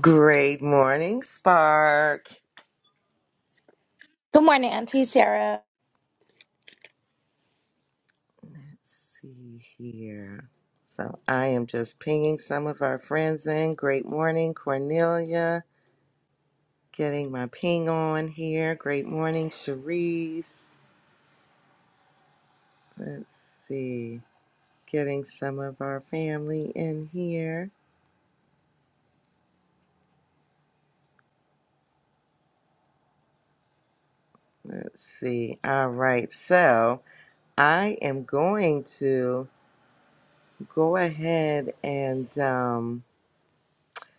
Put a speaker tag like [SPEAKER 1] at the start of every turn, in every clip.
[SPEAKER 1] Great morning, Spark.
[SPEAKER 2] Good morning, Auntie Sarah.
[SPEAKER 1] Let's see here. So I am just pinging some of our friends in. Great morning, Cornelia. Getting my ping on here. Great morning, Cherise. Let's see. Getting some of our family in here. Let's see. All right. So I am going to go ahead and. um,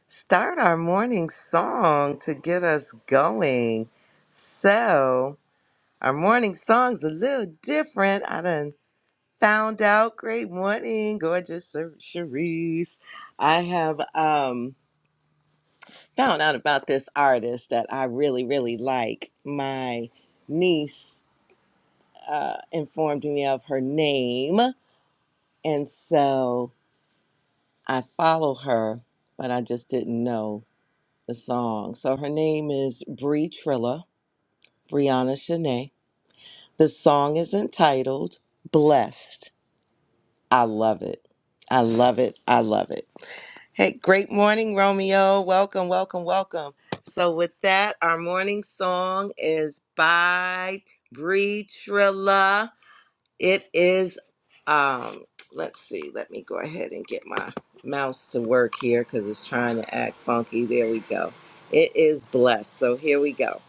[SPEAKER 1] start our morning song to get us going. So, our morning song's a little different. I done found out. Great morning, gorgeous Cer- Cherise. I have um, found out about this artist that I really, really like. My niece uh, informed me of her name, and so I follow her, but I just didn't know the song. So her name is Bree Trilla Brianna Shanae. The song is entitled Blessed. I love it. I love it. I love it. Hey, great morning, Romeo. Welcome, welcome, welcome. So, with that, our morning song is by Bree Trilla. It is, um, let's see, let me go ahead and get my mouse to work here because it's trying to act funky. There we go. It is blessed. So, here we go.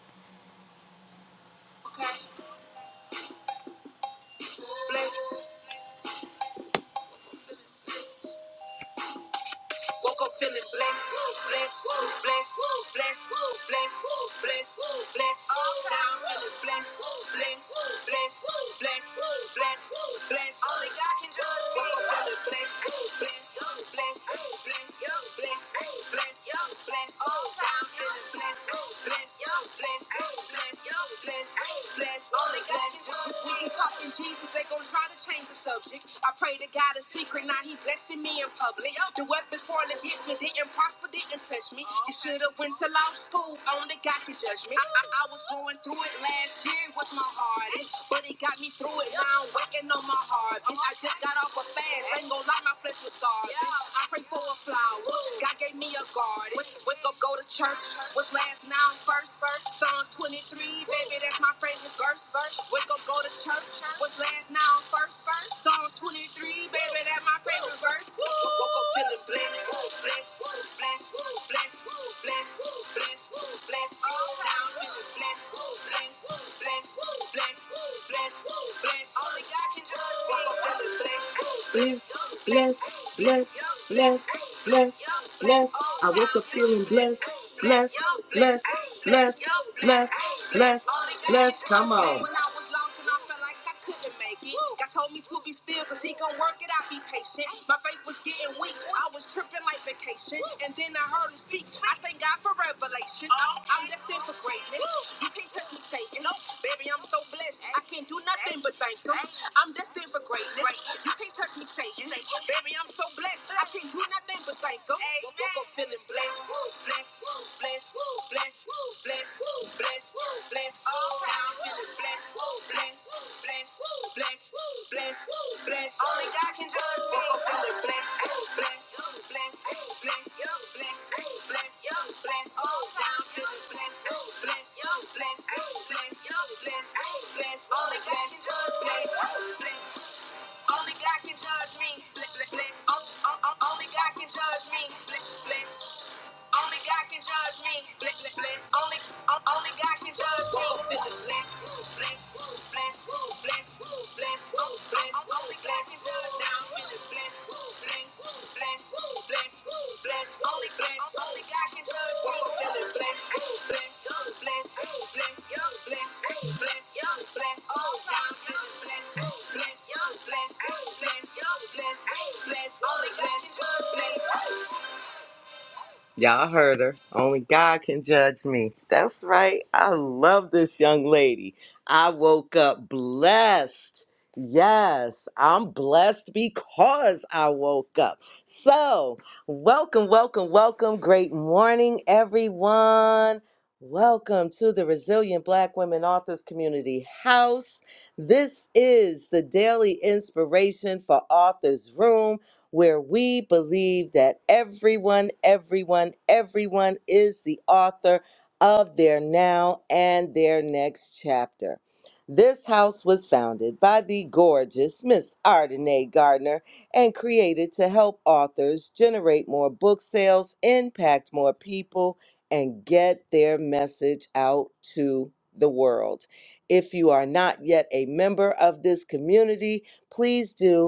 [SPEAKER 1] Woke up feeling blessed, blessed, blessed, blessed, blessed, blessed, blessed. All down feeling blessed, blessed, blessed, blessed, blessed, blessed. Only God can do it. Woke up feeling blessed, blessed, blessed, blessed, blessed, blessed, blessed. All down feeling blessed, blessed, blessed, blessed, blessed, blessed. Only God can do it. We can talk in Jesus, they gon' try to change the subject perfect. I prayed to God in secret, now he blessing me in public. The weapons falling against me didn't prosper, didn't touch me. You should have went to law school, only God could judge me. I, I, I was going through it last year, it was my hardest. But He got me through it, now I'm working on my heart. eh. I just got off a fast, ain't gonna lie, my flesh was starving. I pray for a flower, God gave me a garden. Wake wake up, go to church, what's last now first? Psalms 23, baby, that's my favorite verse. Wake up, go to church, what's last now first? Psalms 23, baby, that's my favorite verse. Woke up feeling blessed, blessed, blessed, blessed, blessed, blessed, blessed. Now I'm feeling blessed, blessed, blessed, blessed, blessed, blessed. Only God can judge. Woke up feeling blessed, blessed, blessed, blessed, blessed, blessed, blessed. I woke up feeling blessed, blessed, blessed, blessed, blessed, blessed, blessed. Come on. I couldn't make it. God told me to be still, cause he gon' work it out, be patient. My faith was getting weak, I was tripping like vacation. And then I heard him speak, I thank God for revelation. I'm destined for greatness, you can't touch me, Satan. Baby, I'm so blessed, I can't do nothing but thank him. I'm destined for greatness, you can't touch me, Satan. Baby, I'm so blessed, I can't do nothing but thank him. We up feeling blessed bless, bless, bless, bless, bless, bless. All down to the bless, bless, bless, bless, bless, bless. Only God can do it. Walk up in the bless, bless, bless, bless, bless, bless, bless. All down to the bless, bless, bless, bless, bless, bless. Only God can do it. Bless, bless. Only God can judge me. Bless, bless. Only God can judge me. Bless. Only God can judge me. Bless, bless, Only, only God can judge me. Bless, bless, bless, bless, bless, bless. Only God can judge Now I'm feeling blessed, blessed, blessed, blessed, blessed. Only blessed, only God can judge me. I'm feeling blessed, blessed, blessed, blessed, blessed, blessed, blessed. Now I'm feeling blessed, blessed, blessed, blessed, blessed, blessed. Only God can judge me. Y'all heard her. Only God can judge me. That's right. I love this young lady. I woke up blessed. Yes, I'm blessed because I woke up. So, welcome, welcome, welcome. Great morning, everyone. Welcome to the Resilient Black Women Authors Community House. This is the daily inspiration for Authors Room where we believe that everyone, everyone, everyone is the author of their now and their next chapter. This house was founded by the gorgeous Miss Ardenae Gardner and created to help authors generate more book sales, impact more people, and get their message out to the world. If you are not yet a member of this community, please do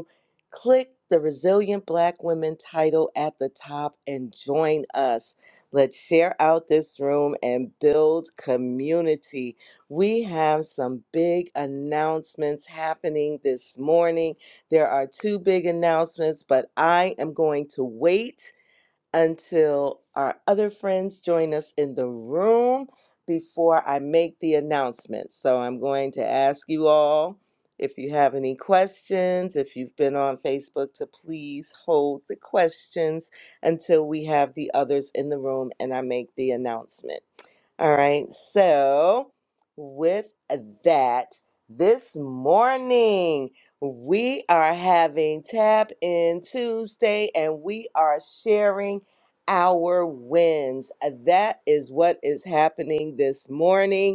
[SPEAKER 1] Click the Resilient Black Women title at the top and join us. Let's share out this room and build community. We have some big announcements happening this morning. There are two big announcements, but I am going to wait until our other friends join us in the room before I make the announcement. So I'm going to ask you all if you have any questions, if you've been on Facebook, to please hold the questions until we have the others in the room and I make the announcement. All right. So, with that, this morning we are having Tap In Tuesday and we are sharing our wins. That is what is happening this morning.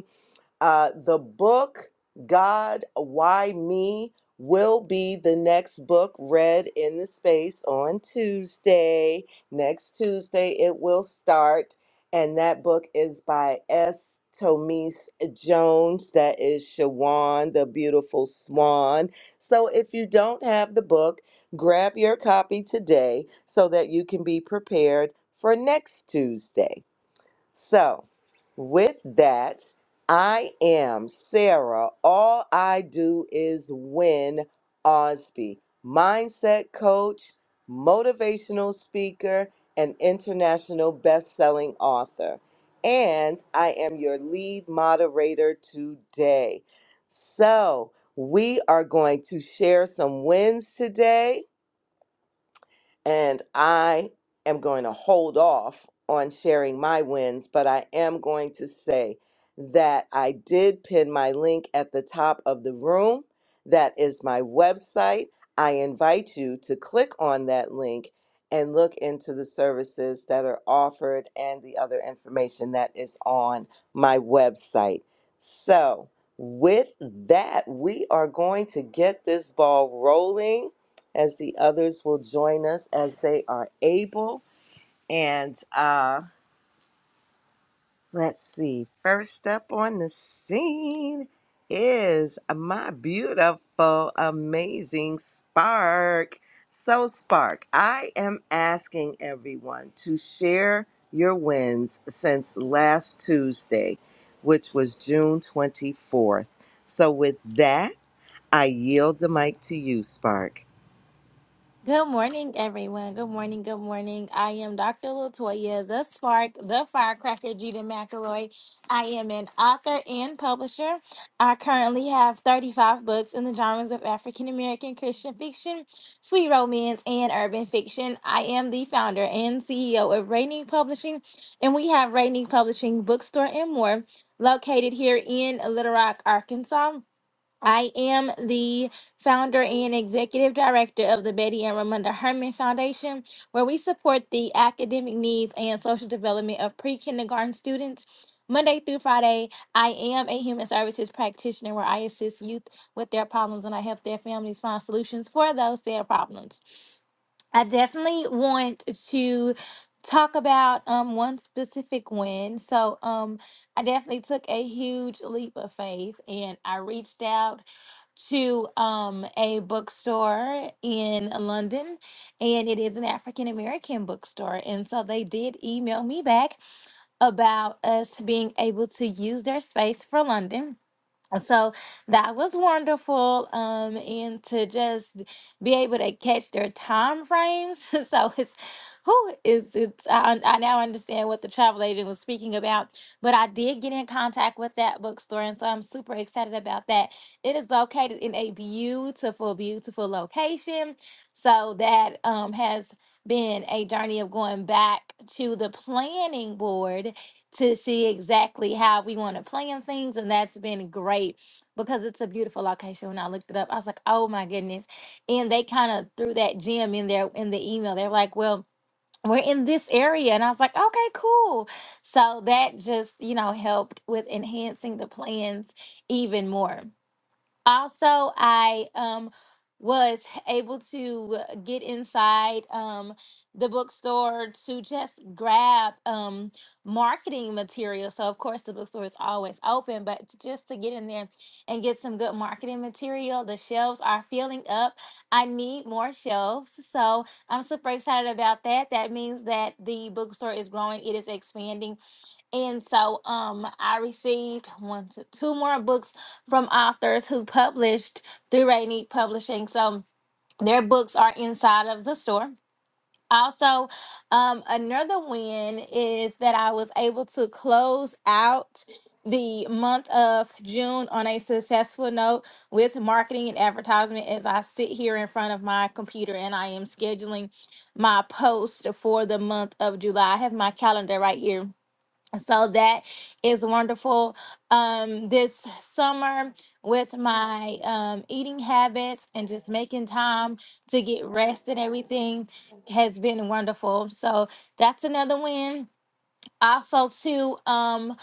[SPEAKER 1] Uh, the book God, Why Me will be the next book read in the space on Tuesday. Next Tuesday, it will start. And that book is by S. Tomise Jones. That is Shawan, the beautiful swan. So if you don't have the book, grab your copy today so that you can be prepared for next Tuesday. So, with that, I am Sarah. All I do is win Osby, mindset coach, motivational speaker, and international best-selling author. And I am your lead moderator today. So, we are going to share some wins today and I am going to hold off on sharing my wins, but I am going to say that I did pin my link at the top of the room. That is my website. I invite you to click on that link and look into the services that are offered and the other information that is on my website. So, with that, we are going to get this ball rolling as the others will join us as they are able. And uh, let's see, first up on the scene is my beautiful, amazing Spark. So, Spark, I am asking everyone to share your wins since last Tuesday, which was June 24th. So, with that, I yield the mic to you, Spark.
[SPEAKER 2] Good morning, everyone. Good morning, good morning. I am Dr. Latoya, the spark, the firecracker, Judah McElroy. I am an author and publisher. I currently have 35 books in the genres of African American Christian fiction, sweet romance, and urban fiction. I am the founder and CEO of Rainy Publishing, and we have Rainy Publishing Bookstore and more located here in Little Rock, Arkansas. I am the founder and executive director of the Betty and Ramunda Herman Foundation, where we support the academic needs and social development of pre kindergarten students. Monday through Friday, I am a human services practitioner where I assist youth with their problems and I help their families find solutions for those their problems. I definitely want to talk about um one specific win. So um I definitely took a huge leap of faith and I reached out to um a bookstore in London and it is an African American bookstore and so they did email me back about us being able to use their space for London so that was wonderful. Um, and to just be able to catch their time frames. so it's who is it's I, I now understand what the travel agent was speaking about. But I did get in contact with that bookstore, and so I'm super excited about that. It is located in a beautiful, beautiful location. So that um has been a journey of going back to the planning board to see exactly how we want to plan things. And that's been great because it's a beautiful location. When I looked it up, I was like, oh my goodness. And they kind of threw that gem in there in the email. They're like, well, we're in this area. And I was like, okay, cool. So that just, you know, helped with enhancing the plans even more also i um was able to get inside um the bookstore to just grab um marketing material so of course the bookstore is always open but t- just to get in there and get some good marketing material the shelves are filling up i need more shelves so i'm super excited about that that means that the bookstore is growing it is expanding and so um I received one two, two more books from authors who published through Rainy Publishing. So their books are inside of the store. Also, um, another win is that I was able to close out the month of June on a successful note with marketing and advertisement as I sit here in front of my computer and I am scheduling my post for the month of July. I have my calendar right here so that is wonderful um this summer with my um eating habits and just making time to get rest and everything has been wonderful so that's another win also too um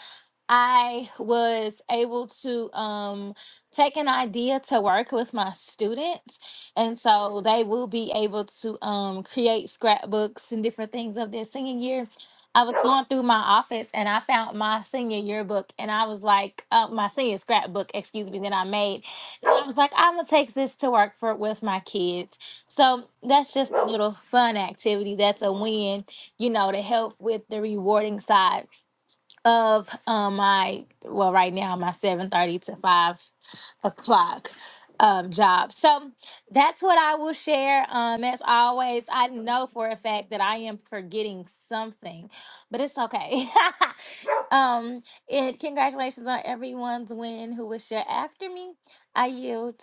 [SPEAKER 2] I was able to um, take an idea to work with my students. And so they will be able to um, create scrapbooks and different things of their senior year. I was going through my office and I found my senior yearbook and I was like, uh, my senior scrapbook, excuse me, that I made. And I was like, I'm going to take this to work for with my kids. So that's just a little fun activity. That's a win, you know, to help with the rewarding side of um, my well right now my 7.30 to 5 o'clock um, job so that's what i will share um, as always i know for a fact that i am forgetting something but it's okay um, and congratulations on everyone's win who was share after me i yield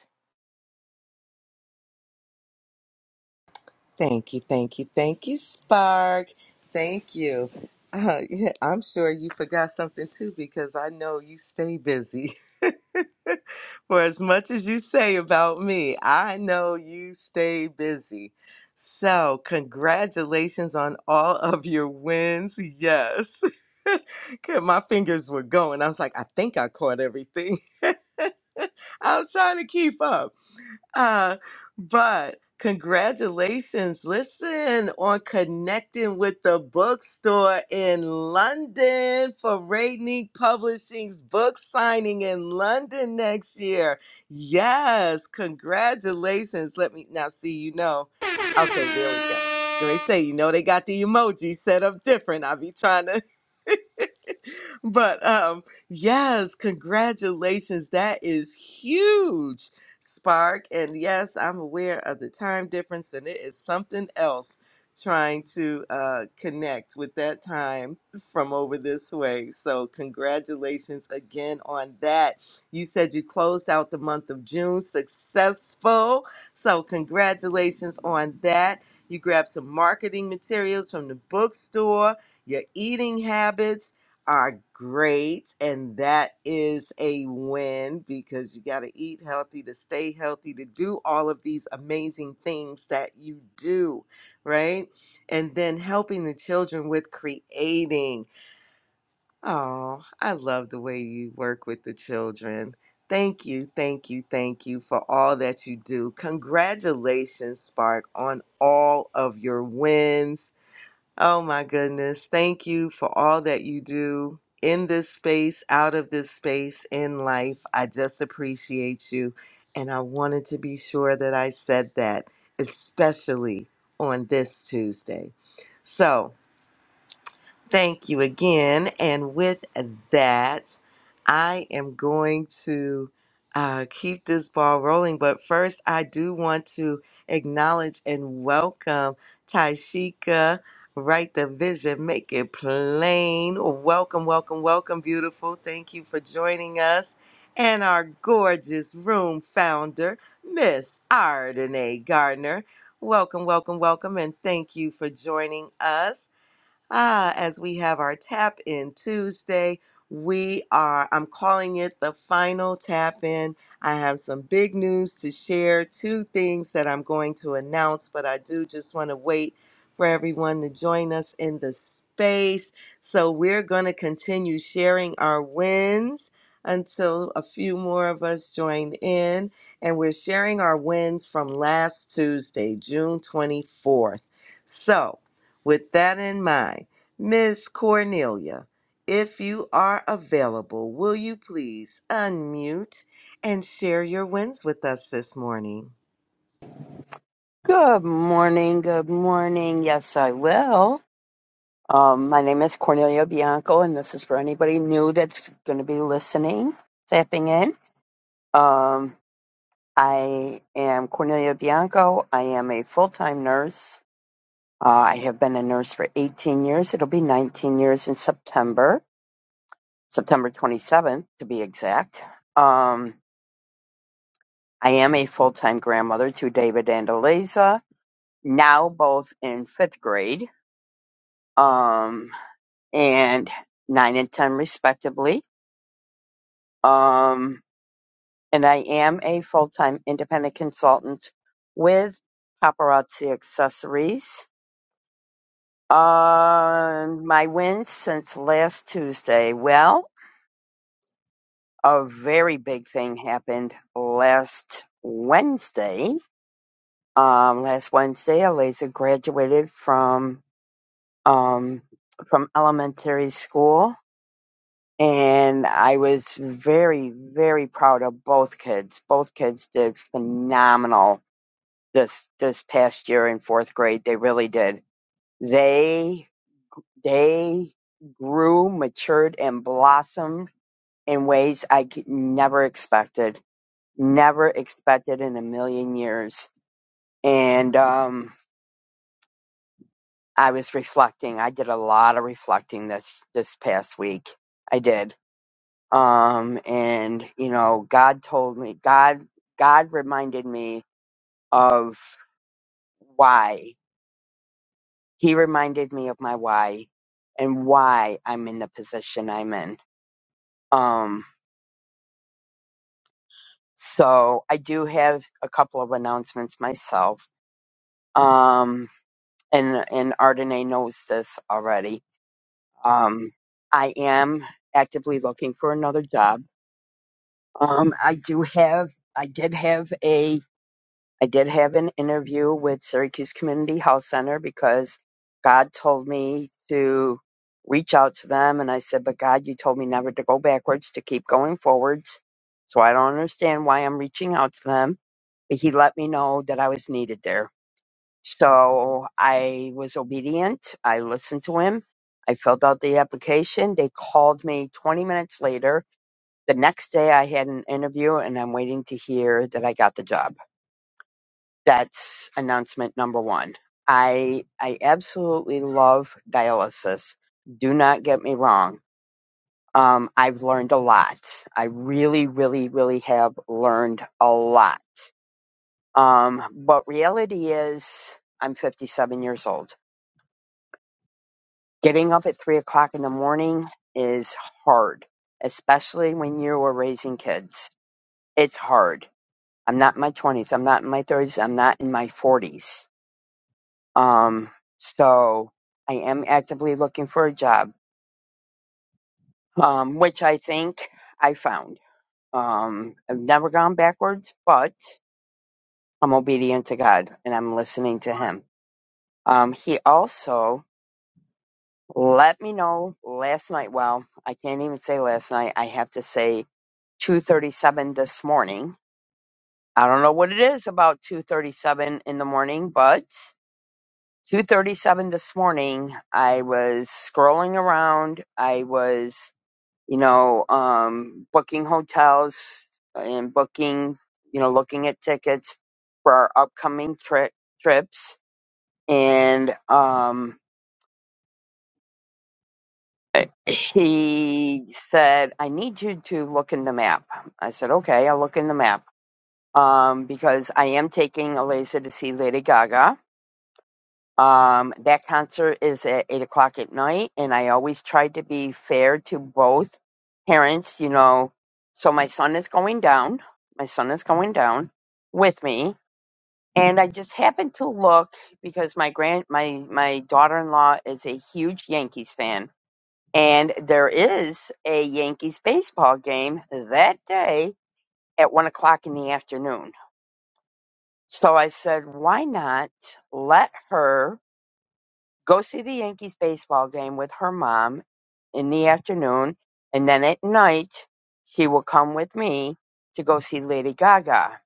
[SPEAKER 1] Thank you, thank you, thank you, Spark. Thank you. Uh, yeah, I'm sure you forgot something too because I know you stay busy. For as much as you say about me, I know you stay busy. So, congratulations on all of your wins. Yes. 'Cause My fingers were going. I was like, I think I caught everything. I was trying to keep up. Uh, but congratulations, listen, on connecting with the bookstore in London for Rainy Publishing's book signing in London next year. Yes, congratulations. Let me now see, you know. Okay, there we go. They say, you know, they got the emoji set up different. I be trying to but um, yes, congratulations. That is huge, Spark. And yes, I'm aware of the time difference, and it is something else trying to uh, connect with that time from over this way. So, congratulations again on that. You said you closed out the month of June successful. So, congratulations on that. You grabbed some marketing materials from the bookstore, your eating habits are great and that is a win because you got to eat healthy to stay healthy to do all of these amazing things that you do right and then helping the children with creating oh i love the way you work with the children thank you thank you thank you for all that you do congratulations spark on all of your wins Oh my goodness. Thank you for all that you do in this space, out of this space, in life. I just appreciate you. And I wanted to be sure that I said that, especially on this Tuesday. So, Thank you again. And with that, I am going to uh, keep this ball rolling. But first, I do want to acknowledge and welcome Taishika, Write the Vision, Make It Plain. Welcome, welcome, welcome, beautiful. Thank you for joining us. And our gorgeous room founder, Miss Ardenae Gardner. Welcome, welcome, welcome, and thank you for joining us. Ah, as we have our tap in Tuesday, we are, I'm calling it the final tap in. I have some big news to share, two things that I'm going to announce, but I do just want to wait for everyone to join us in the space. So we're going to continue sharing our wins until a few more of us join in. And we're sharing our wins from last Tuesday, June 24th. So, with that in mind, Miss Cornelia, if you are available, will you please unmute and share your wins with us this morning?
[SPEAKER 3] Good morning. Good morning. Yes, I will. Um, my name is Cornelia Bianco, and this is for anybody new that's going to be listening, tapping in. Um, I am Cornelia Bianco. I am a full time nurse. Uh, I have been a nurse for 18 years. It'll be 19 years in September, September 27th to be exact. Um, I am a full time grandmother to David and Eliza, now both in fifth grade. Um, and nine and ten respectively. Um, and I am a full time independent consultant with Paparazzi Accessories. Um, my wins since last Tuesday. Well, a very big thing happened last Wednesday. Um, last Wednesday, Eliza graduated from um, from elementary school and I was very, very proud of both kids. Both kids did phenomenal this this past year in fourth grade. They really did. They they grew, matured, and blossomed in ways I could never expected, never expected in a million years. And um, I was reflecting. I did a lot of reflecting this this past week. I did um and you know god told me god god reminded me of why he reminded me of my why and why i'm in the position i'm in um so i do have a couple of announcements myself um and and Ardenae knows this already um i am actively looking for another job um i do have i did have a. I did have an interview with Syracuse Community Health Center because God told me to reach out to them. And I said, But God, you told me never to go backwards, to keep going forwards. So I don't understand why I'm reaching out to them. But He let me know that I was needed there. So I was obedient. I listened to Him. I filled out the application. They called me 20 minutes later. The next day, I had an interview, and I'm waiting to hear that I got the job. That's announcement number one. I I absolutely love dialysis. Do not get me wrong. Um, I've learned a lot. I really, really, really have learned a lot. Um, but reality is, I'm 57 years old. Getting up at three o'clock in the morning is hard, especially when you are raising kids. It's hard. I'm not in my 20s. I'm not in my 30s. I'm not in my 40s Um, so I am actively looking for a job, um, which I think I found. Um, I've never gone backwards, but I'm obedient to God and I'm listening to Him. Um, he also let me know last night. Well, I can't even say last night. I have to say 2:37 this morning. I don't know what it is about 2:37 in the morning, but 2:37 this morning, I was scrolling around. I was you know, um, booking hotels and booking, you know, looking at tickets for our upcoming tri- trips. And um, he said, I need you to look in the map. I said, okay, I'll look in the map um, because I am taking Eliza to see Lady Gaga Um, that concert is at eight o'clock at night, and I always tried to be fair to both parents, you know. So my son is going down. My son is going down with me, and I just happened to look because my grand my my daughter in law is a huge Yankees fan, and there is a Yankees baseball game that day at one o'clock in the afternoon. So I said, why not let her go see the Yankees baseball game with her mom in the afternoon, and then at night she will come with me to go see Lady Gaga.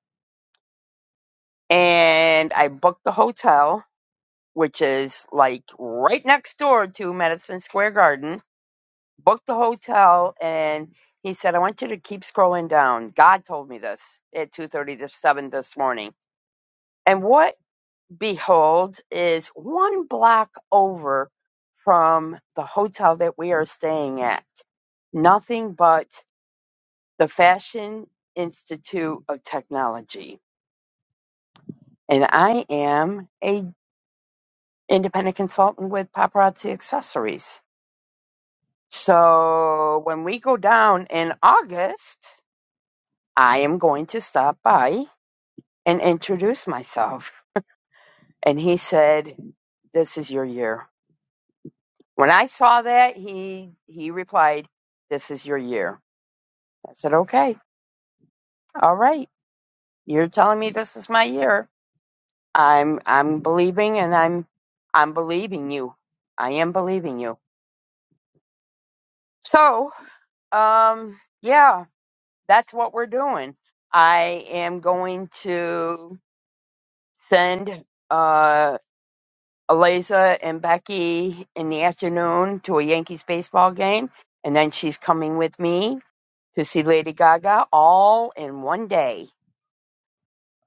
[SPEAKER 3] And I booked the hotel, which is like right next door to Madison Square Garden. Booked the hotel, and he said, "I want you to keep scrolling down." God told me this at two thirty to seven this morning. And what Behold is one block over from the hotel that we are staying at. Nothing but the Fashion Institute of Technology. And I am a independent consultant with Paparazzi Accessories. So when we go down in August, I am going to stop by and introduce myself. And he said, This is your year When I saw that, he he replied, "This is your year." I said, "Okay, all right. You're telling me this is my year. I'm I'm believing, and I'm I'm believing you. I am believing you." So, um, yeah, that's what we're doing. I am going to send uh Eliza and Becky in the afternoon to a Yankees baseball game, and then she's coming with me to see Lady Gaga all in one day.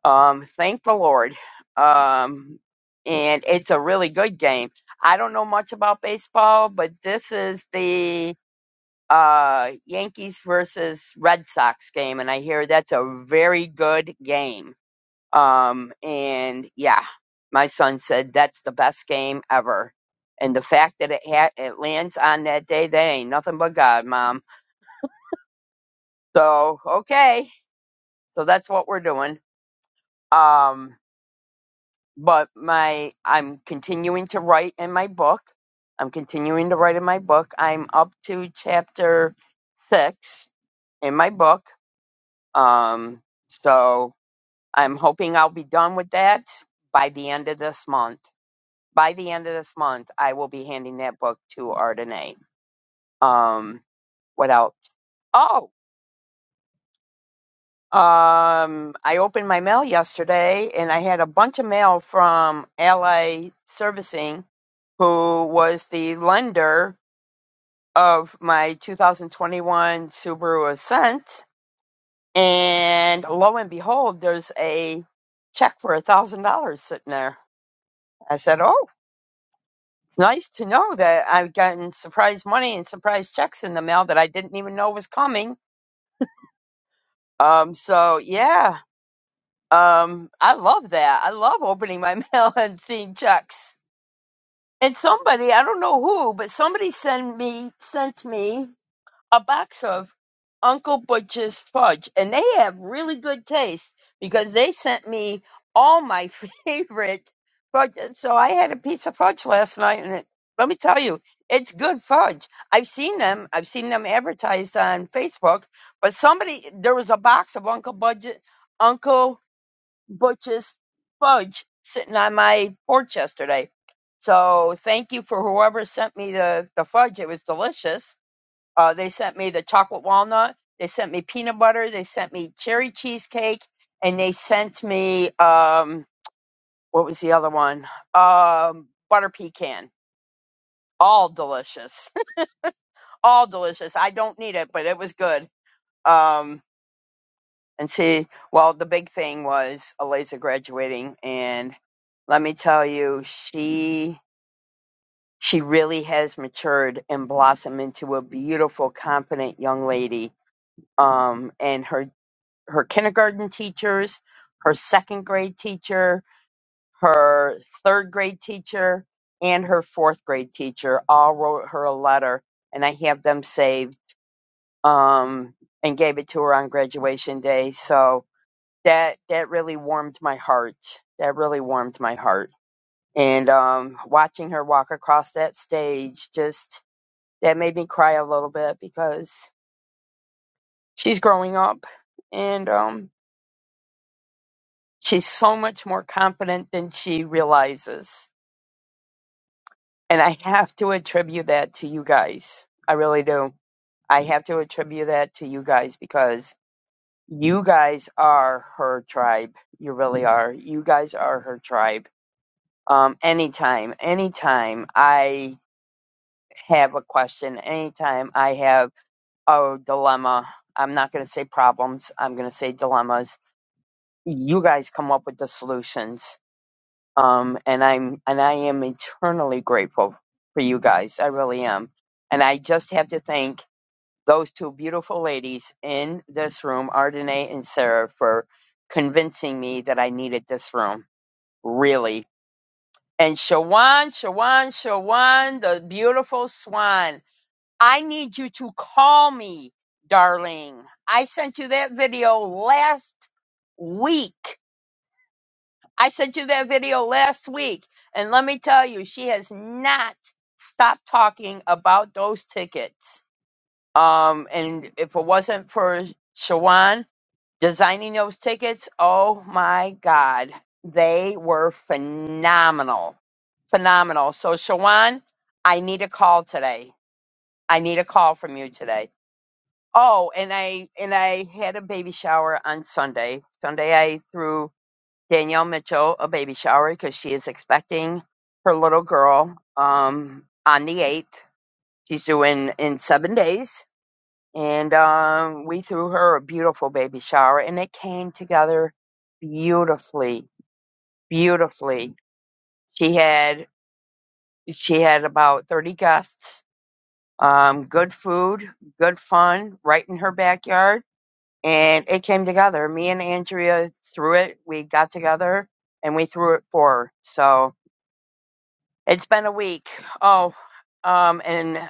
[SPEAKER 3] Um, thank the Lord. Um, and it's a really good game. I don't know much about baseball, but this is the uh, Yankees versus Red Sox game, and I hear that's a very good game. Um, and yeah, my son said that's the best game ever. And the fact that it ha- it lands on that day, that ain't nothing but God, Mom. So okay, so that's what we're doing. Um, but my I'm continuing to write in my book. I'm continuing to write in my book. I'm up to chapter six in my book. Um, so I'm hoping I'll be done with that by the end of this month. By the end of this month, I will be handing that book to Ardenae. Um, what else? Um, I opened my mail yesterday and I had a bunch of mail from Ally Servicing, who was the lender of my 2021 Subaru Ascent. And lo and behold, there's a check for a thousand dollars sitting there. I said, Oh, it's nice to know that I've gotten surprise money and surprise checks in the mail that I didn't even know was coming. Um, so yeah, Um, I love that. I love opening my mail and seeing checks. And somebody, I don't know who, but somebody sent me sent me a box of Uncle Butch's fudge, and they have really good taste because they sent me all my favorite fudge. And So I had a piece of fudge last night, and it, let me tell you, it's good fudge. I've seen them. I've seen them advertised on Facebook, but somebody there was a box of Uncle Budget Uncle Butch's fudge sitting on my porch yesterday. So thank you for whoever sent me the, the fudge. It was delicious. Uh, they sent me the chocolate walnut. They sent me peanut butter. They sent me cherry cheesecake, and they sent me um, what was the other one? Um, butter pecan. All delicious. All delicious. I don't need it, but it was good. Um, and see well the big thing was eliza graduating and let me tell you she she really has matured and blossomed into a beautiful competent young lady um and her her kindergarten teachers her second grade teacher her third grade teacher and her fourth grade teacher all wrote her a letter and i have them saved um and gave it to her on graduation day so that that really warmed my heart. That really warmed my heart. And um, watching her walk across that stage just that made me cry a little bit because she's growing up and um, she's so much more confident than she realizes. And I have to attribute that to you guys. I really do. I have to attribute that to you guys because you guys are her tribe. You really are. You guys are her tribe Um, anytime, anytime I have a question, anytime I have a dilemma, I'm not going to say problems, I'm going to say dilemmas. You guys come up with the solutions. Um, and I'm, and I am eternally grateful for you guys. I really am. And I just have to thank those two beautiful ladies in this room, Ardenae and Sarah, for convincing me that I needed this room. Really And Shawan, Shawan, Shawan, the beautiful swan. I need you to call me, darling. I sent you that video last week. I sent you that video last week. And let me tell you, she has not stopped talking about those tickets. Um, and if it wasn't for Shawan, Designing those tickets, oh my God, they were phenomenal. Phenomenal. So, Shawan, I need a call today. I need a call from you today. Oh, and I and I had a baby shower on Sunday. Sunday I threw Danielle Mitchell a baby shower because she is expecting her little girl um, on the eighth. She's doing in in seven days and um, we threw her a beautiful baby shower, and it came together beautifully, beautifully. She had she had about thirty guests, um, good food, good fun, right in her backyard, and it came together. Me and Andrea threw it. We got together and we threw it for her. So it's been a week. Oh, um, and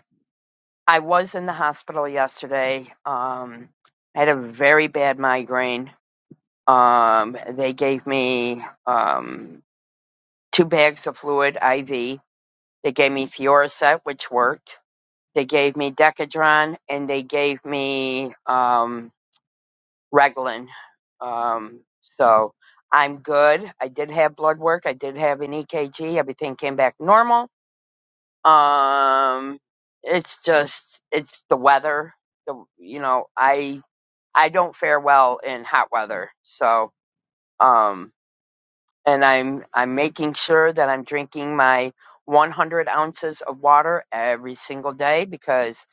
[SPEAKER 3] I was in the hospital yesterday. Um, I had a very bad migraine Um, they gave me um, two bags of fluid IV. They gave me Fioricet, which worked. They gave me Decadron, and they gave me um, Reglan. Um, so I'm good. I did have blood work. I did have an EKG. Everything came back normal. Um, it's just it's the weather. The you know I I don't fare well in hot weather. So um and I'm I'm making sure that I'm drinking my 100 ounces of water every single day because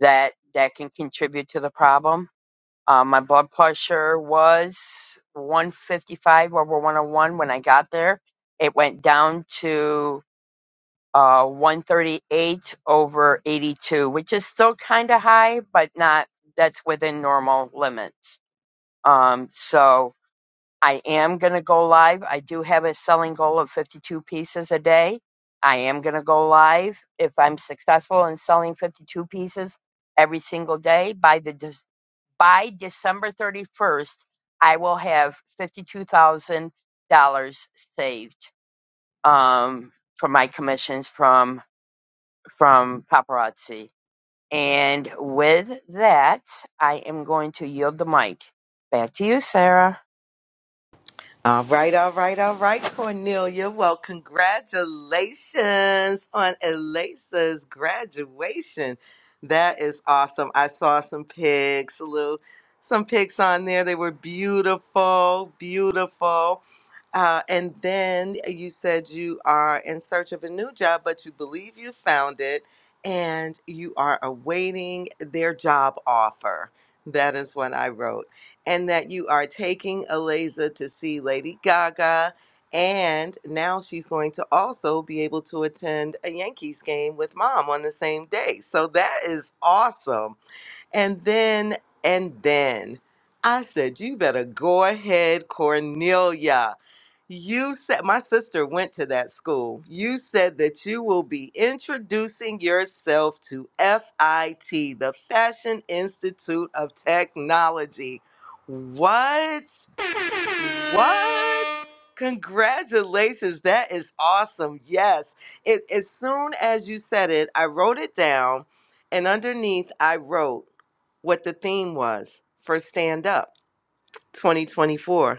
[SPEAKER 3] that that can contribute to the problem. Uh, my blood pressure was 155 over 101 when I got there. It went down to uh, 138 over 82, which is still kind of high, but not that's within normal limits. Um, so I am going to go live. I do have a selling goal of 52 pieces a day. I am going to go live if I'm successful in selling 52 pieces every single day by the Dec- by December 31st, I will have $52,000 saved um from my commissions from from paparazzi. And with that, I am going to yield the mic. Back to you, Sarah.
[SPEAKER 1] All right, all right, all right, Cornelia. Well, congratulations on Elisa's graduation. That is awesome. I saw some pics, Lou. Some pics on there. They were beautiful, beautiful. Uh, and then you said you are in search of a new job, but you believe you found it and you are awaiting their job offer. That is what I wrote and that you are taking Aliza to see Lady Gaga. And now she's going to also be able to attend a Yankees game with mom on the same day. So that is awesome. And then, and then I said, you better go ahead, Cornelia. You said my sister went to that school. You said that you will be introducing yourself to FIT, the Fashion Institute of Technology. What? What? Congratulations. That is awesome. Yes. It, as soon as you said it, I wrote it down, and underneath, I wrote what the theme was for Stand Up 2024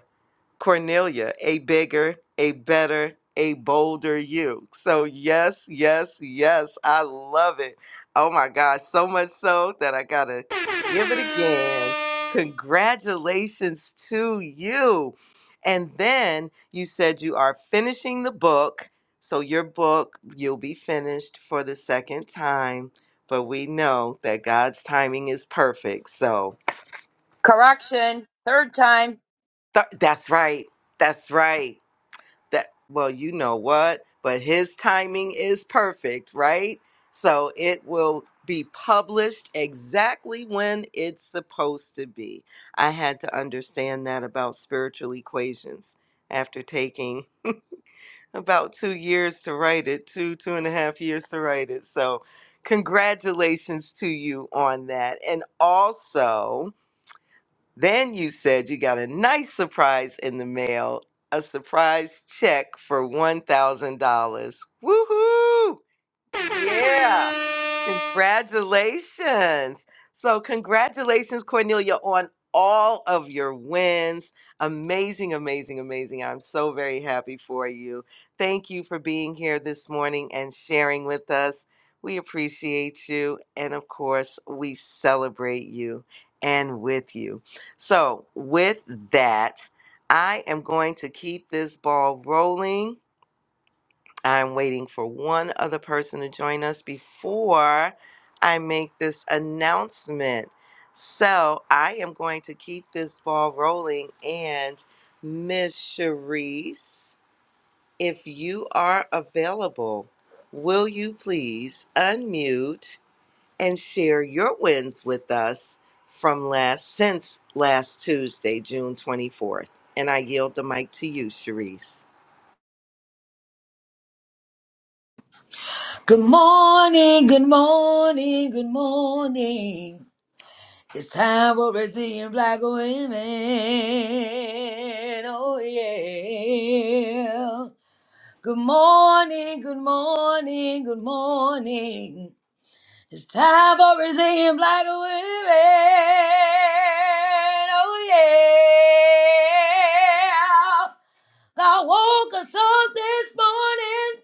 [SPEAKER 1] Cornelia, a bigger, a better, a bolder you. So, yes, yes, yes, I love it. Oh my gosh, so much so that I gotta give it again. Congratulations to you. And then you said you are finishing the book. So, your book, you'll be finished for the second time. But we know that God's timing is perfect. So,
[SPEAKER 3] Correction, third time.
[SPEAKER 1] th- that's right. That's right. that well you know what but his timing is perfect right so it will be published exactly when it's supposed to be i had to understand that about spiritual equations after taking about two years to write it two two and a half years to write it so congratulations to you on that and also then you said you got a nice surprise in the mail, a surprise check for $1,000. Woohoo! Yeah. Congratulations. So, congratulations, Cornelia, on all of your wins. Amazing, amazing, amazing. I'm so very happy for you. Thank you for being here this morning and sharing with us. We appreciate you. And of course, we celebrate you and with you. So, with that, I am going to keep this ball rolling I'm waiting for one other person to join us before I make this announcement. So I am going to keep this ball rolling. And Miss Cherise, if you are available, will you please unmute and share your wins with us from last since last Tuesday, June 24th? And I yield the mic to you, Cherise.
[SPEAKER 4] Good morning, good morning, good morning. It's time for Brazilian black women. Oh, yeah. Good morning, good morning, good morning. It's time for Brazilian black women. Oh, yeah. God woke us up this morning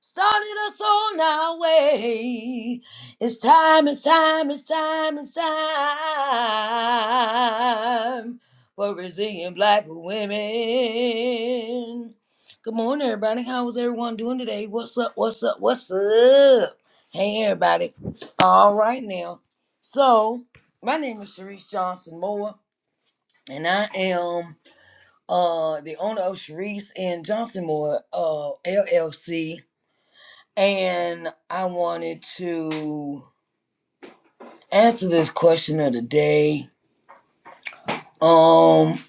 [SPEAKER 4] started us on our way. It's time, it's time, it's time, it's time for resilient black women. Good morning, everybody. How is everyone doing today? What's up? What's up? What's up? Hey, everybody. All right, now. So, my name is Sharice Johnson Moore, and I am uh the owner of Sharice and Johnson Moore uh LLC and I wanted to answer this question of the day. Um,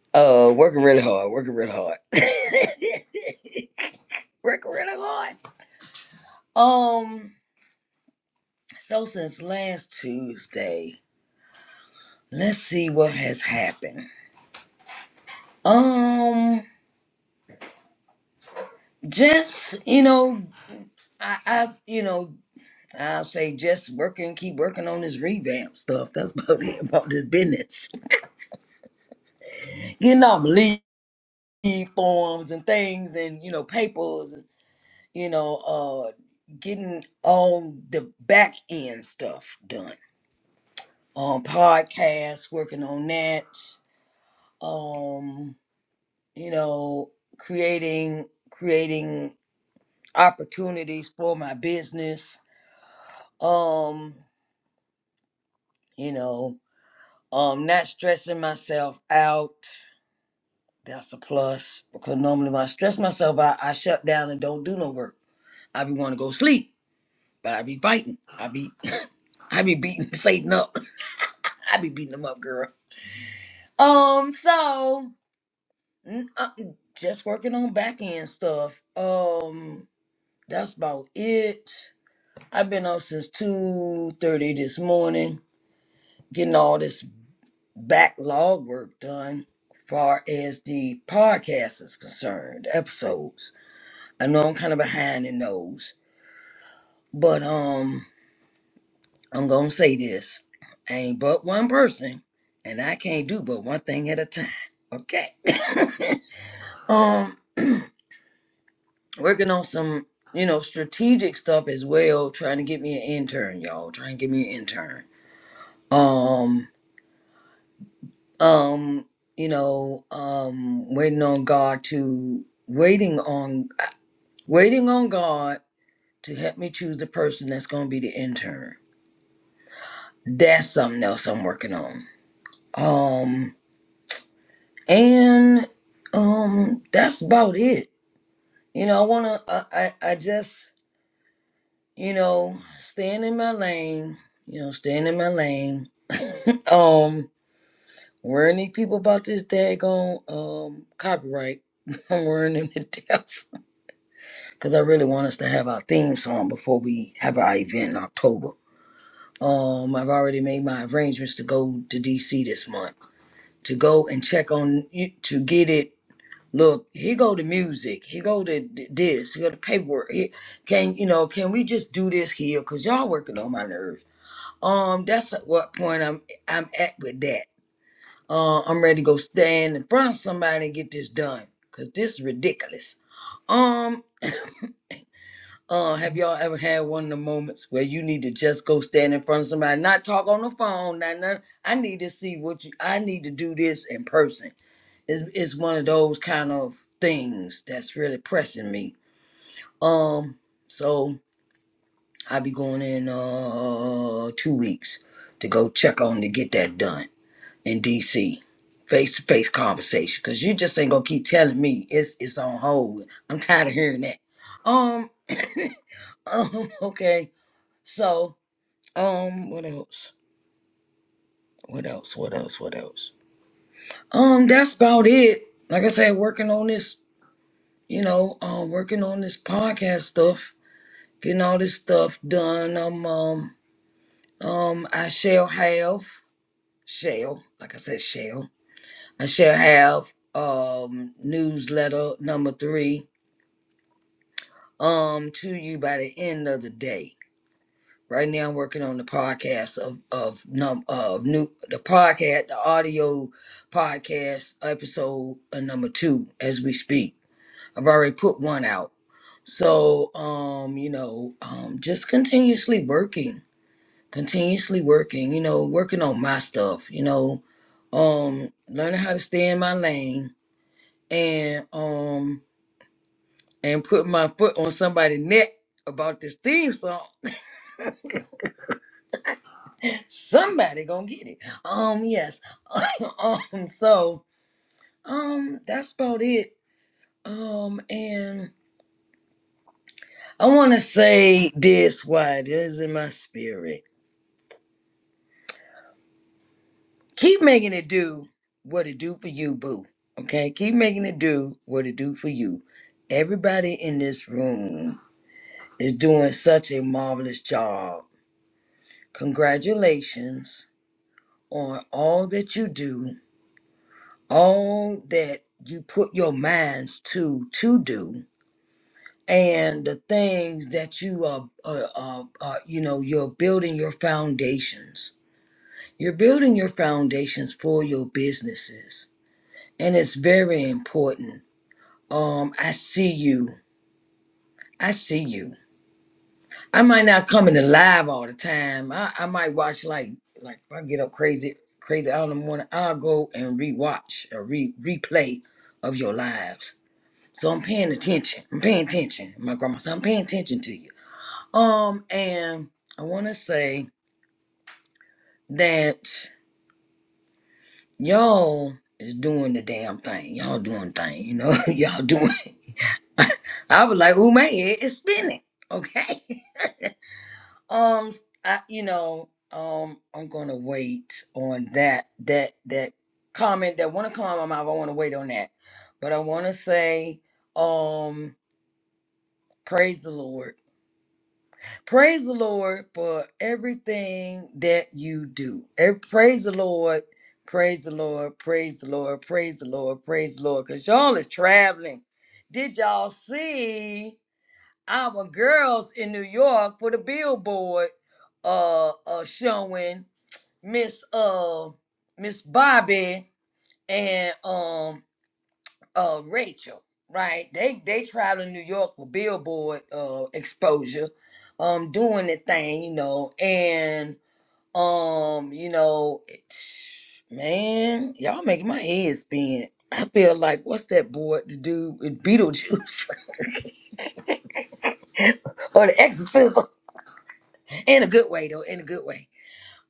[SPEAKER 4] uh, working really hard, working really hard, working really hard. Um, so since last Tuesday, let's see what has happened. Um, just you know, I, I you know. I'll say just working, keep working on this revamp stuff. That's about it about this business. You know, believe. e forms and things and you know papers and you know uh getting all the back end stuff done um podcasts working on that um you know creating creating opportunities for my business um you know um not stressing myself out that's a plus because normally when i stress myself out i shut down and don't do no work i be want to go sleep But I be fighting. I be I be beating Satan up. I be beating him up, girl. Um, so mm, uh, just working on back end stuff. Um, that's about it. I've been up since two thirty this morning, getting all this backlog work done. Far as the podcast is concerned, episodes. I know I'm kind of behind in those, but um. I'm gonna say this. ain't but one person, and I can't do but one thing at a time. Okay. um working on some, you know, strategic stuff as well, trying to get me an intern, y'all. Trying to get me an intern. Um, um, you know, um waiting on God to waiting on waiting on God to help me choose the person that's gonna be the intern. That's something else I'm working on. Um and um that's about it you know i want to I, I i just you know staying in my lane you know staying in my lane um worrying these people about this daggone um copyright i'm worrying them to death because i really want us to have our theme song before we have our event in october um i've already made my arrangements to go to dc this month to go and check on you to get it look he go to music he go to d- this he go to paperwork he, can you know can we just do this here because y'all working on my nerves um that's at what point i'm i'm at with that uh i'm ready to go stand in front of somebody and get this done because this is ridiculous um uh have y'all ever had one of the moments where you need to just go stand in front of somebody not talk on the phone not none i need to see what you i need to do this in person it's, it's one of those kind of things that's really pressing me. Um, so I'll be going in uh two weeks to go check on to get that done in DC. Face to face conversation, cause you just ain't gonna keep telling me it's it's on hold. I'm tired of hearing that. Um, um okay. So um, what else? What else? What else? What else? Um, that's about it. Like I said, working on this you know, um, working on this podcast stuff, getting all this stuff done. Um, um, um, I shall have, shall, like I said, shall, I shall have, um, newsletter number three, um, to you by the end of the day. Right now, I'm working on the podcast of of num of new the podcast, the audio podcast episode uh, number two as we speak. I've already put one out. So, um, you know, um, just continuously working, continuously working, you know, working on my stuff, you know, um, learning how to stay in my lane and, um, and put my foot on somebody's neck about this theme song. Somebody gonna get it. Um, yes. um, so, um, that's about it. Um, and I want to say this why this is in my spirit keep making it do what it do for you, boo. Okay, keep making it do what it do for you. Everybody in this room is doing such a marvelous job. Congratulations on all that you do, all that you put your minds to to do, and the things that you are, are, are, are you know, you're building your foundations. You're building your foundations for your businesses and it's very important Um, I see you. I see you. I might not come in the live all the time. I, I might watch like like if I get up crazy crazy out in the morning, I'll go and rewatch a re replay of your lives. So I'm paying attention. I'm paying attention. My grandma said I'm paying attention to you. Um, and I want to say that y'all is doing the damn thing. Y'all doing thing. You know, y'all doing. I was like, oh man, it's spinning. Okay. Um, I, you know, um, I'm gonna wait on that that that comment that want to come out of my mouth. I want to wait on that, but I want to say, um, praise the Lord, praise the Lord for everything that you do. Ev- Praise the Lord, praise the Lord, praise the Lord, praise the Lord, praise the Lord, cause y'all is traveling. Did y'all see? our girls in New York for the billboard uh uh showing Miss uh Miss Bobby and um uh Rachel, right? They they travel to New York for billboard uh exposure, um doing the thing, you know, and um, you know, it, man, y'all making my head spin. I feel like what's that boy to do with Beetlejuice or the exorcism? in a good way though in a good way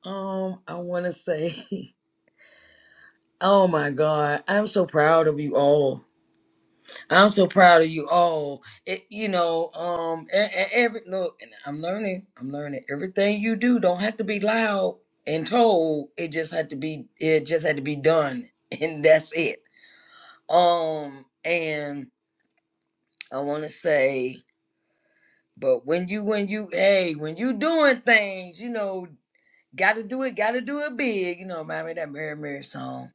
[SPEAKER 4] um i want to say oh my god i'm so proud of you all i'm so proud of you all it, you know um e- e- every look and i'm learning i'm learning everything you do don't have to be loud and told it just had to be it just had to be done and that's it um and i want to say but when you when you hey when you doing things you know Gotta do it, gotta do it big. You know, remind me of that Mary Mary song.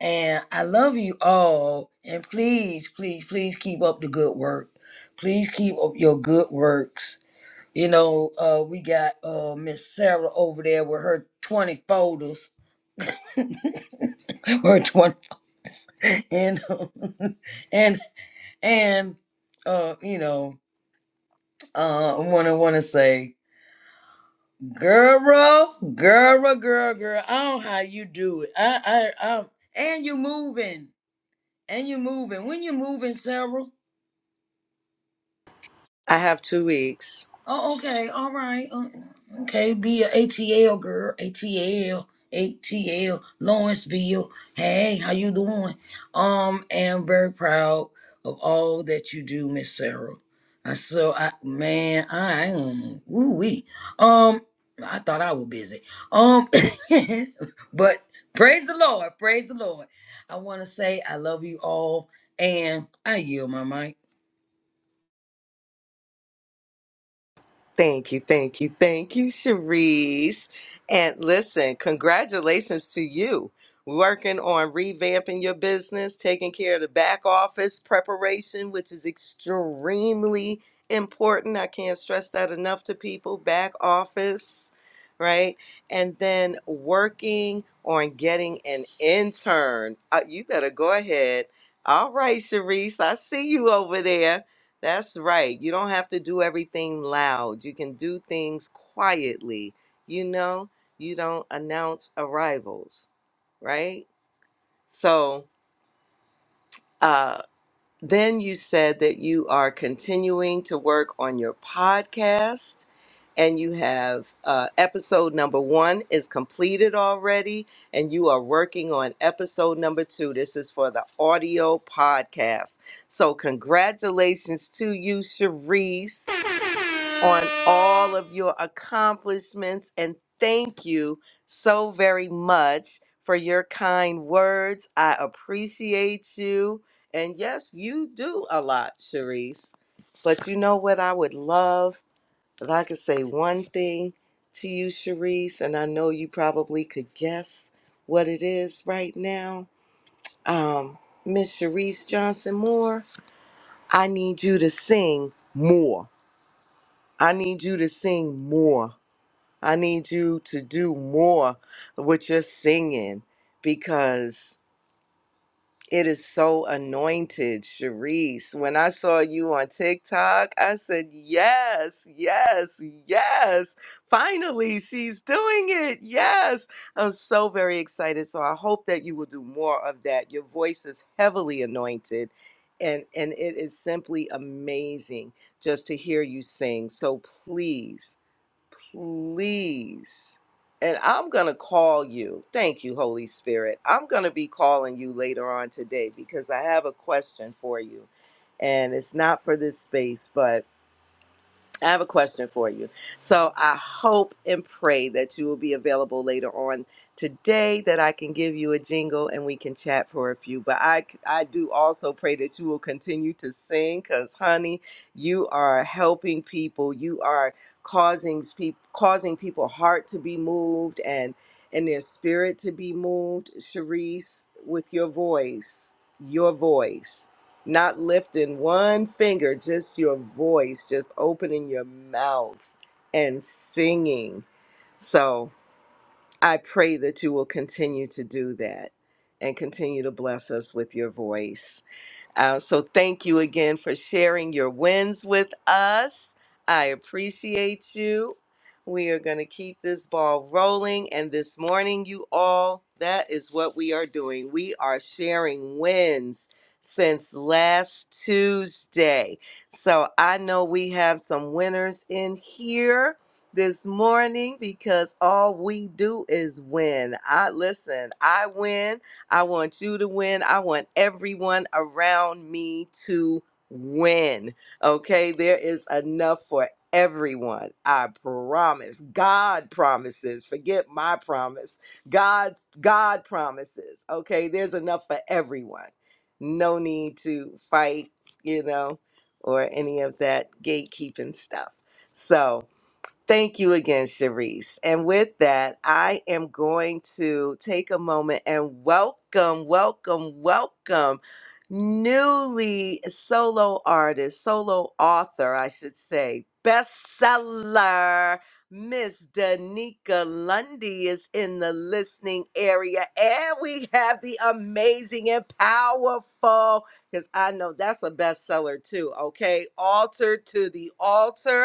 [SPEAKER 4] And I love you all. And please, please, please keep up the good work. Please keep up your good works. You know, uh, we got uh, Miss Sarah over there with her 20 folders. her 20 folders. And, um, and, and, uh, you know, uh, I want to want to say Girl, girl, girl, girl. I don't know how you do it. I, I, I, and you moving, and you moving. When you moving, Sarah.
[SPEAKER 1] I have two weeks.
[SPEAKER 4] Oh, okay. All right. Uh, Okay. Be a ATL girl. ATL. ATL. Lawrenceville. Hey, how you doing? Um, am very proud of all that you do, Miss Sarah. I so I man, I am woo wee. Um, I thought I was busy. Um, but praise the Lord, praise the Lord. I want to say I love you all, and I yield my mic.
[SPEAKER 1] Thank you, thank you, thank you, Cherise. And listen, congratulations to you. Working on revamping your business, taking care of the back office preparation, which is extremely important. I can't stress that enough to people. Back office, right? And then working on getting an intern. Uh, you better go ahead. All right, Cherise, I see you over there that's right. You don't have to do everything loud. You can do things quietly. You know, you don't announce arrivals, right? So, uh, then you said that you are continuing to work on your podcast and you have uh, episode number one is completed already and you are working on episode number two this is for the audio podcast so congratulations to you cherise on all of your accomplishments and thank you so very much for your kind words. I appreciate you. And yes, you do a lot, Cherise. But you know what I would love? If I could say one thing to you, Cherise, and I know you probably could guess what it is right now. Um, Miss Cherise Johnson Moore, I need you to sing more. I need you to sing more. I need you to do more with your singing because it is so anointed, Sharice. When I saw you on TikTok, I said, Yes, yes, yes. Finally, she's doing it. Yes. I'm so very excited. So I hope that you will do more of that. Your voice is heavily anointed. And, and it is simply amazing just to hear you sing. So please please. And I'm going to call you. Thank you, Holy Spirit. I'm going to be calling you later on today because I have a question for you. And it's not for this space, but I have a question for you. So I hope and pray that you will be available later on today that I can give you a jingle and we can chat for a few. But I I do also pray that you will continue to sing cuz honey, you are helping people. You are causing people causing people heart to be moved and and their spirit to be moved, Sharice, with your voice. Your voice not lifting one finger, just your voice, just opening your mouth and singing. So I pray that you will continue to do that and continue to bless us with your voice. Uh, so thank you again for sharing your wins with us. I appreciate you. We are going to keep this ball rolling. And this morning, you all, that is what we are doing. We are sharing wins since last Tuesday. So I know we have some winners in here this morning because all we do is win. I listen, I win I want you to win. I want everyone around me to win. Okay, there is enough for everyone. I promise. God promises. Forget my promise. God's God promises. Okay, there's enough for everyone. No need to fight, you know, or any of that gatekeeping stuff. So, Thank you again, Cherise. And with that, I am going to take a moment and welcome, welcome, welcome newly solo artist, solo author, I should say, bestseller. Miss Danica Lundy is in the listening area, and we have the amazing and powerful, because I know that's a bestseller too, okay? Altar to the altar.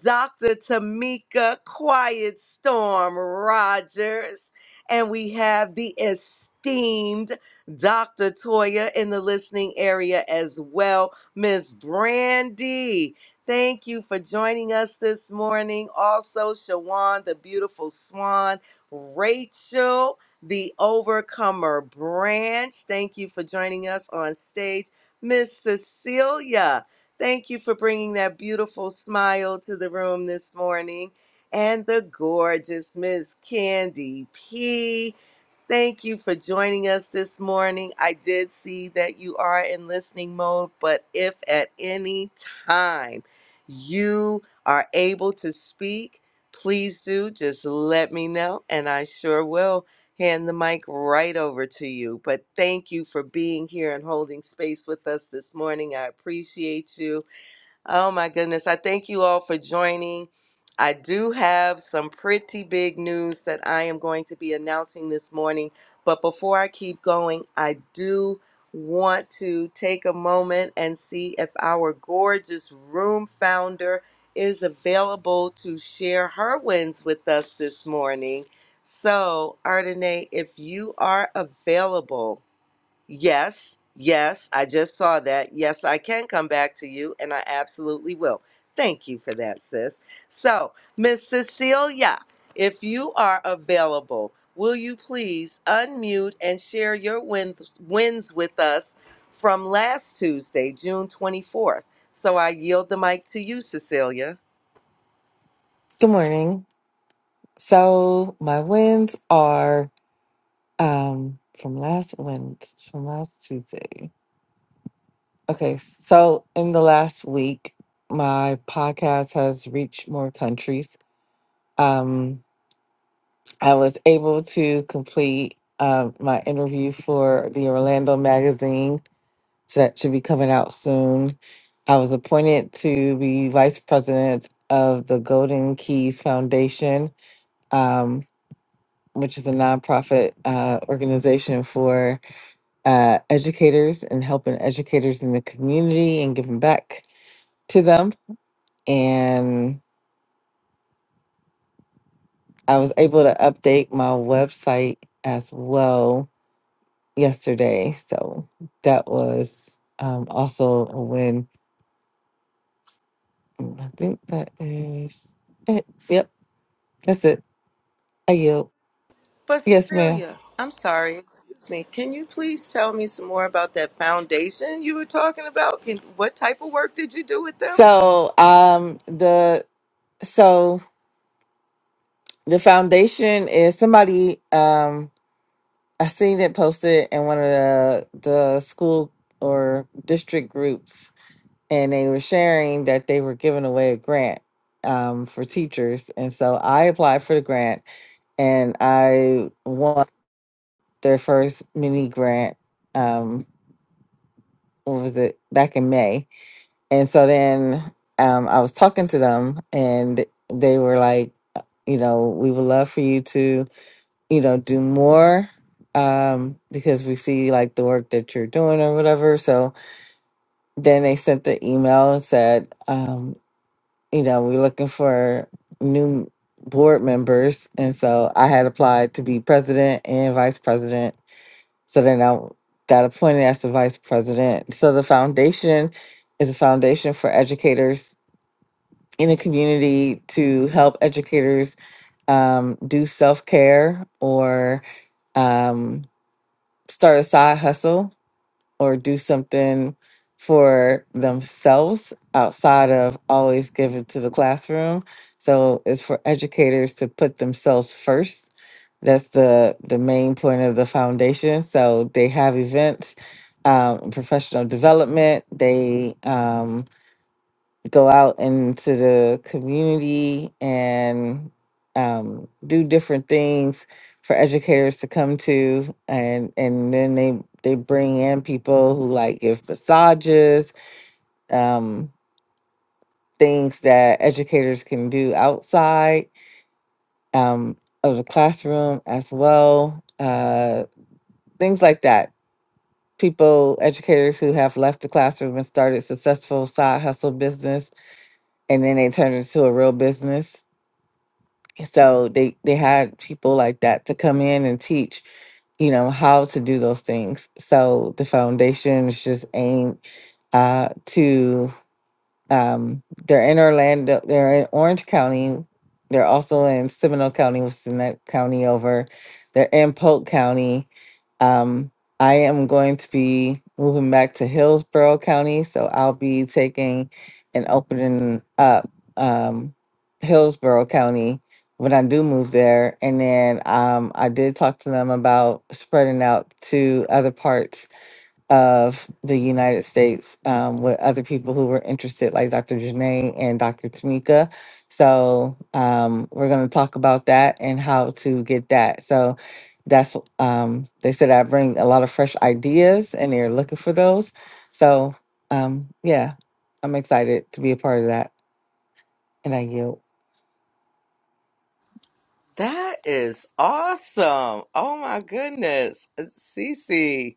[SPEAKER 1] Dr. Tamika Quiet Storm Rogers, and we have the esteemed Dr. Toya in the listening area as well, Miss Brandy. Thank you for joining us this morning. Also, Shawan, the beautiful swan, Rachel, the overcomer branch. Thank you for joining us on stage. Miss Cecilia, Thank you for bringing that beautiful smile to the room this morning. And the gorgeous Miss Candy P. Thank you for joining us this morning. I did see that you are in listening mode, but if at any time you are able to speak, please do just let me know, and I sure will hand the mic right over to you. But thank you for being here and holding space with us this morning. I appreciate you Oh my goodness. I thank you all for joining. I do have some pretty big news that I am going to be announcing this morning. But before I keep going, I do want to take a moment and see if our gorgeous room founder is available to share her wins with us this morning. So, Ardenae, if you are available, Yes, yes, I just saw that. Yes, I can come back to you, and I absolutely will. Thank you for that, sis. So, Miss Cecilia, if you are available, will you please unmute and share your wins, wins with us from last Tuesday, June 24th? So I yield the mic to you, Cecilia.
[SPEAKER 5] Good morning. So my wins are um from last Wednesday, from last Tuesday. Okay, so in the last week, my podcast has reached more countries. Um, I was able to complete um my interview for the Orlando magazine, so that should be coming out soon. I was appointed to be vice president of the Golden Keys Foundation. Um, which is a nonprofit uh, organization for uh, educators and helping educators in the community and giving back to them. And I was able to update my website as well yesterday. So that was um, also a win. And I think that is it. Yep, that's it. I yield.
[SPEAKER 1] But
[SPEAKER 5] Yes, ma'am.
[SPEAKER 1] Cecilia, I'm sorry, excuse me. Can you please tell me some more about that foundation you were talking about? Can, what type of work did you do with them?
[SPEAKER 5] So um, the so the foundation is somebody. Um, I seen it posted in one of the the school or district groups, and they were sharing that they were giving away a grant um, for teachers, and so I applied for the grant, and I won their first mini grant. Um, what was it back in May? And so then um, I was talking to them, and they were like, you know, we would love for you to you know, do more um, because we see like the work that you're doing or whatever. So then they sent the email and said, um, you know, we're looking for new board members. And so I had applied to be president and vice president. So then I got appointed as the vice president. So the foundation is a foundation for educators in the community to help educators um, do self care or. Um, start a side hustle or do something for themselves outside of always giving to the classroom. So it's for educators to put themselves first. That's the the main point of the foundation. So they have events, um, professional development. They um, go out into the community and um, do different things for educators to come to and and then they they bring in people who like give massages um, things that educators can do outside um, of the classroom as well uh, things like that people educators who have left the classroom and started successful side hustle business and then they turned it into a real business so they they had people like that to come in and teach you know how to do those things so the foundation is just aimed uh to um, they're in Orlando. They're in Orange County. They're also in Seminole County, which is the next county over. They're in Polk County. Um, I am going to be moving back to Hillsborough County, so I'll be taking and opening up um, Hillsborough County when I do move there. And then um, I did talk to them about spreading out to other parts of the United States um, with other people who were interested, like Dr. Janae and Dr. Tamika. So um, we're going to talk about that and how to get that. So that's um, they said I bring a lot of fresh ideas, and they're looking for those. So um, yeah, I'm excited to be a part of that, and I yield.
[SPEAKER 1] That is awesome. Oh my goodness. Cece.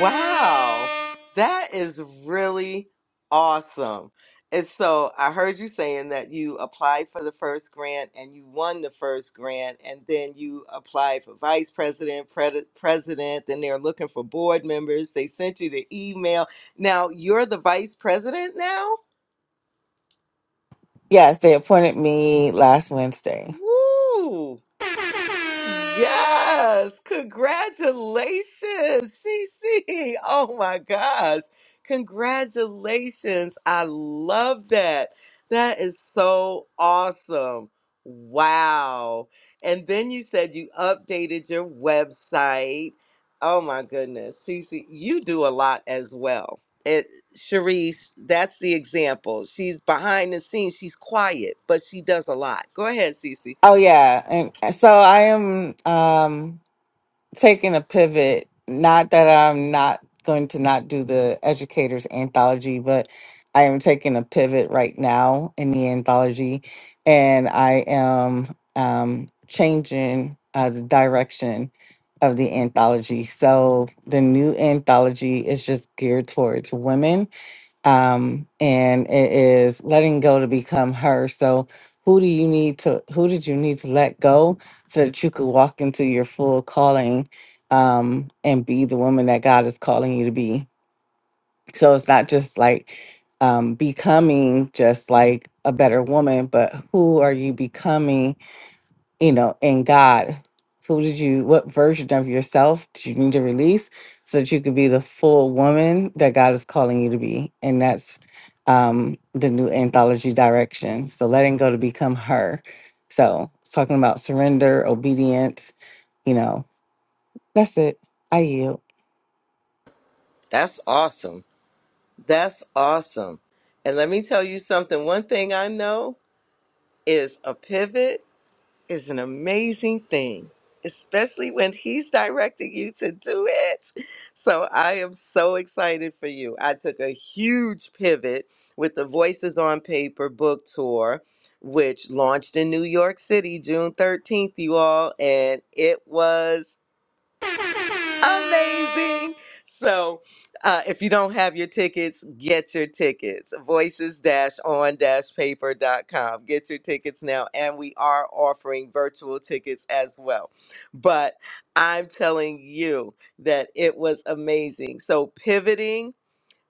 [SPEAKER 1] Wow, that is really awesome. And so I heard you saying that you applied for the first grant and you won the first grant, and then you applied for vice president, pred- president, then they're looking for board members. They sent you the email. Now you're the vice president now?
[SPEAKER 5] Yes, they appointed me last Wednesday.
[SPEAKER 1] Woo! Yes, congratulations, Cece! Oh my gosh, congratulations. I love that. That is so awesome. Wow. And then you said you updated your website. Oh my goodness, Cece, you do a lot as well. It Sharice, that's the example. She's behind the scenes, she's quiet, but she does a lot. Go ahead, Cece.
[SPEAKER 5] Oh yeah, and uh, so I am. Um, taking a pivot. Not that I'm not going to not do the educators anthology, but I am taking a pivot right now in the anthology, and I am um, changing uh, the direction of the anthology. So the new anthology is just geared towards women um and it is letting go to become her so who do you need to who did you need to let go so that you could walk into your full calling um and be the woman that god is calling you to be so it's not just like um becoming just like a better woman but who are you becoming you know, in God. Who did you, what version of yourself did you need to release so that you could be the full woman that God is calling you to be? And that's um, the new anthology direction. So letting go to become her. So it's talking about surrender, obedience, you know, that's it. I yield.
[SPEAKER 1] That's awesome. That's awesome. And let me tell you something. One thing I know is a pivot is an amazing thing, especially when he's directing you to do it. So I am so excited for you. I took a huge pivot with the Voices on Paper book tour, which launched in New York City June 13th, you all. And it was amazing. So, uh, if you don't have your tickets, get your tickets. Voices on paper dot com. Get your tickets now. And we are offering virtual tickets as well. But I'm telling you that it was amazing. So, pivoting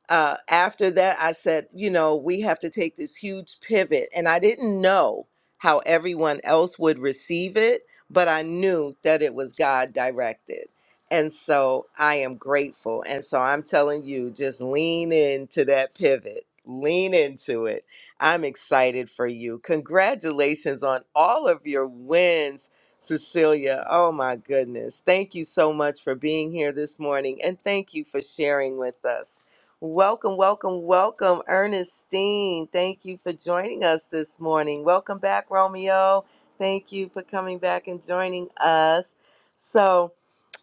[SPEAKER 1] uh, after that, I said, you know, we have to take this huge pivot. And I didn't know how everyone else would receive it, but I knew that it was God directed. And so I am grateful. And so I'm telling you, just lean into that pivot, lean into it. I'm excited for you. Congratulations on all of your wins. Cecilia, oh my goodness. Thank you so much for being here this morning and thank you for sharing with us. Welcome, welcome, welcome, Ernestine. Thank you for joining us this morning. Welcome back, Romeo. Thank you for coming back and joining us. So,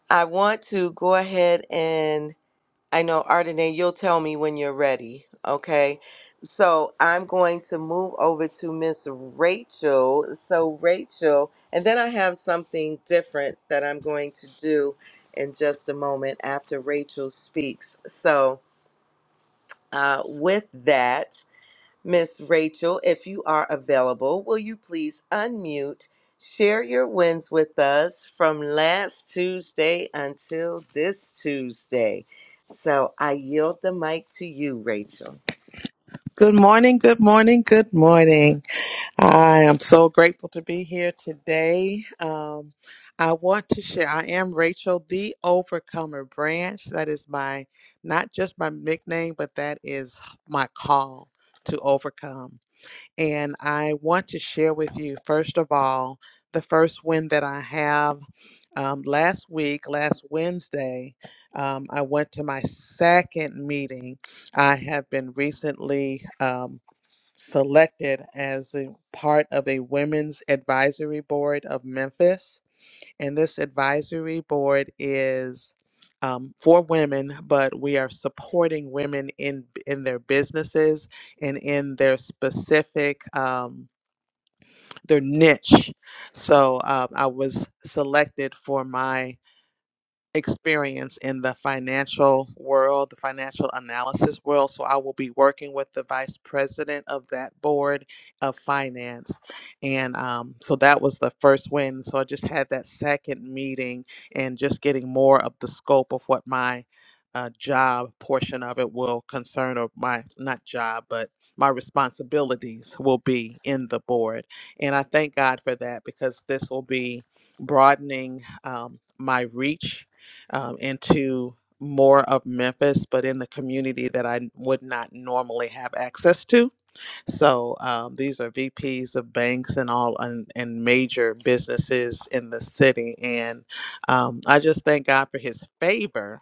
[SPEAKER 1] I want to go ahead and I know, Ardenae, you'll tell me when you're ready, okay? So, I'm going to move over to Miss Rachel. So, Rachel, and then I have something different that I'm going to do in just a moment after Rachel speaks. So, uh, with that, Miss Rachel, if you are available, will you please unmute, share your wins with us from last Tuesday until this Tuesday? So I yield the mic to you, Rachel.
[SPEAKER 6] Good morning, good morning, good morning. I am so grateful to be here today. Um, I want to share, I am Rachel, the Overcomer Branch. That is my, not just my nickname, but that is my call to overcome. And I want to share with you, first of all, the first win that I have. Um, last week, last Wednesday, um, I went to my second meeting. I have been recently. Um, selected as a part of a women's advisory board of Memphis. And this advisory board is um, for women, but we are supporting women in in their businesses and in their specific um, their niche. So um, I was selected for my experience in the financial world, the financial analysis world. So I will be working with the vice president of that board of finance. And um, so that was the first win. So I just had that second meeting and just getting more of the scope of what my uh, job portion of it will concern, or my not job, but my responsibilities will be in the board. And I thank God for that because this will be broadening um, my reach um, into more of Memphis, but in the community that I would not normally have access to. So um, these are VPs of banks and all and, and major businesses in the city. And um, I just thank God for his favor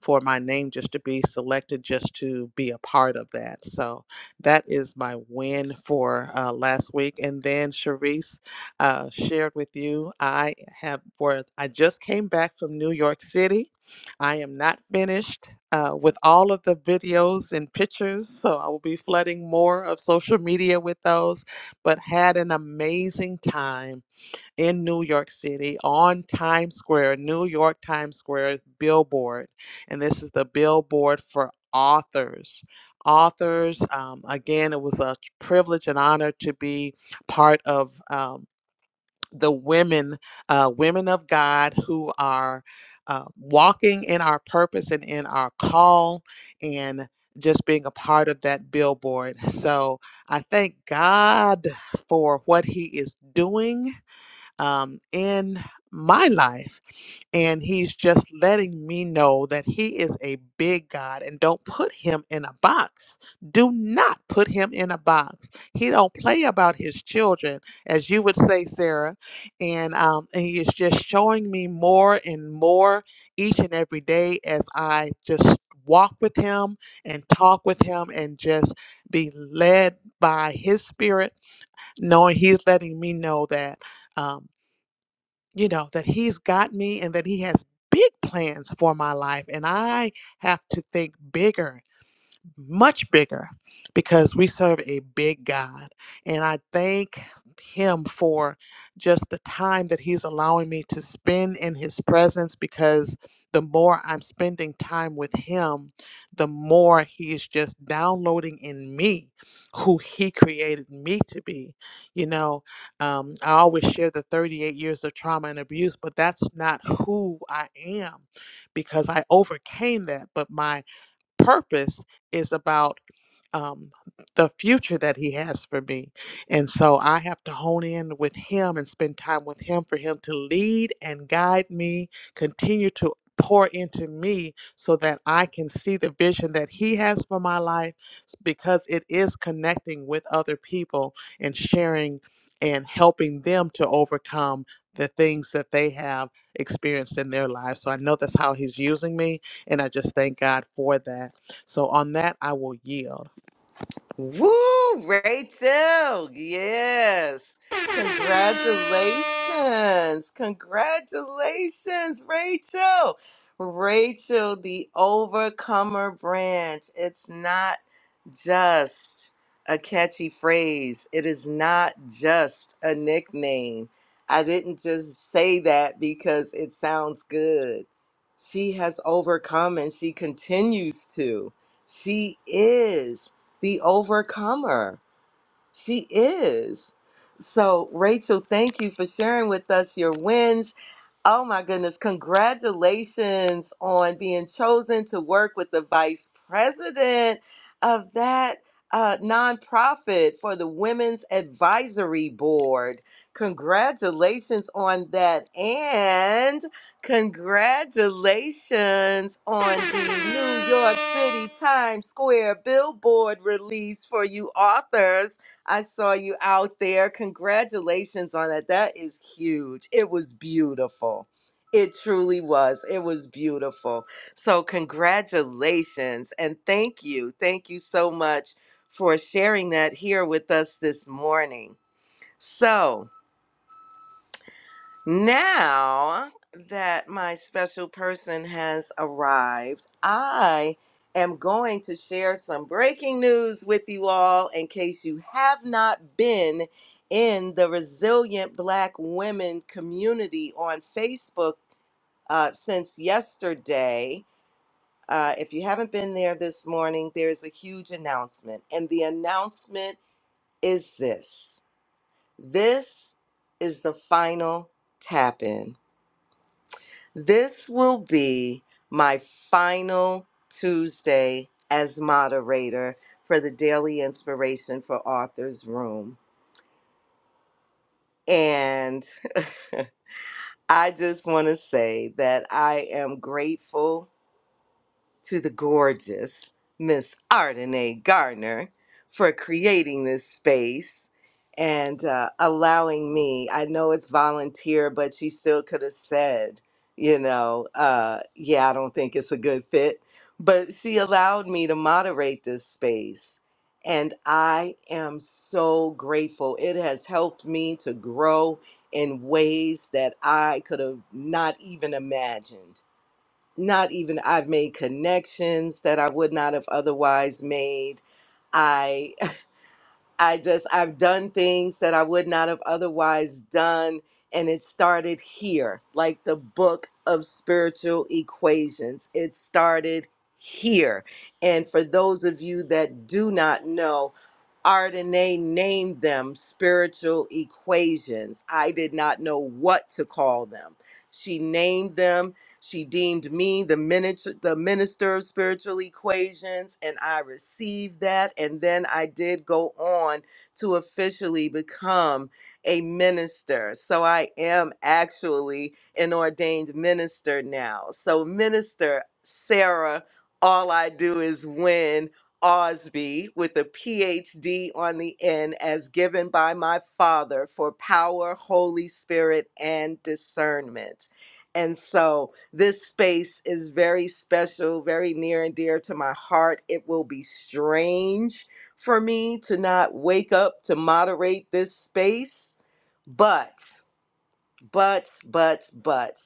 [SPEAKER 6] for my name just to be selected, just to be a part of that. So that is my win for uh, last week. And then Sharice uh, shared with you, I have for I just came back from New York City. I am not finished uh, with all of the videos and pictures, so I will be flooding more of social media with those. But had an amazing time in New York City on Times Square, New York Times Square billboard. And this is the billboard for authors. Authors, um, again, it was a privilege and honor to be part of. Um, the women, uh, women of God, who are uh, walking in our purpose and in our call, and just being a part of that billboard. So I thank God for what He is doing um, in my life. And he's just letting me know that he is a big God and don't put him in a box. Do not put him in a box. He don't play about his children, as you would say, Sarah. And, um, and he is just showing me more and more each and every day as I just walk with him and talk with him and just be led by his spirit, knowing he's letting me know that. um you know, that he's got me and that he has big plans for my life. And I have to think bigger much bigger because we serve a big God. And I thank Him for just the time that He's allowing me to spend in His presence because the more I'm spending time with Him, the more He is just downloading in me who He created me to be. You know, um, I always share the 38 years of trauma and abuse, but that's not who I am because I overcame that. But my purpose is about um, the future that he has for me. And so I have to hone in with him and spend time with him for him to lead and guide me, continue to pour into me so that I can see the vision that he has for my life s- because it is connecting with other people and sharing and helping them to overcome the things that they have experienced in their lives. So I know that's how he's using me and I just thank God for that. So on that, I will yield.
[SPEAKER 1] Woo, Rachel. Yes. Congratulations. Congratulations, Rachel. Rachel, the overcomer branch. It's not just a catchy phrase, it is not just a nickname. I didn't just say that because it sounds good. She has overcome and she continues to. She is the overcomer. She is. So, Rachel, thank you for sharing with us your wins. Oh my goodness, congratulations on being chosen to work with the vice president of that uh, nonprofit for the Women's Advisory Board. Congratulations on that. And congratulations on the New York City Times Square billboard release for you authors. I saw you out there. Congratulations on that. That is huge. It was beautiful. It truly was. It was beautiful. So, congratulations and thank you. Thank you so much for sharing that here with us this morning. So, now that my special person has arrived, I am going to share some breaking news with you all in case you have not been in the Resilient Black Women community on Facebook uh, since yesterday. Uh, if you haven't been there this morning, there is a huge announcement. And the announcement is this this is the final tap in. This will be my final Tuesday as moderator for the Daily Inspiration for Authors Room. And I just want to say that I am grateful to the gorgeous Miss Ardenae Gardner for creating this space and uh, allowing me. I know it's volunteer, but she still could have said, you know, uh, yeah, I don't think it's a good fit. But she allowed me to moderate this space. And I am so grateful. It has helped me to grow in ways that I could have not even imagined not even I've made connections that I would not have otherwise made. I I just I've done things that I would not have otherwise done and it started here like the book of spiritual equations. It started here. And for those of you that do not know, Ardenae named them spiritual equations. I did not know what to call them. She named them she deemed me the minister, the minister of spiritual equations, and I received that. And then I did go on to officially become a minister. So I am actually an ordained minister now. So, Minister Sarah, all I do is win. Osby with a PhD on the end, as given by my father for power, Holy Spirit, and discernment. And so, this space is very special, very near and dear to my heart. It will be strange for me to not wake up to moderate this space. But, but, but, but,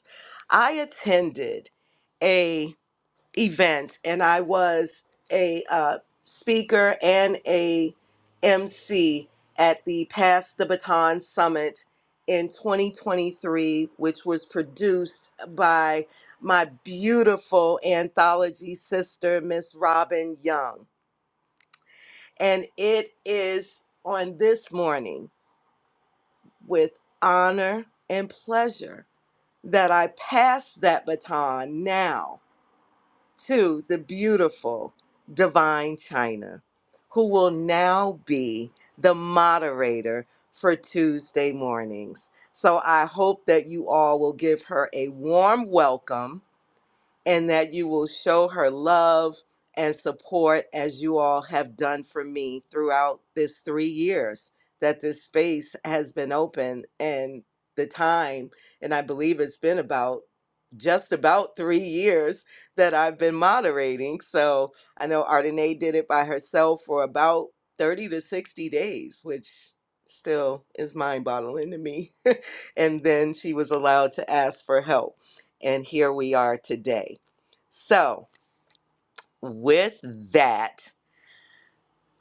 [SPEAKER 1] I attended a event and I was a uh, speaker and a MC at the Pass the Baton Summit in 2023, which was produced by my beautiful anthology sister, Miss Robin Young. And it is on this morning with honor and pleasure that I pass that baton now to the beautiful Divine China, who will now be the moderator for Tuesday mornings. So I hope that you all will give her a warm welcome and that you will show her love and support as you all have done for me throughout this three years that this space has been open and the time. And I believe it's been about just about three years that I've been moderating. So I know Ardenae did it by herself for about 30 to 60 days, which still is mind boggling to me. and then she was allowed to ask for help and here we are today. So, with that,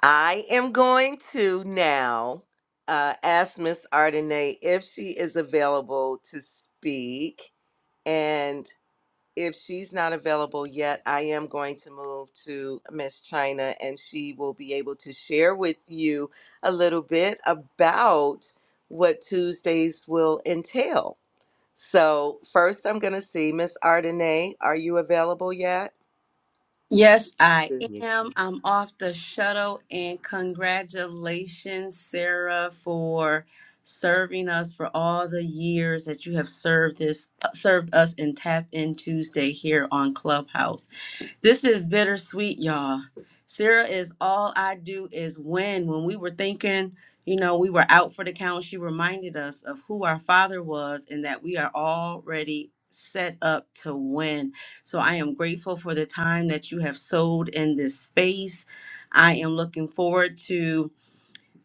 [SPEAKER 1] I am going to now uh, ask Miss Ardenay if she is available to speak. And if she's not available yet, I am going to move to Miss China and she will be able to share with you a little bit about what Tuesdays will entail. So, first, I'm going to see Miss Ardenay. Are you available yet?
[SPEAKER 7] Yes, I
[SPEAKER 1] There you go.
[SPEAKER 7] am. I'm off the shuttle, and congratulations, Sarah, for serving us for all the years that you have served this served us in Tap In Tuesday here on Clubhouse. This is bittersweet, y'all. Sarah is all I do is win. When we were thinking, you know, we were out for the count, she reminded us of who our father was and that we are already set up to win. So I am grateful for the time that you have sowed in this space. I am looking forward to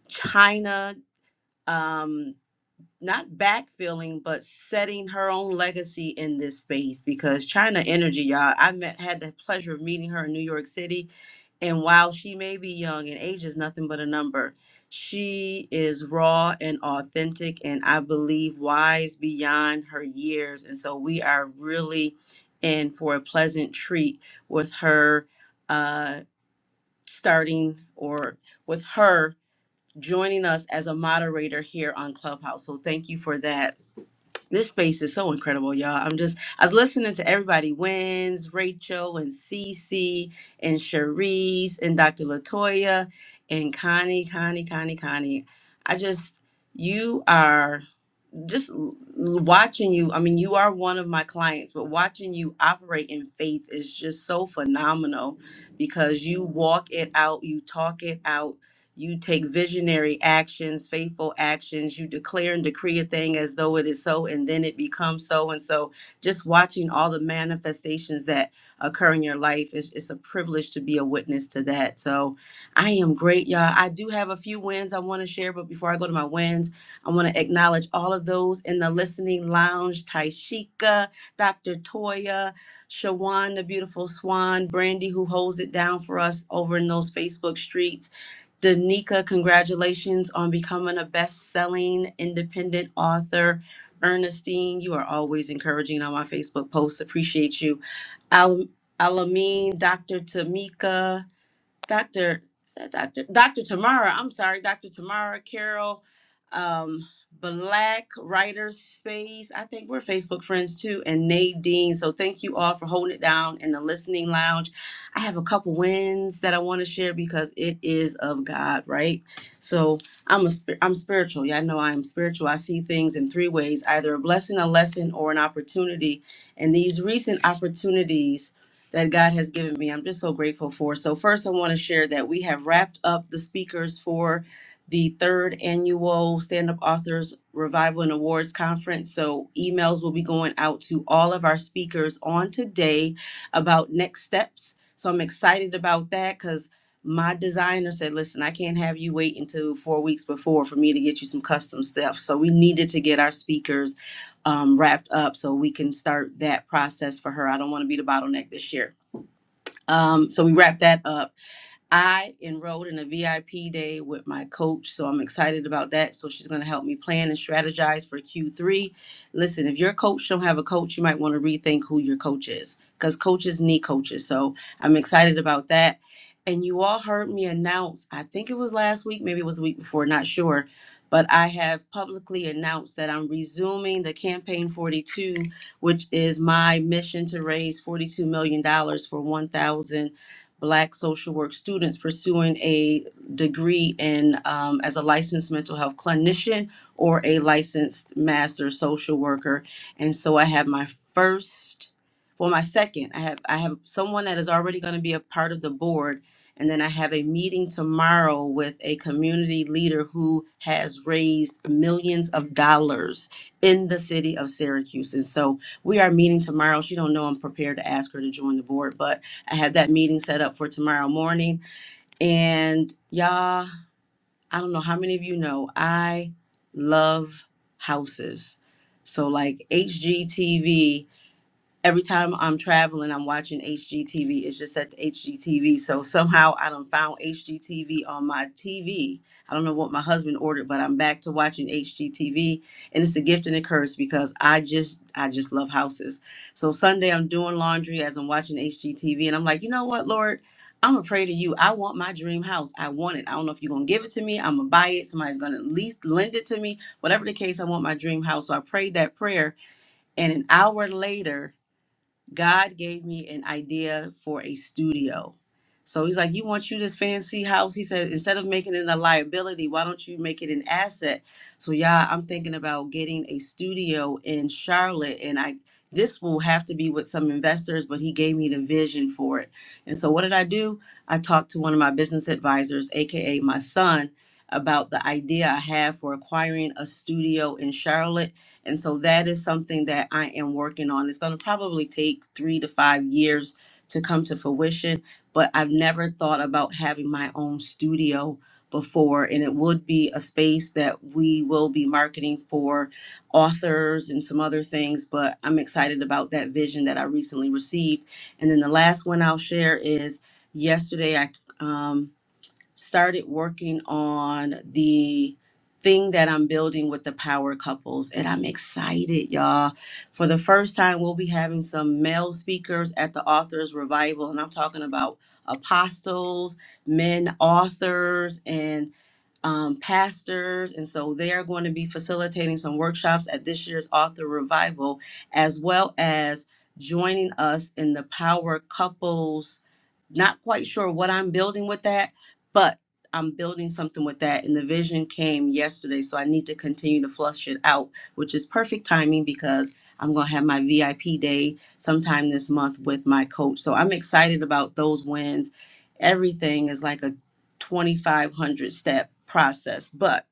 [SPEAKER 7] China. Um, not backfilling, but setting her own legacy in this space because China Energy, y'all, I met had the pleasure of meeting her in New York City. And while she may be young and age is nothing but a number, she is raw and authentic and I believe wise beyond her years. And so we are really in for a pleasant treat with her uh starting or with her joining us as a moderator here on Clubhouse. So thank you for that. This space is so incredible, y'all. I'm just I was listening to everybody wins, Rachel and Cece and Cherise and Dr. Latoya and Connie, Connie, Connie, Connie. I just you are just l- watching you i mean you are one of my clients but watching you operate in faith is just so phenomenal because you walk it out you talk it out you take visionary actions faithful actions you declare and decree a thing as though it is so and then it becomes so and so just watching all the manifestations that occur in your life is it's a privilege to be a witness to that so i am great y'all i do have a few wins i want to share but before i go to my wins I want to acknowledge all of those in the listening lounge Taishika, Dr. Toya, Shawan, the beautiful swan, Brandy, who holds it down for us over in those Facebook streets. Danica, congratulations on becoming a best selling independent author. Ernestine, you are always encouraging on my Facebook posts. Appreciate you. Al- Alameen, Dr. Tamika, Dr. Is that Dr. Dr. Tamara? I'm sorry, Dr. Tamara Carol, um, Black Writers Space. I think we're Facebook friends too, and Nadine. So thank you all for holding it down in the listening lounge. I have a couple wins that I want to share because it is of God, right? So I'm a spir- I'm spiritual. Yeah, I know I am spiritual. I see things in three ways: either a blessing, a lesson, or an opportunity. And these recent opportunities that God has given me. I'm just so grateful for. So, first, I want to share that we have wrapped up the speakers for the third annual Stand Up Authors Revival and Awards Conference. So, emails will be going out to all of our speakers on today about next steps. So, I'm excited about that because my designer said, Listen, I can't have you wait until four weeks before for me to get you some custom stuff. So, we needed to get our speakers um, wrapped up so we can start that process for her. I don't want to be the bottleneck this year. Um, so we wrapped that up. I enrolled in a VIP day with my coach, so I'm excited about that. So she's going to help me plan and strategize for Q3. Listen, if your coach don't have a coach, you might want to rethink who your coach is because coaches need coaches. So I'm excited about that. And you all heard me announce, I think it was last week, maybe it was the week before, not sure, but I have publicly announced that I'm resuming the Campaign 42 which is my mission to raise $42 million dollars for 1,000 black social work students pursuing a degree in um, as a licensed mental health clinician or a licensed master social worker and so i have my first well my second i have i have someone that is already going to be a part of the board and then i have a meeting tomorrow with a community leader who has raised millions of dollars in the city of syracuse and so we are meeting tomorrow she don't know i'm prepared to ask her to join the board but I have that meeting set up for tomorrow morning. And y'all, I don't know how many of you know, I love houses. So, like HGTV every time I'm traveling, I'm watching HGTV. It's just at the HGTV. So somehow I done found HGTV on my TV. I don't know what my husband ordered, but I'm back to watching HGTV. And it's a gift and a curse because I just I just love houses. So Sunday I'm doing laundry as I'm watching HGTV and I'm like, you know what, Lord? I'm gonna pray to you. I want my dream house. I want it. I don't know if you're gonna give it to me. I'm gonna buy it. Somebody's gonna at least lend it to me. Whatever the case, I want my dream house. So I prayed that prayer. And an hour later, God gave me an idea for a studio. So he's like, You want you this fancy house? He said, Instead of making it a liability, why don't you make it an asset? So, yeah, I'm thinking about getting a studio in Charlotte. And I, this will have to be with some investors, but he gave me the vision for it. And so, what did I do? I talked to one of my business advisors, AKA my son, about the idea I have for acquiring a studio in Charlotte and so that is something that I am working on. It's going to probably take three to five years to come to fruition, but I've never thought about having my own studio before. And it would be a space that we will be marketing for authors and some other things, but I'm excited about that vision that I recently received. And then the last one I'll share is yesterday I. Um, started working on the thing that I'm building with the power couples and I'm excited y'all. For the first time we'll be having some male speakers at the authors revival and I'm talking about apostles, men authors and um, pastors, and so they are going to be facilitating some workshops at this year's Author Revival, as well as joining us in the Power Couples. Not quite sure what I'm building with that, but I'm building something with that. And the vision came yesterday, so I need to continue to flush it out, which is perfect timing because I'm going to have my VIP day sometime this month with my coach. So I'm excited about those wins. Everything is like a 2,500 step process. But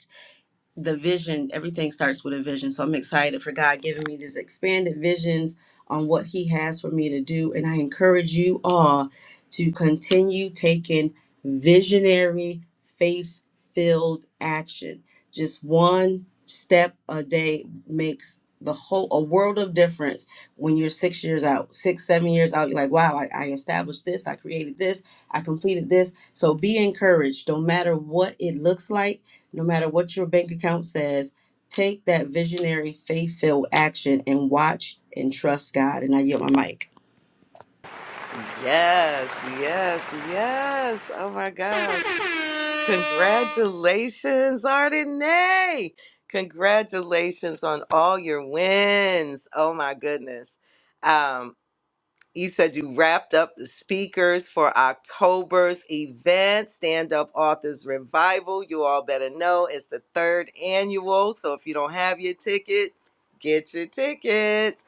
[SPEAKER 7] the vision, everything starts with a vision. So I'm excited for God giving me these expanded visions on what He has for me to do. And I encourage you all to continue taking visionary, faith filled action. Just one step a day makes the whole a world of difference when you're six years out six seven years out you're like wow I, I established this i created this i completed this so be encouraged no matter what it looks like no matter what your bank account says, take that visionary faith filled action and watch and trust God. And I yield my mic.
[SPEAKER 1] Yes, yes, yes. Oh my gosh. Congratulations, Ardenay. Congratulations on all your wins. Oh my goodness. Um. You said you wrapped up the speakers for October's event, Stand Up Authors Revival. You all better know it's the third annual. So if you don't have your ticket, get your tickets.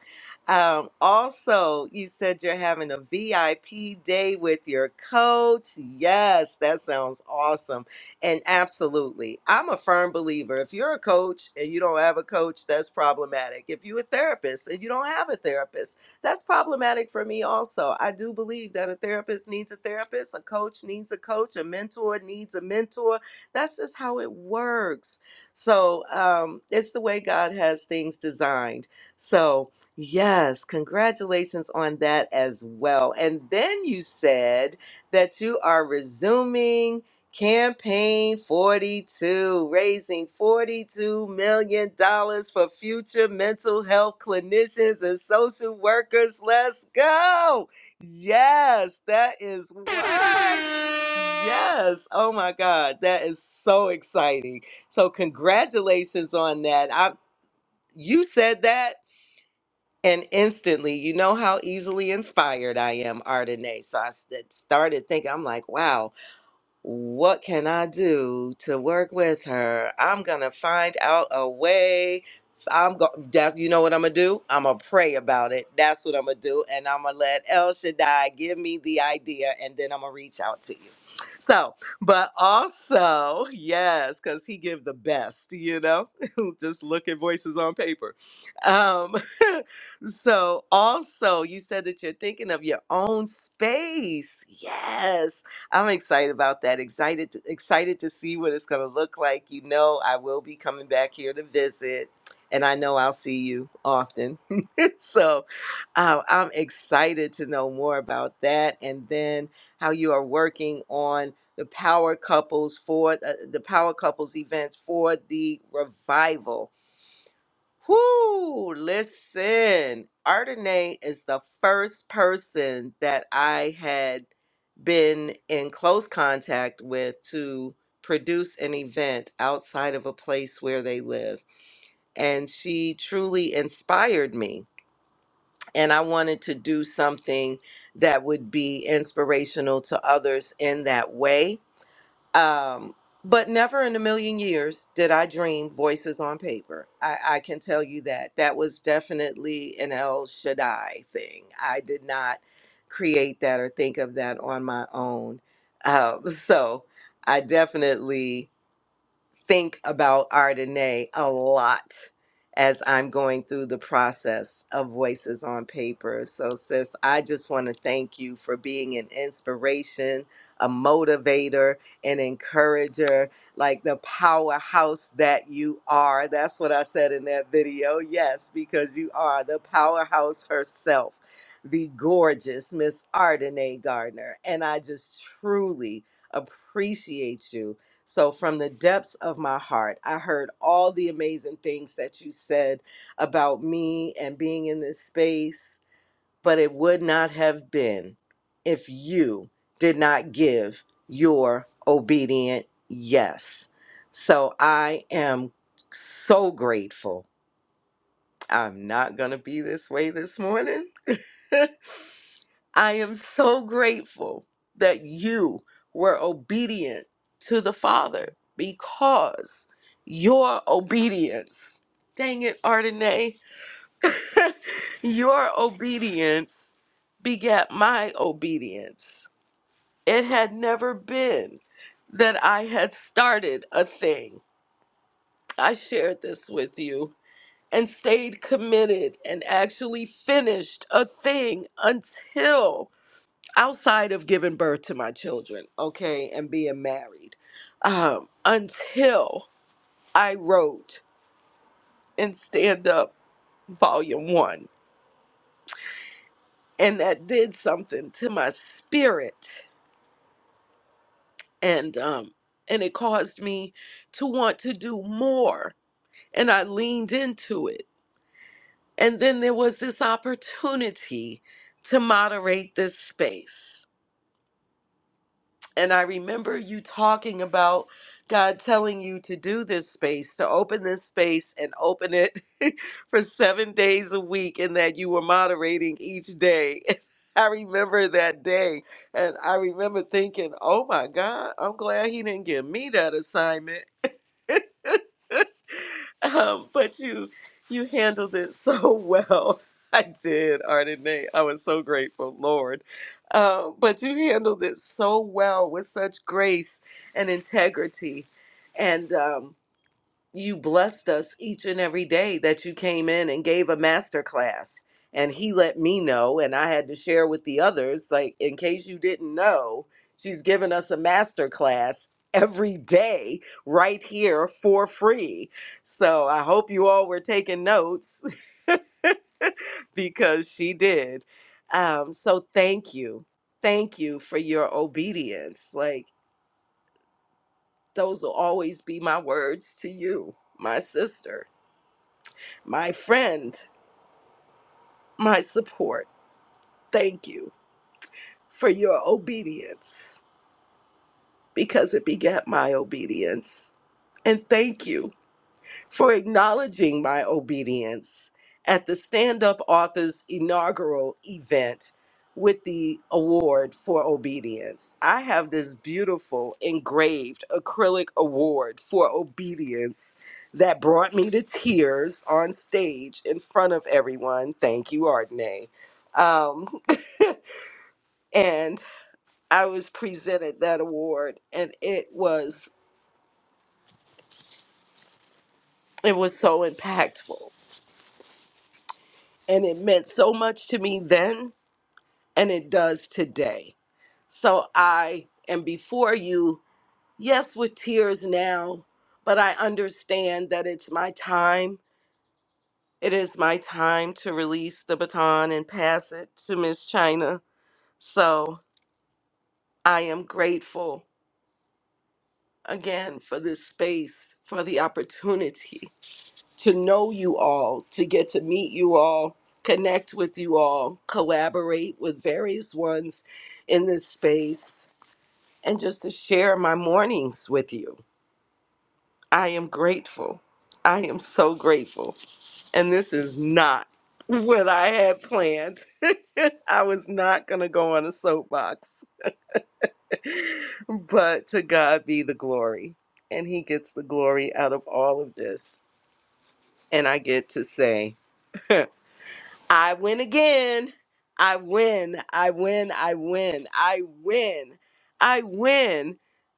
[SPEAKER 1] Um, also, you said you're having a VIP day with your coach. Yes, that sounds awesome. And absolutely, I'm a firm believer. If you're a coach and you don't have a coach, that's problematic. If you're a therapist and you don't have a therapist, that's problematic for me also. I do believe that a therapist needs a therapist, a coach needs a coach, a mentor needs a mentor. That's just how it works. So um, it's the way God has things designed. So, yes, congratulations on that as well. And then you said that you are resuming. Campaign 42, raising $42 million dollars for future mental health clinicians and social workers. Let's go. Yes, that is what. Yes. Oh my God. That is so exciting. So congratulations on that. I you said that and instantly, you know how easily inspired I am, Ardenae. So I s- started thinking, I'm like, wow, what can I do to work with her? I'm gonna find out a way. I'm go that you know what I'm gonna do? I'm gonna pray about it. That's what I'm gonna do, and I'm gonna let El Shaddai give me the idea, and then I'm gonna reach out to you. So, but also yes, because he give the best, you know. Just look at voices on paper. Um, so also you said that you're thinking of your own space. Yes I'm excited about that. Excited, to, excited to see what it's going to look like. You know, I will be coming back here to visit, and I know I'll see you often. so, um, I'm excited to know more about that, and then how you are working on the power couples for uh, the power couples events for the revival Whoo, listen. Ardenae is the first person that I had been in close contact with to produce an event outside of a place where they live. And she truly inspired me. And I wanted to do something that would be inspirational to others in that way. Um, but never in a million years did I dream voices on paper. I, I can tell you that. That was definitely an El Shaddai thing. I did not create that or think of that on my own. Um, so I definitely think about Ardenae a lot as I'm going through the process of Voices on Paper. So, sis, I just want to thank you for being an inspiration, a motivator, an encourager, like the powerhouse that you are. That's what I said in that video. Yes, because you are the powerhouse herself. The gorgeous Miss Ardenae Gardner. And I just truly appreciate you so, from the depths of my heart, I heard all the amazing things that you said about me and being in this space, but it would not have been if you did not give your obedient yes. So, I am so grateful. I'm not going to be this way this morning. I am so grateful that you were obedient to the Father because your obedience, dang it, ardenae your obedience begat my obedience. It had never been that I had started a thing. I shared this with you and stayed committed and actually finished a thing until outside of giving birth to my children, okay, and being married, um, until I wrote in Stand Up Volume One, and that did something to my spirit, and um, and it caused me to want to do more, and I leaned into it, and then there was this opportunity to moderate this space. And I remember you talking about God telling you to do this space, to open this space and open it for seven days a week, and that you were moderating each day. I remember that day. And I remember thinking, oh my God, I'm glad he didn't give me that assignment. um, but you you handled it so well. I did, Ardenae. I was so grateful, Lord. Um, but you handled it so well with such grace and integrity, and um, you blessed us each and every day that you came in and gave a master class and he let me know and i had to share with the others like in case you didn't know she's given us a master class every day right here for free so i hope you all were taking notes because she did um, so thank you thank you for your obedience like those will always be my words to you my sister my friend my support. Thank you for your obedience because it begat my obedience. And thank you for acknowledging my obedience at the Stand Up Authors inaugural event with the award for obedience. I have this beautiful engraved acrylic award for obedience that brought me to tears on stage in front of everyone. Thank you, Ardenay. Um, and I was presented that award and it was it was so impactful and it meant so much to me then and it does today. So I am before you, yes with tears now, but I understand that it's my time. It is my time to release the baton and pass it to Miss China. So I am grateful again for this space, for the opportunity to know you all, to get to meet you all, connect with you all, collaborate with various ones in this space, and just to share my mornings with you. I am grateful. I am so grateful. And this is not what I had planned. I was not going to go on a soapbox, but to God be the glory. And He gets the glory out of all of this. And I get to say, I win again. I win. I win. I win. I win. I win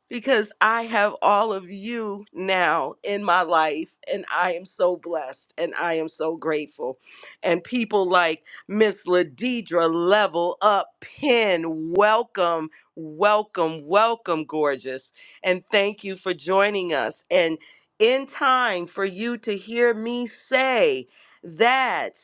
[SPEAKER 1] because I have all of you now in my life and I am so blessed and I am so grateful. And people like Miss Ladidra Level Up Pin, welcome, welcome, welcome, gorgeous. And thank you for joining us. And in time for you to hear me say, that.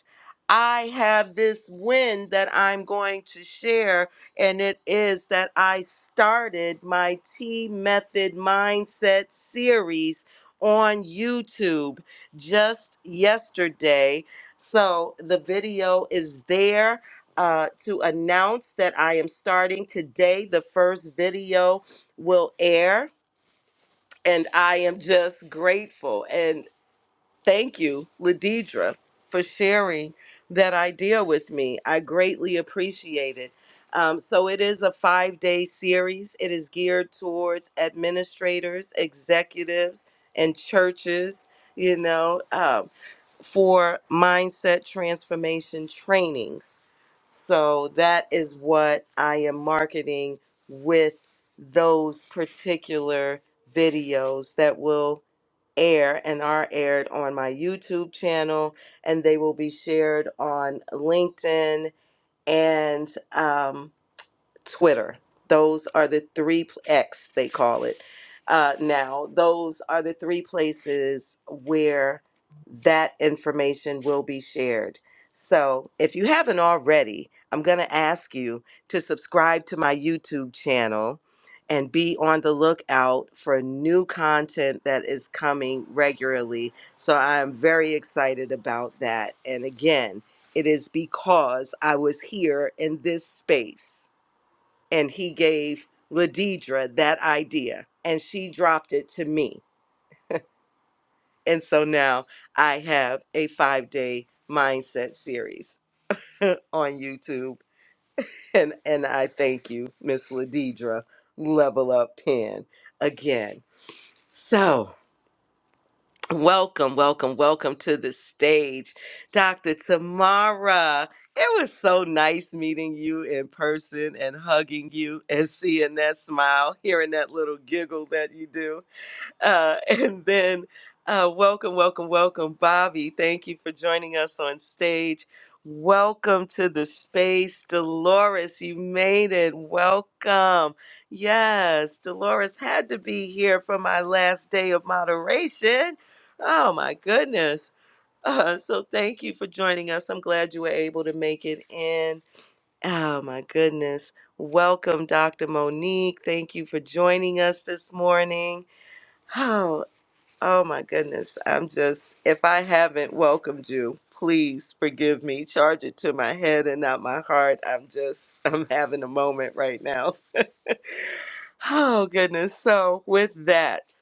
[SPEAKER 1] I have this win that I'm going to share, and it is that I started my T Method Mindset series on YouTube just yesterday. So the video is there uh, to announce that I am starting today. The first video will air. And I am just grateful. Thank you, Ladidra, for sharing that idea with me. I greatly appreciate it. Um, so, it is a five day series. It is geared towards administrators, executives, and churches, you know, um, for mindset transformation trainings. So, that is what I am marketing with those particular videos that will air and are aired on my YouTube channel, and they will be shared on LinkedIn and um, Twitter. Those are the three pl- X they call it uh, now. Those are the three places where that information will be shared. So if you haven't already, I'm going to ask you to subscribe to my YouTube channel and be on the lookout for new content that is coming regularly. So I'm very excited about that. And again, it is because I was here in this space and he gave Ladidra that idea, and she dropped it to me. And so now I have a five day mindset series on YouTube. And, and I thank you, Miss Ladidra, Level Up Pen, again. So, welcome, welcome, welcome to the stage, Dr. Tamara. It was so nice meeting you in person and hugging you and seeing that smile, hearing that little giggle that you do Uh, and then, uh, welcome, welcome, welcome, Bobby. Thank you for joining us on stage. Welcome to the space, Dolores. You made it. Welcome. Yes, Dolores had to be here for my last day of moderation. Oh, my goodness. Uh, so, thank you for joining us. I'm glad you were able to make it in. Oh, my goodness. Welcome, Dr. Monique. Thank you for joining us this morning. Oh my goodness. I'm just, if I haven't welcomed you, please forgive me. Charge it to my head and not my heart. I'm just, I'm having a moment right now. Oh goodness. So, with that,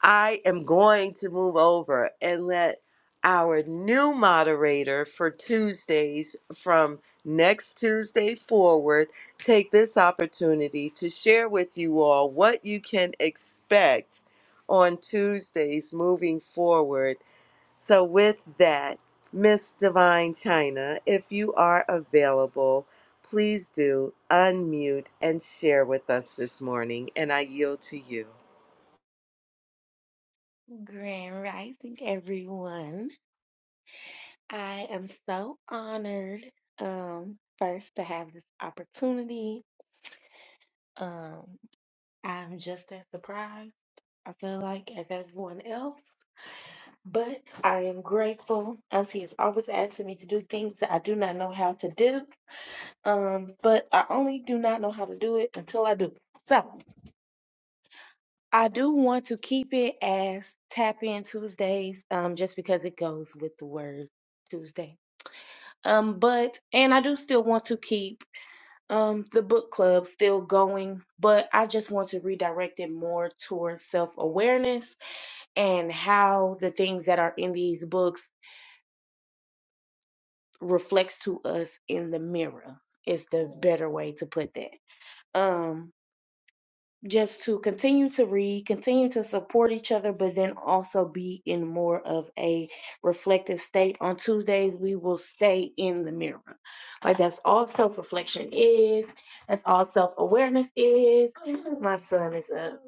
[SPEAKER 1] I am going to move over and let our new moderator for Tuesdays from next Tuesday forward take this opportunity to share with you all what you can expect on Tuesdays moving forward. So, with that, Miss Divine China, if you are available, please do unmute and share with us this morning, and I yield to you.
[SPEAKER 8] Grand Rising, everyone. I am so honored, um, first to have this opportunity. Um, I'm just as surprised, I feel like, as everyone else. But I am grateful. Auntie is always asking me to do things that I do not know how to do. Um, but I only do not know how to do it until I do. So I do want to keep it as Tap In Tuesdays, um, just because it goes with the word Tuesday. Um, but and I do still want to keep um the book club still going, but I just want to redirect it more towards self-awareness and how the things that are in these books reflects to us in the mirror is the better way to put that. Um just to continue to read, continue to support each other, but then also be in more of a reflective state. On Tuesdays, we will stay in the mirror. Like that's all self reflection is, that's all self awareness is. My son is up.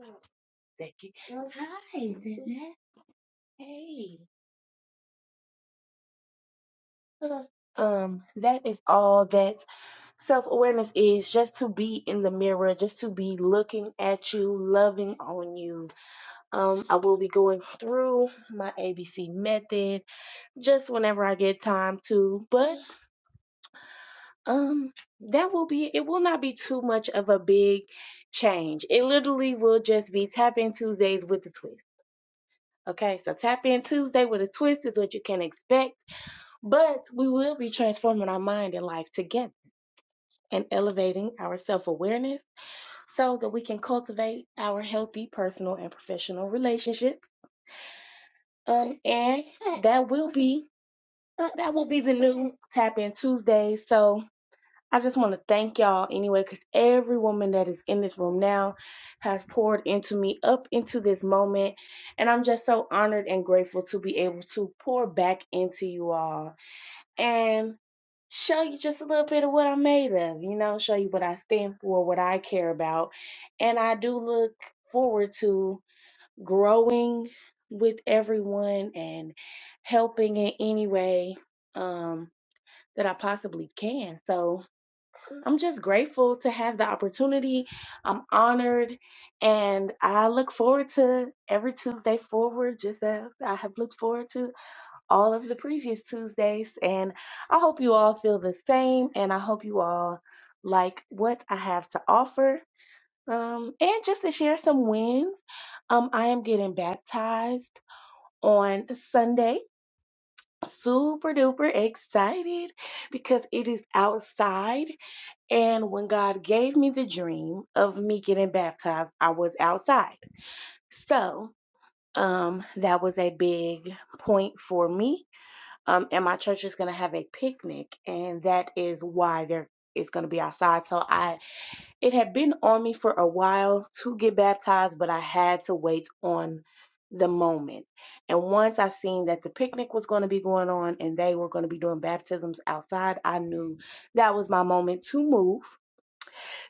[SPEAKER 8] Becky. Hi, Dana. Hey. Um, that is all that self awareness is just to be in the mirror, just to be looking at you, loving on you, Um, I will be going through my ABC method just whenever I get time to, but um, that will be it will not be too much of a big change. It literally will just be tap in Tuesdays with a twist. Okay, so tap in Tuesday with a twist is what you can expect, but we will be transforming our mind and life together and elevating our self awareness so that we can cultivate our healthy personal and professional relationships. Um, and that will be Uh, that will be the new tap in Tuesday. So I just want to thank y'all anyway, because every woman that is in this room now has poured into me up into this moment. And I'm just so honored and grateful to be able to pour back into you all and show you just a little bit of what I'm made of, you know, show you what I stand for, what I care about. And I do look forward to growing with everyone and helping in any way. Um, that I possibly can. So I'm just grateful to have the opportunity. I'm honored and I look forward to every Tuesday forward, just as I have looked forward to all of the previous Tuesdays. And I hope you all feel the same and I hope you all like what I have to offer. Um, and just to share some wins, um, I am getting baptized on Sunday. Super duper excited because it is outside and when God gave me the dream of me getting baptized, I was outside. So um, that was a big point for me. Um, and my church is going to have a picnic, and that is why there is going to be outside. So I, it had been on me for a while to get baptized, but I had to wait on the moment. And once I seen that the picnic was going to be going on and they were going to be doing baptisms outside, I knew that was my moment to move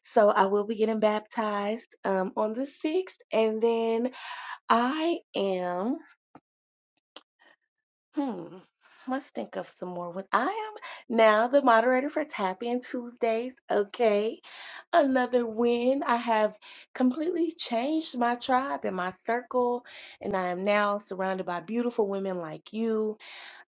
[SPEAKER 8] so I will be getting baptized um, on the 6th. And then I am, hmm, let's think of some more. What I am now the moderator for Tap In Tuesdays. Okay. Another win. I have completely changed my tribe and my circle. And I am now surrounded by beautiful women like you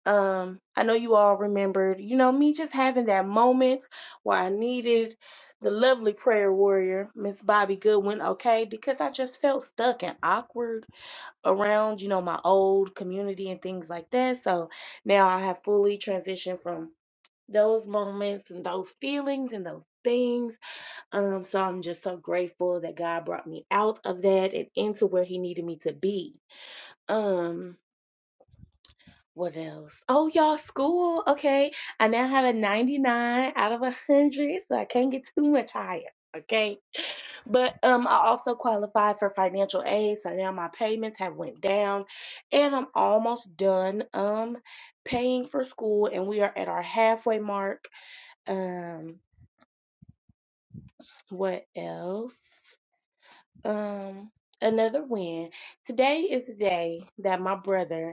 [SPEAKER 8] um, I know you all remembered, you know, me just having that moment where I needed the lovely prayer warrior, Miss Bobby Goodwin, okay, because I just felt stuck and awkward around, you know, my old community and things like that. So now I have fully transitioned from those moments and those feelings and those things. Um, so I'm just so grateful that God brought me out of that and into where He needed me to be. Um, what else? Oh, y'all, school. Okay. I now have a 99 out of 100, so I can't get too much higher. Okay. But um, I also qualified for financial aid, so now my payments have went down, and I'm almost done um paying for school, and we are at our halfway mark. Um, what else? Um, another win. Today is the day that my brother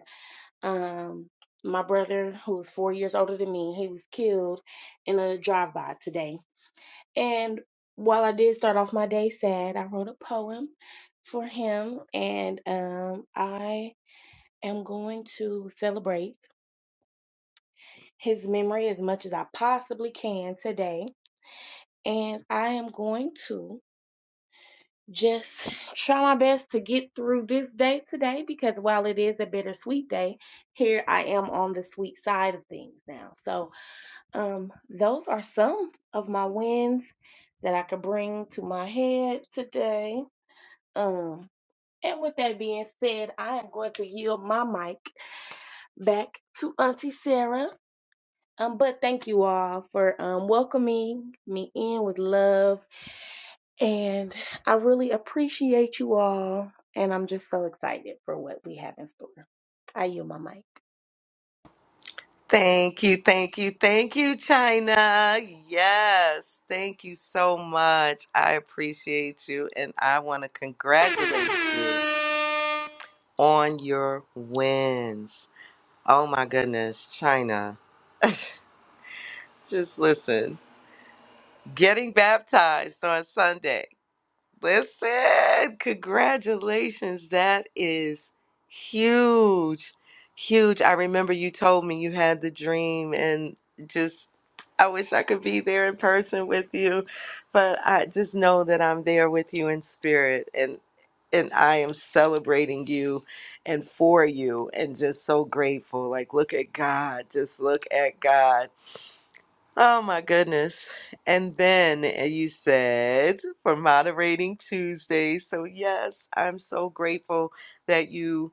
[SPEAKER 8] Um, my brother, who's four years older than me, he was killed in a drive-by today. And while I did start off my day sad, I wrote a poem for him, and um, I am going to celebrate his memory as much as I possibly can today. And I am going to just try my best to get through this day today because while it is a bittersweet day, here I am on the sweet side of things now. So Um, those are some of my wins that I could bring to my head today. Um, and with that being said, I am going to yield my mic back to Auntie Sarah. Um, but thank you all for um, welcoming me in with love. And I really appreciate you all. And I'm just so excited for what we have in store. I yield my mic.
[SPEAKER 1] Thank you, thank you, thank you, China. Yes, thank you so much. I appreciate you and I want to congratulate you on your wins. Oh my goodness, China. Just listen, getting baptized on Sunday. Listen, congratulations. That is huge. Huge. I remember you told me you had the dream and just I wish I could be there in person with you, but I just know that I'm there with you in spirit and and I am celebrating you and for you and just so grateful. Like look at God. Just look at God. Oh my goodness. And then uh, you said for moderating Tuesday. So, yes, I'm so grateful that you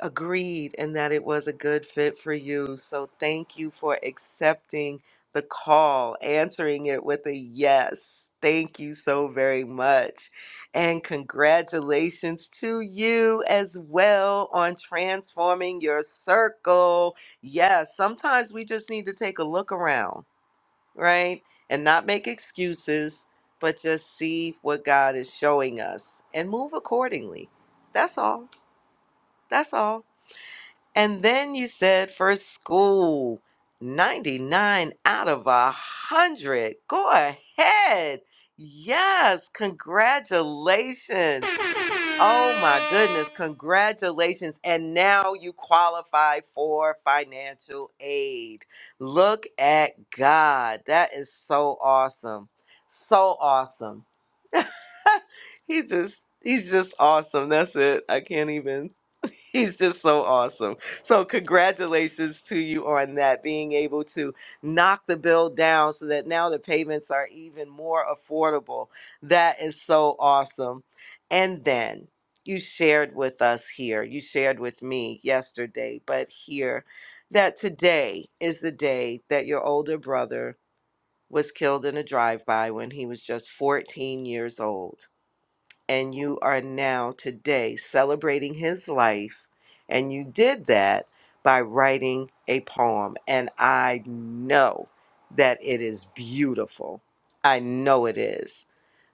[SPEAKER 1] agreed and that it was a good fit for you. So, thank you for accepting the call, answering it with a yes. Thank you so very much. And congratulations to you as well on transforming your circle. Yes, sometimes we just need to take a look around right? And not make excuses, but just see what God is showing us and move accordingly. That's all. That's all. And then you said for school, 99 out of a 100. Go ahead. Yes, congratulations. Oh my goodness, congratulations. And now you qualify for financial aid. Look at God. That is so awesome. So awesome. He just he's just awesome. That's it. I can't even He's just so awesome. So, congratulations to you on that, being able to knock the bill down so that now the payments are even more affordable. That is so awesome. And then you shared with us here, you shared with me yesterday, but here that today is the day that your older brother was killed in a drive by when he was just 14 years old and you are now today celebrating his life. And you did that by writing a poem. And I know that it is beautiful. I know it is.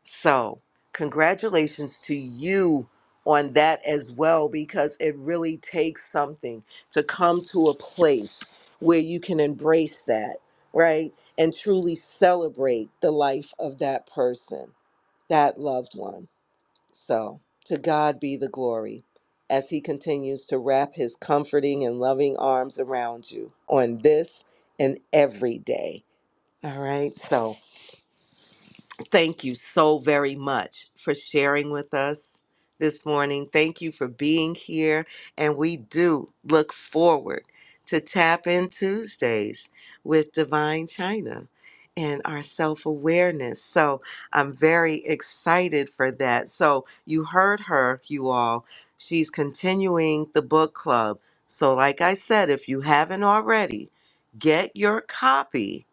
[SPEAKER 1] So, congratulations to you on that as well, because it really takes something to come to a place where you can embrace that, right? And truly celebrate the life of that person, that loved one. So, to God be the glory as He continues to wrap His comforting and loving arms around you on this and every day. All right. So, Thank you so very much for sharing with us this morning. Thank you for being here. And we do look forward to Tap In Tuesdays with Divine China and our self awareness. So I'm very excited for that. So you heard her, you all. She's continuing the book club. So, like I said, if you haven't already, get your copy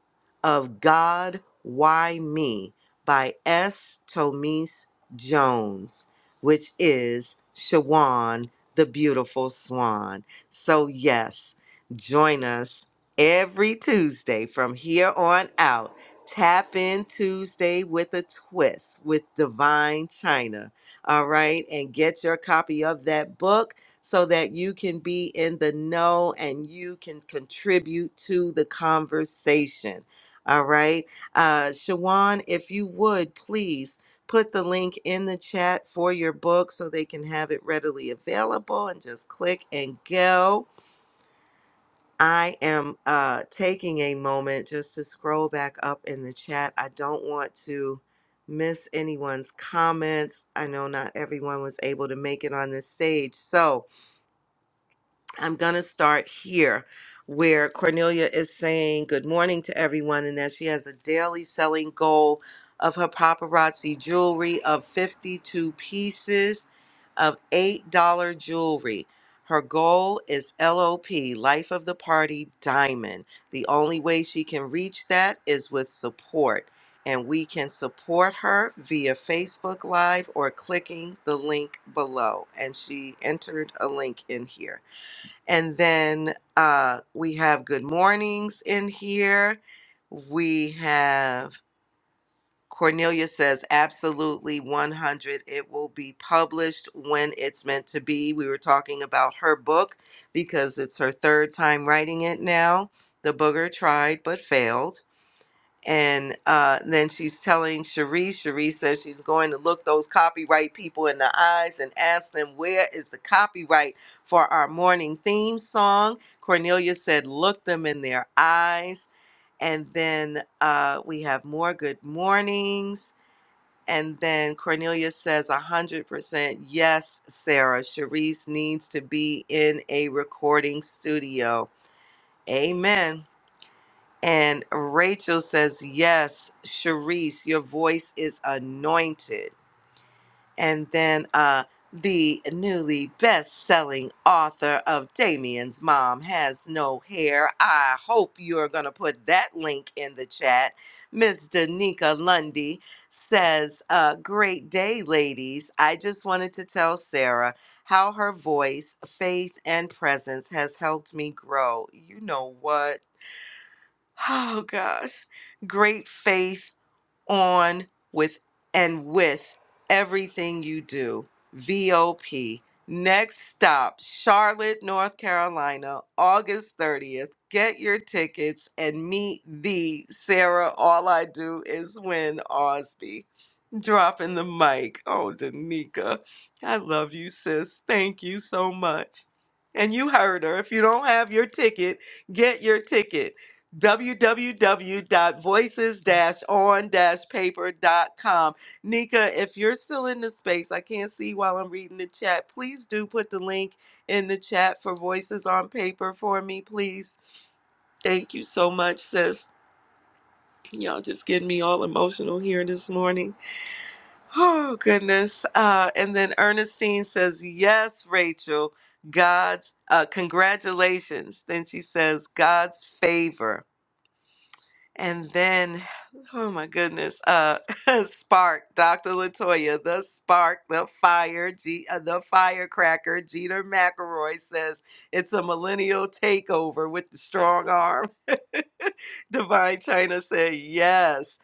[SPEAKER 1] of God, Why Me? by S. Tomise Jones, which is Shawan the Beautiful Swan. So, yes, join us every Tuesday from here on out. Tap in Tuesday with a twist with Divine China. All right. And get your copy of that book so that you can be in the know and you can contribute to the conversation. All right. Uh, Shawan, if you would please put the link in the chat for your book so they can have it readily available and just click and go. I am uh, taking a moment just to scroll back up in the chat. I don't want to miss anyone's comments. I know not everyone was able to make it on this stage. So, I'm going to start here where Cornelia is saying good morning to everyone and that she has a daily selling goal of her paparazzi jewelry of 52 pieces of $8 jewelry. Her goal is LOP, Life of the Party Diamond. The only way she can reach that is with support. And we can support her via Facebook Live or clicking the link below. And she entered a link in here. And then uh, we have good mornings in here. We have Cornelia says, absolutely 100. It will be published when it's meant to be. We were talking about her book because it's her third time writing it now The Booger Tried But Failed and uh, then she's telling Cherie. Cherie says she's going to look those copyright people in the eyes and ask them where is the copyright for our morning theme song. Cornelia said, "Look them in their eyes." And then uh, we have more good mornings. And then Cornelia says, "100% yes, Sarah. Cherise needs to be in a recording studio." Amen. And Rachel says, Yes, Sharice, your voice is anointed. And then uh, the newly best selling author of Damien's Mom Has No Hair. I hope you're going to put that link in the chat. Miss Danica Lundy says, uh, Great day, ladies. I just wanted to tell Sarah how her voice, faith, and presence has helped me grow. You know what? Oh gosh. Great faith on with and with everything you do. VOP. Next stop, Charlotte, North Carolina, August 30th. Get your tickets and meet the Sarah All I Do Is Win Osby. Dropping the mic. Oh, Danica, I love you, sis. Thank you so much. And you heard her. If you don't have your ticket, get your ticket. www.voices-on-paper.com. Nika, if you're still in the space, I can't see while I'm reading the chat. Please do put the link in the chat for Voices on Paper for me, please. Thank you so much, sis. Y'all just getting me all emotional here this morning. Oh, goodness. Uh, and then Ernestine says, Yes, Rachel, God's, uh, congratulations. Then she says, God's favor. And then, oh my goodness, uh, Spark, Dr. Latoya, the spark, the fire, G, uh, the firecracker, Jeter McElroy says, It's a millennial takeover with the strong arm. Divine China said, Yes.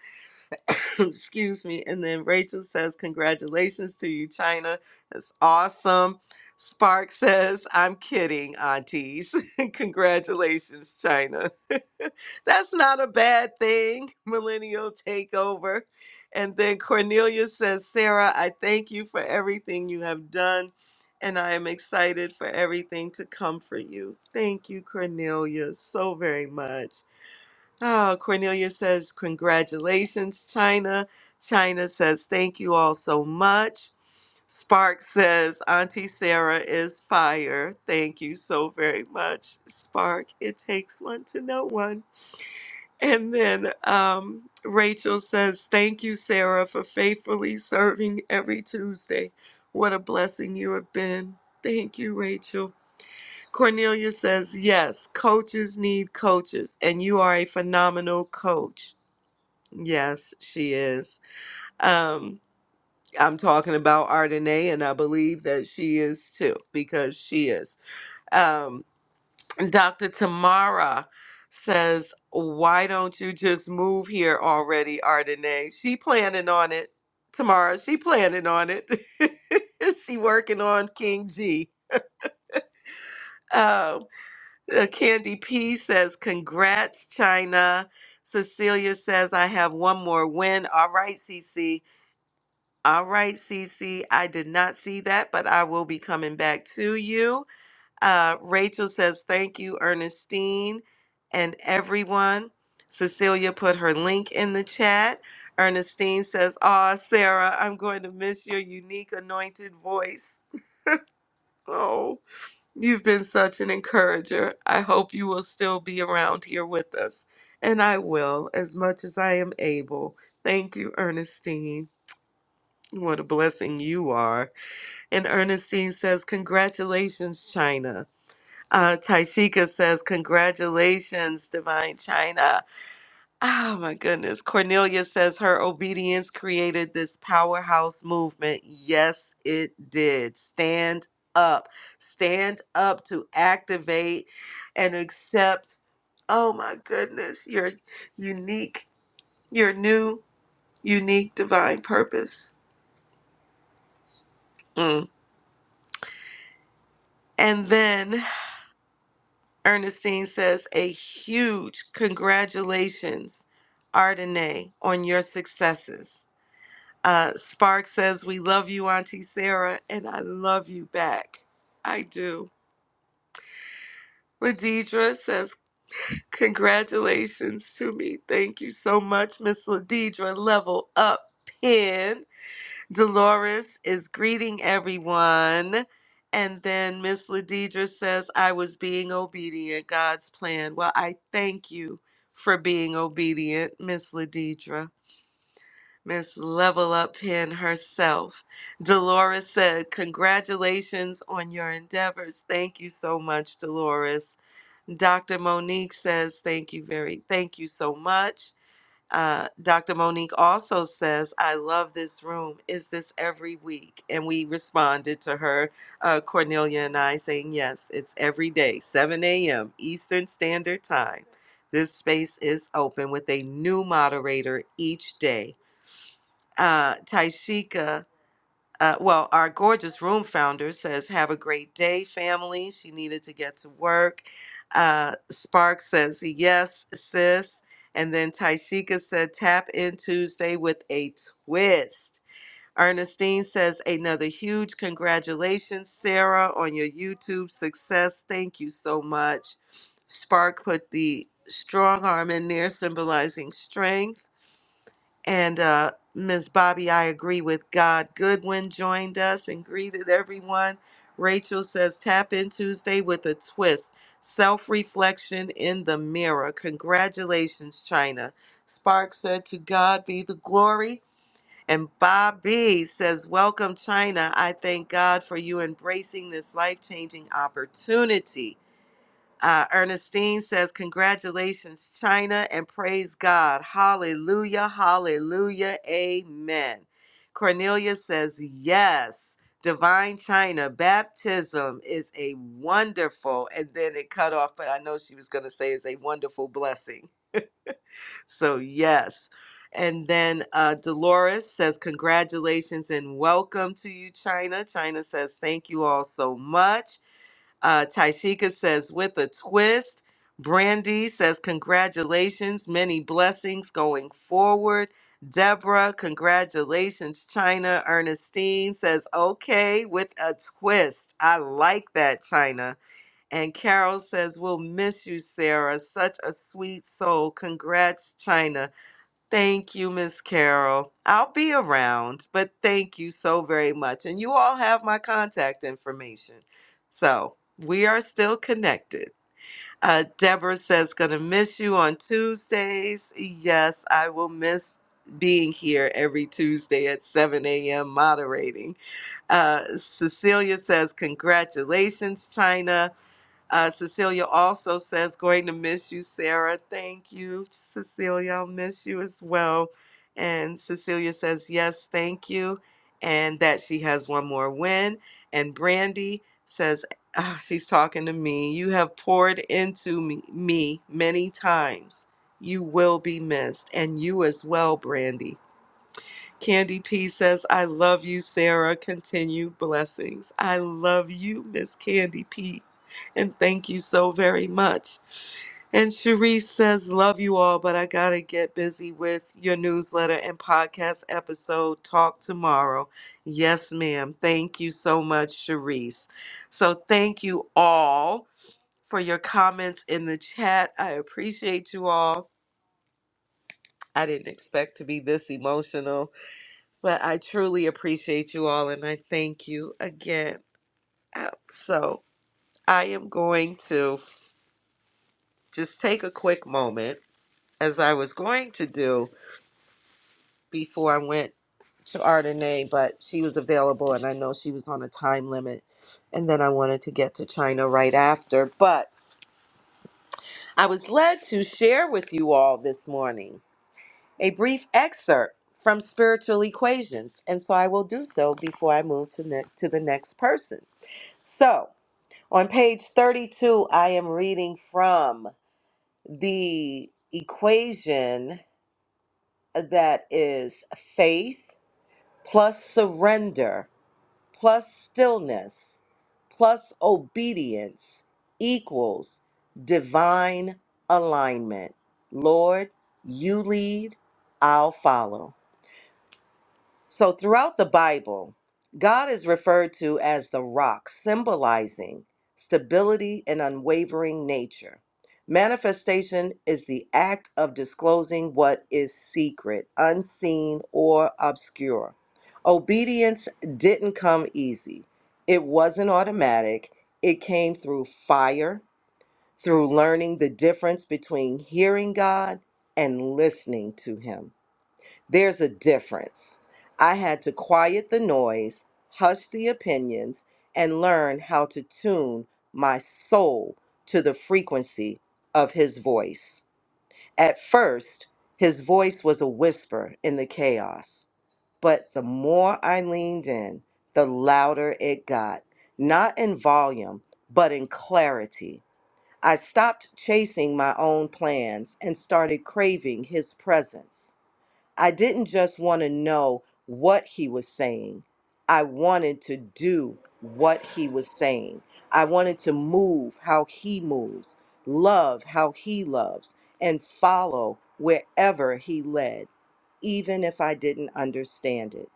[SPEAKER 1] Excuse me. And then Rachel says, Congratulations to you, China. That's awesome. Spark says, I'm kidding, aunties. Congratulations, China. That's not a bad thing, millennial takeover. And then Cornelia says, Sarah, I thank you for everything you have done, and I am excited for everything to come for you. Thank you, Cornelia, so very much. Oh, Cornelia says, Congratulations, China. China says, Thank you all so much. Spark says, Auntie Sarah is fire. Thank you so very much, Spark. It takes one to know one. And then um, Rachel says, Thank you, Sarah, for faithfully serving every Tuesday. What a blessing you have been. Thank you, Rachel. Cornelia says, yes, coaches need coaches, and you are a phenomenal coach. Yes, she is. Um, I'm talking about Ardenae, and I believe that she is too, because she is. Um, Dr. Tamara says, why don't you just move here already, Ardenae? She planning on it. Tamara, she planning on it. she working on King G. Um, Uh, Candy P says, Congrats, China. Cecilia says, I have one more win. All right, CC. All right, CC. I did not see that, but I will be coming back to you. Uh, Rachel says, Thank you, Ernestine, and everyone. Cecilia put her link in the chat. Ernestine says, Aw, Sarah, I'm going to miss your unique anointed voice. Oh. You've been such an encourager. I hope you will still be around here with us. And I will, as much as I am able. Thank you, Ernestine. What a blessing you are. And Ernestine says, Congratulations, China. Uh, Taishika says, Congratulations, Divine China. Oh my goodness. Cornelia says her obedience created this powerhouse movement. Yes, it did. Stand up. Stand up to activate and accept, oh my goodness, your unique, your new, unique divine purpose. Mm. And then Ernestine says, a huge congratulations, Ardenae, on your successes. Uh, Spark says, We love you, Auntie Sarah, and I love you back. I do. Ladidra says, Congratulations to me. Thank you so much, Miss Ladidra. Level up, pin. Dolores is greeting everyone. And then Miss Ladidra says, I was being obedient, God's plan. Well, I thank you for being obedient, Miss Ladidra. Miss Level Up Pen herself. Dolores said, Congratulations on your endeavors. Thank you so much, Dolores. Dr. Monique says, Thank you very, thank you so much. Uh, Dr. Monique also says, I love this room. Is this every week? And we responded to her, uh, Cornelia and I, saying, Yes, it's every day, 7 a.m. Eastern Standard Time. This space is open with a new moderator each day. Uh, Taishika, uh, well, our gorgeous room founder says, Have a great day, family. She needed to get to work. Uh, Spark says, Yes, sis. And then Taishika said, Tap in Tuesday with a twist. Ernestine says, Another huge congratulations, Sarah, on your YouTube success. Thank you so much. Spark put the strong arm in there, symbolizing strength. And uh, Ms. Bobby, I agree with God. Goodwin joined us and greeted everyone. Rachel says, Tap in Tuesday with a twist. Self reflection in the mirror. Congratulations, China. Spark said, To God be the glory. And Bobby says, Welcome, China. I thank God for you embracing this life changing opportunity. Uh, Ernestine says, Congratulations, China, and praise God. Hallelujah, hallelujah, amen. Cornelia says, Yes, divine China, baptism is a wonderful, and then it cut off, but I know she was going to say it's a wonderful blessing. So, yes. And then uh, Dolores says, Congratulations and welcome to you, China. China says, Thank you all so much. Uh, Taishika says, with a twist. Brandy says, congratulations, many blessings going forward. Deborah, congratulations, China. Ernestine says, okay, with a twist. I like that, China. And Carol says, we'll miss you, Sarah. Such a sweet soul. Congrats, China. Thank you, Miss Carol. I'll be around, but thank you so very much. And you all have my contact information. So we are still connected. Uh, Deborah says, gonna miss you on Tuesdays. Yes, I will miss being here every Tuesday at 7 a.m. moderating. Uh, Cecilia says, congratulations, China. Uh, Cecilia also says, going to miss you, Sarah. Thank you, Cecilia. I'll miss you as well. And Cecilia says, yes, thank you. And that she has one more win. And Brandy says, ah, she's talking to me. You have poured into me, me many times. You will be missed. And you as well, Brandy. Candy P says, I love you, Sarah. Continue blessings. I love you, Miss Candy P. And thank you so very much. And Cherise says, Love you all, but I got to get busy with your newsletter and podcast episode. Talk tomorrow. Yes, ma'am. Thank you so much, Cherise. So, thank you all for your comments in the chat. I appreciate you all. I didn't expect to be this emotional. But I truly appreciate you all and I thank you again. Uh, So I am going to just take a quick moment, as I was going to do before I went to Ardenae, but she was available and I know she was on a time limit. And then I wanted to get to China right after. But I was led to share with you all this morning a brief excerpt from Spiritual Equations. And so I will do so before I move to, ne- to the next person. So On page 32, I am reading from the equation that is faith plus surrender plus stillness plus obedience equals divine alignment. Lord, you lead, I'll follow. So, throughout the Bible, God is referred to as the rock, symbolizing stability and unwavering nature. Manifestation is the act of disclosing what is secret, unseen, or obscure. Obedience didn't come easy, it wasn't automatic. It came through fire, through learning the difference between hearing God and listening to Him. There's a difference. I had to quiet the noise, hush the opinions, and learn how to tune my soul to the frequency of his voice. At first, his voice was a whisper in the chaos. But the more I leaned in, the louder it got, not in volume, but in clarity. I stopped chasing my own plans and started craving his presence. I didn't just want to know what he was saying. I wanted to do what he was saying. I wanted to move how he moves, love how he loves, and follow wherever he led, even if I didn't understand it.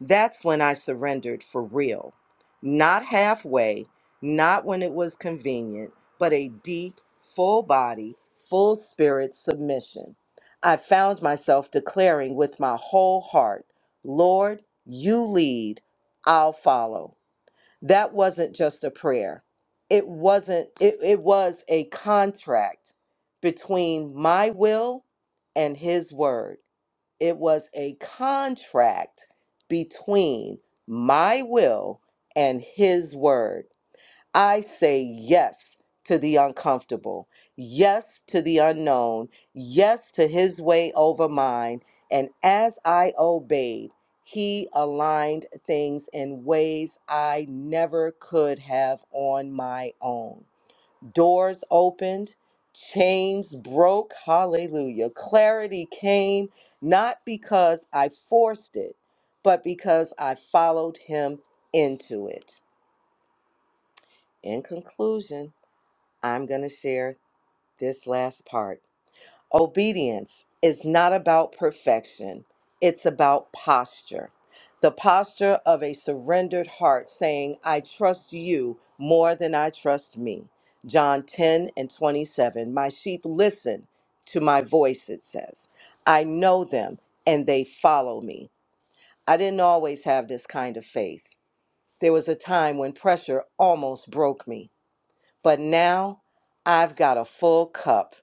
[SPEAKER 1] That's when I surrendered for real. Not halfway, not when it was convenient, but a deep, full body, full spirit submission. I found myself declaring with my whole heart, Lord, you lead, I'll follow. That wasn't just a prayer. It wasn't, it, it was a contract between my will and his word it was a contract between my will and his word. I say yes to the uncomfortable, yes to the unknown, yes to his way over mine. And as I obeyed, he aligned things in ways I never could have on my own doors opened, chains broke. Hallelujah. Clarity came not because I forced it, but because I followed him into it. In conclusion, I'm going to share this last part. Obedience is not about perfection, it's about posture. The posture of a surrendered heart saying, I trust you more than I trust me. John 10 and 27. My sheep listen to my voice, it says. I know them and they follow me. I didn't always have this kind of faith. There was a time when pressure almost broke me, but now I've got a full cup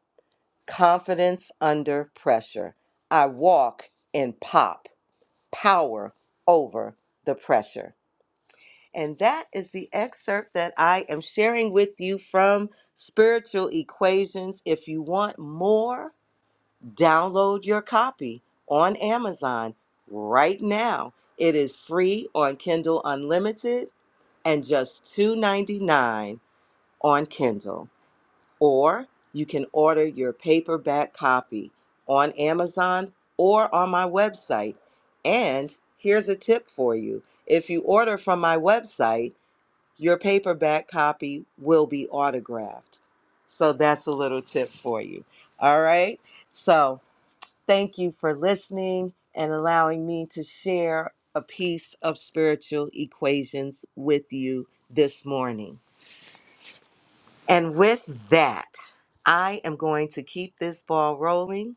[SPEAKER 1] Confidence under pressure. I walk in pop, power over the pressure. And that is the excerpt that I am sharing with you from Spiritual Equations. If you want more, download your copy on Amazon right now. It is free on Kindle Unlimited and just two ninety nine on Kindle or you can order your paperback copy on Amazon or on my website. And here's a tip for you if you order from my website, your paperback copy will be autographed. So that's a little tip for you. All right. So thank you for listening and allowing me to share a piece of spiritual equations with you this morning. And with that, I am going to keep this ball rolling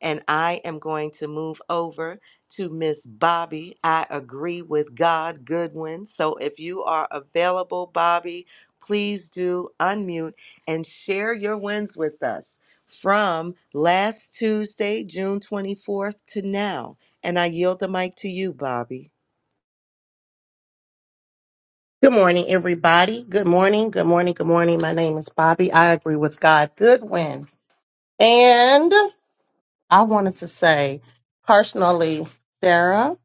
[SPEAKER 1] and I am going to move over to Miss Bobby. I agree with God Goodwin. So if you are available, Bobby, please do unmute and share your wins with us from last Tuesday, June 24th to now. And I yield the mic to you, Bobby.
[SPEAKER 9] Good morning, everybody. Good morning. Good morning. Good morning. My name is Bobby. I agree with God Goodwin. And I wanted to say personally, Sarah,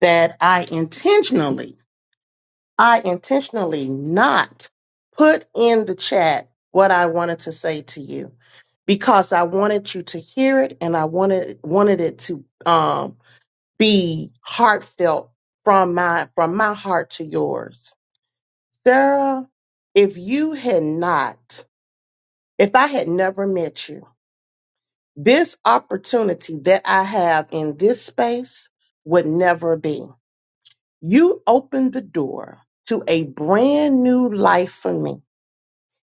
[SPEAKER 9] that I intentionally, I intentionally not put in the chat what I wanted to say to you because I wanted you to hear it and I wanted wanted it to um, be heartfelt from my from my heart to yours Sarah, if you had not, if I had never met you, this opportunity that I have in this space would never be. You opened the door to a brand new life for me,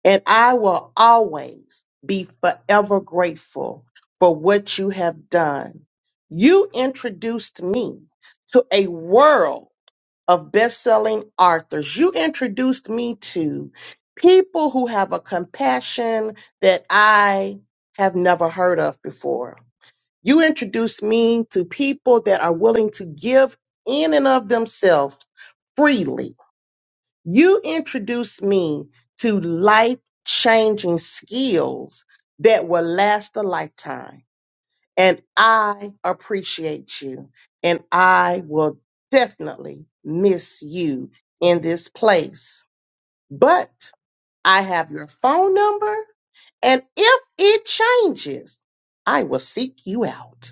[SPEAKER 9] and I will always be forever grateful for what you have done. You introduced me to a world of best-selling authors. You introduced me to people who have a compassion that I have never heard of before. You introduced me to people that are willing to give in and of themselves freely. You introduced me to life-changing skills that will last a lifetime. And I appreciate you. And I will definitely miss you in this place. But I have your phone number. And if it changes, I will seek you out.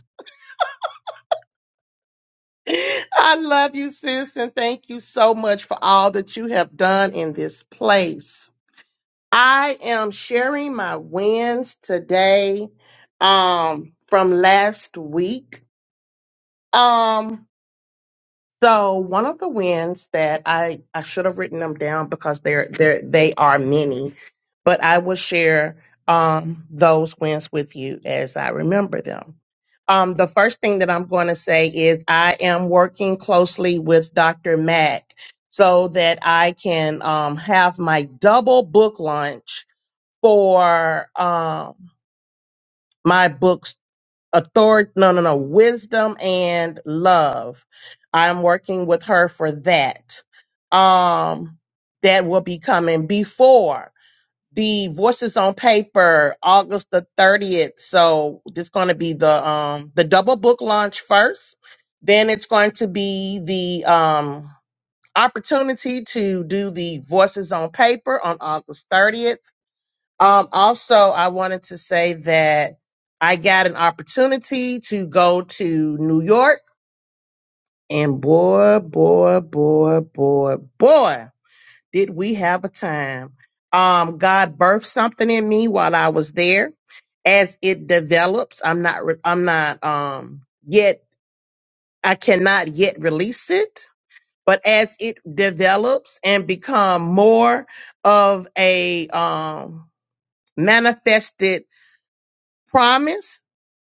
[SPEAKER 9] I love you, sis. And thank you so much for all that you have done in this place. I am sharing my wins today um, from last week. Um, So one of the wins that I I should have written them down because they're they they are many, but I will share um those wins with you as I remember them. Um, the first thing that I'm going to say is I am working closely with Dr. Mack so that I can um, have my double book launch for um, my books authority no no no wisdom and love i'm working with her for that um that will be coming before the voices on paper august the 30th so it's going to be the um the double book launch first then it's going to be the um opportunity to do the voices on paper on august 30th um, also, I wanted to say that I got an opportunity to go to New York, and boy, boy, boy, boy, boy, did we have a time. Um, God birthed something in me while I was there. As it develops, I'm not, re- I'm not, um, yet, I cannot yet release it. But as it develops and become more of a um, manifested promise,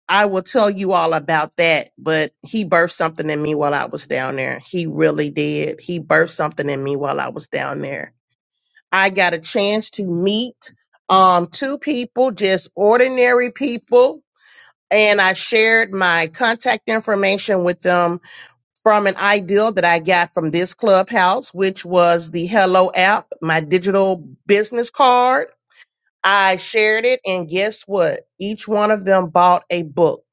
[SPEAKER 9] I will tell you all about that, but he birthed something in me while I was down there. He really did. He birthed something in me while I was down there. I got a chance to meet um two people, just ordinary people, and I shared my contact information with them from an ideal that I got from this clubhouse, which was the Hello app, my digital business card. I shared it, and guess what? Each one of them bought a book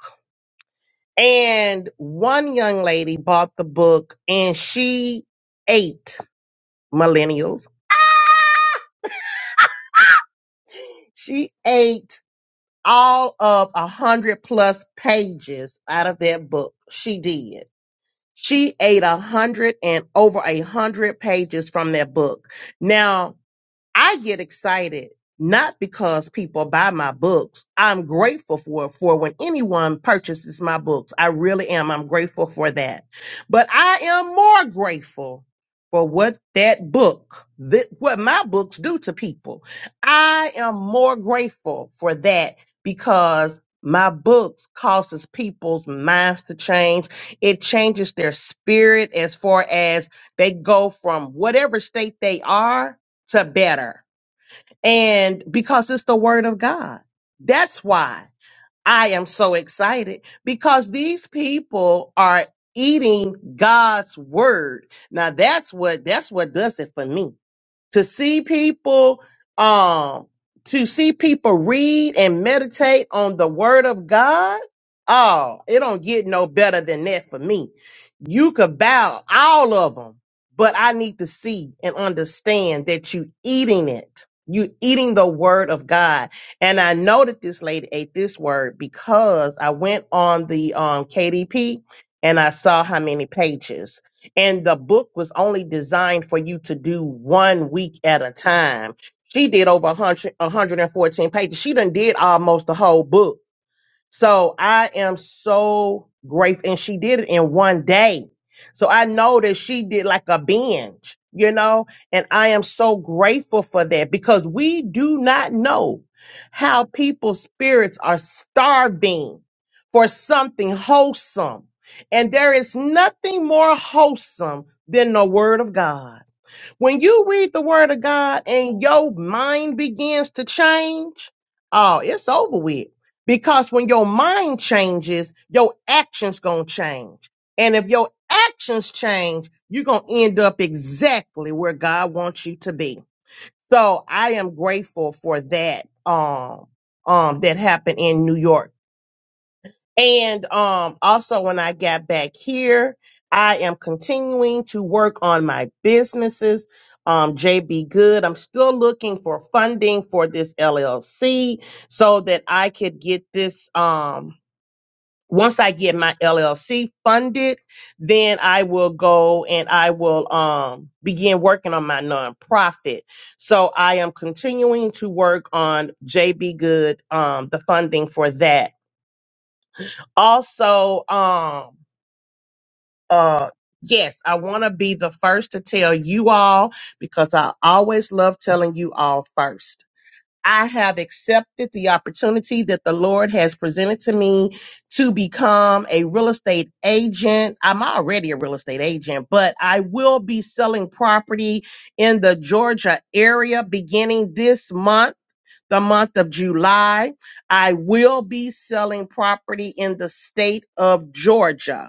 [SPEAKER 9] and one young lady bought the book and she ate millennials. She ate all of a hundred plus pages out of that book. She did. She ate a hundred and over a hundred pages from that book. Now, I get excited not because people buy my books. I'm grateful for for when anyone purchases my books. I really am. I'm grateful for that. But I am more grateful for what that book, that, what my books do to people. I am more grateful for that because my books causes people's minds to change. It changes their spirit as far as they go from whatever state they are to better. And because it's the word of God. That's why I am so excited because these people are eating God's word. Now that's what that's what does it for me to see people um to see people read and meditate on the word of god oh it don't get no better than that for me you could bow all of them but i need to see and understand that you eating it you eating the word of god and i know that this lady ate this word because i went on the um kdp and i saw how many pages and the book was only designed for you to do one week at a time. She did over 100, 114 pages. She done did almost the whole book so I am so grateful. And she did it in one day. So I know that she did like a binge, you know, and I am so grateful for that because we do not know how people's spirits are starving for something wholesome. And there is nothing more wholesome than the word of God. When you read the word of God and your mind begins to change, oh, it's over with. Because when your mind changes, your actions gonna change. And if your actions change, you're gonna end up exactly where God wants you to be. So I am grateful for that um um that happened in New York and um, also, when I got back here, I am continuing to work on my businesses. Um, JB Good. I'm still looking for funding for this LLC so that I could get this. Um, once I get my LLC funded, then I will go and I will um, begin working on my nonprofit. So I am continuing to work on JB Good, um, the funding for that also um uh yes i want to be the first to tell you all because i always love telling you all first i have accepted the opportunity that the lord has presented to me to become a real estate agent i'm already a real estate agent but i will be selling property in the georgia area beginning this month the month of July. I will be selling property in the state of Georgia.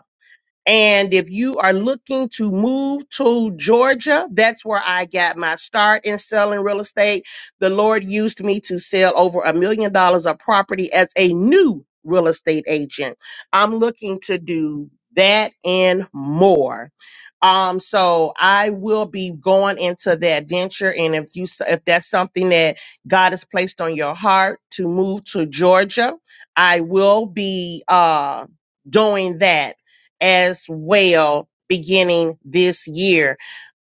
[SPEAKER 9] And if you are looking to move to Georgia, that's where I got my start in selling real estate. The Lord used me to sell over a million dollars of property as a new real estate agent. I'm looking to do that and more. Um, so I will be going into that venture. And if you, if that's something that God has placed on your heart to move to Georgia, I will be, uh, doing that as well beginning this year.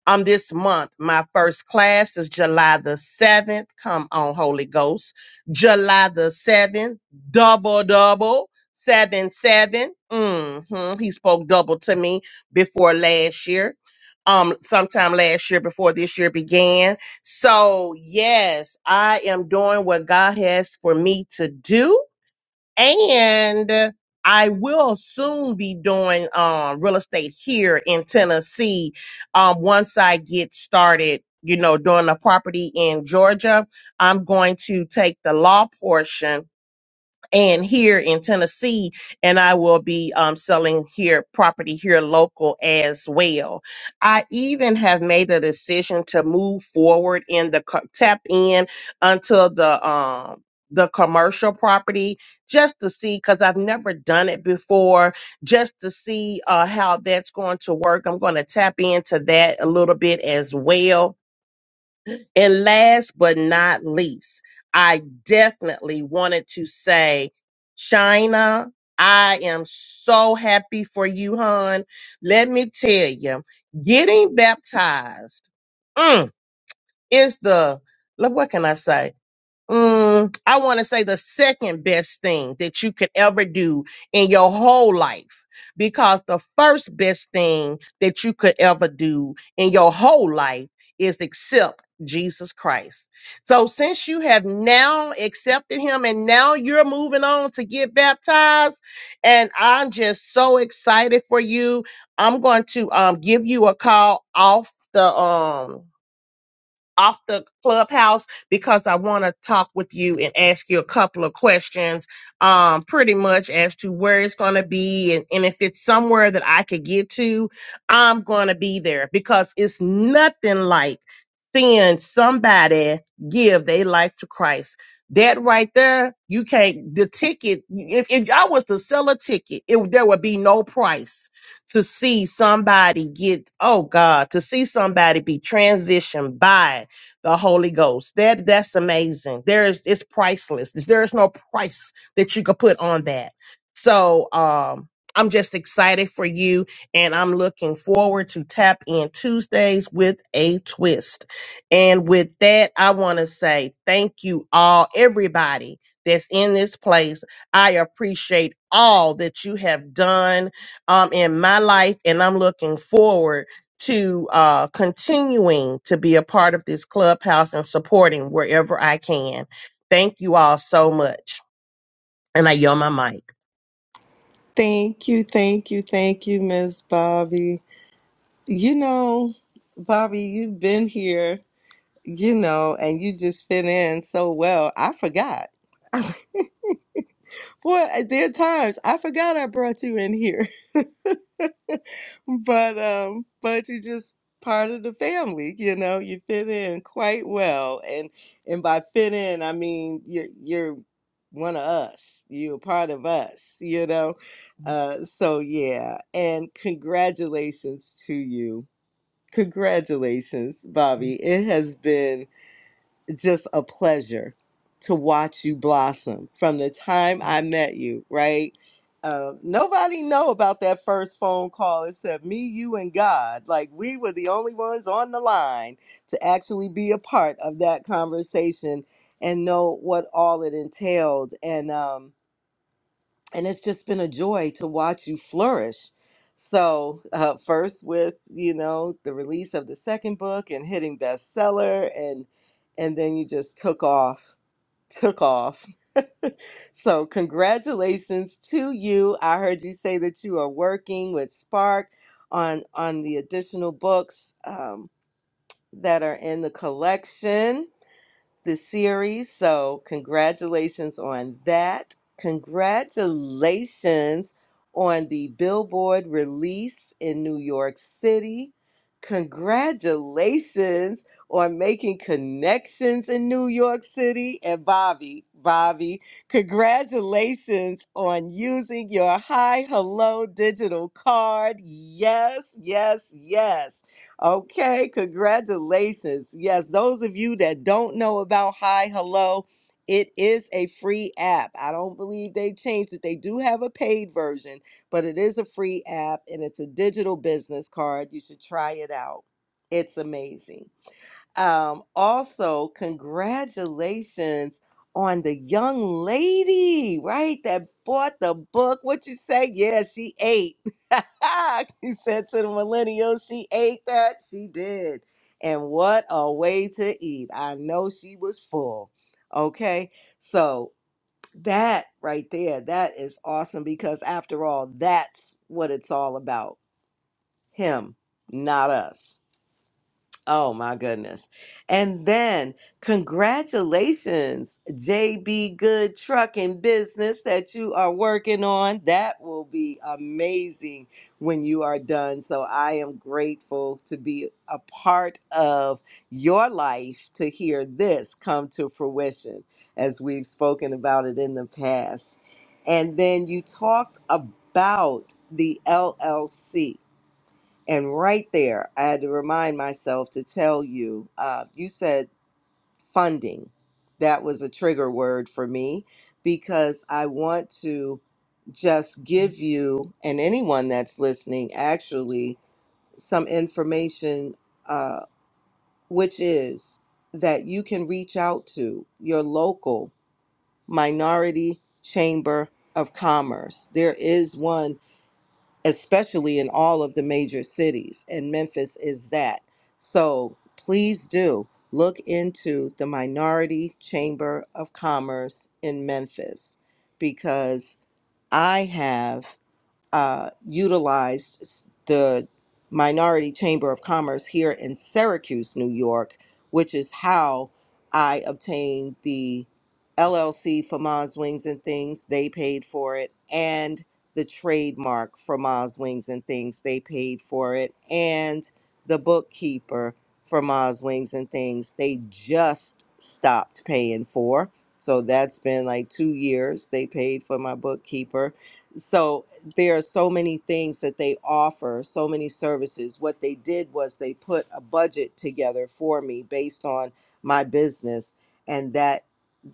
[SPEAKER 9] Um, this month, my first class is July the 7th. Come on, Holy Ghost. July the 7th, double, double, seven, seven. Mm-hmm. He spoke double to me before last year um sometime last year before this year began. So yes, I am doing what God has for me to do and I will soon be doing um, real estate here in Tennessee. Um, once I get started, you know, doing a property in Georgia, I'm going to take the law portion and here in Tennessee, and I will be um, selling here property here local as well. I even have made a decision to move forward in the co- tap in until the um the commercial property just to see because I've never done it before, just to see uh, how that's going to work. I'm going to tap into that a little bit as well and last but not least, I definitely wanted to say, China, I am so happy for you, hon. Let me tell you, getting baptized mm, is the, look, what can I say? mm, I want to say the second best thing that you could ever do in your whole life. Because the first best thing that you could ever do in your whole life is accept Jesus Christ. So since you have now accepted him and now you're moving on to get baptized, and I'm just so excited for you. I'm going to um, give you a call off the um off the clubhouse because I want to talk with you and ask you a couple of questions, um, pretty much as to where it's going to be. And, and if it's somewhere that I could get to, I'm going to be there because it's nothing like seeing somebody give their life to Christ. That right there, you can't, the ticket, if, if I was to sell a ticket, it, there would be no price to see somebody get oh god to see somebody be transitioned by the Holy Ghost. That that's amazing. There is it's priceless. There is no price that you could put on that. So um I'm just excited for you and I'm looking forward to tap in Tuesdays with a twist. And with that, I want to say thank you all, everybody that's in this place. I appreciate all that you have done um, in my life, and I'm looking forward to uh, continuing to be a part of this clubhouse and supporting wherever I can. Thank you all so much. And I yell my mic.
[SPEAKER 1] Thank you, thank you, thank you, Miss Bobby. You know, Bobby, you've been here, you know, and you just fit in so well. I forgot. Boy, there are times I forgot I brought you in here. But um, but you just part of the family, you know. You fit in quite well. And and by fit in, I mean you're you're one of us. You're a part of us, you know. Uh so yeah, and congratulations to you Congratulations, Bobby. It has been just a pleasure to watch you blossom from the time I met you, right? Um, nobody know about that first phone call except me, you, and God. Like we were the only ones on the line to actually be a part of that conversation and know what all it entailed. And um, and it's just been a joy to watch you flourish. So, uh, first with you know the release of the second book and hitting bestseller, and and then you just took off, took off. so, congratulations to you. I heard you say that you are working with Spark on on the additional books um, that are in the collection this series. So, congratulations on that. Congratulations on the Billboard release in New York City. Congratulations on making connections in New York City. And Bobby, Bobby, congratulations on using your Hi Hello digital card. Yes, yes, yes. Okay, congratulations. Yes, those of you that don't know about Hi Hello, it is a free app. I don't believe they changed it. They do have a paid version, but it is a free app and it's a digital business card. You should try it out. It's amazing. Um, also, congratulations on the young lady, right? That bought the book. What you say? Yeah, she ate. he said to the millennial, she ate that. She did. And what a way to eat. I know she was full. Okay. So that right there, that is awesome because after all, that's what it's all about. Him, not us. Oh my goodness. And then congratulations, JB Good Trucking Business that you are working on. That will be amazing when you are done. So I am grateful to be a part of your life to hear this come to fruition as we've spoken about it in the past. And then you talked about the LLC and right there, I had to remind myself to tell you, uh, you said funding. That was a trigger word for me because I want to just give you and anyone that's listening actually some information, uh, which is that you can reach out to your local minority chamber of commerce. There is one especially in all of the major cities, and Memphis is that. So please do look into the Minority Chamber of Commerce in Memphis because I have uh, utilized the Minority Chamber of Commerce here in Syracuse, New York, which is how I obtained the LLC for Ma's Wings and Things. They paid for it. And the trademark for Ma's Wings and Things. They paid for it. And the bookkeeper for Ma's Wings and Things. They just stopped paying for. So that's been like two years. They paid for my bookkeeper so there are so many things that they offer so many services what they did was they put a budget together for me based on my business and that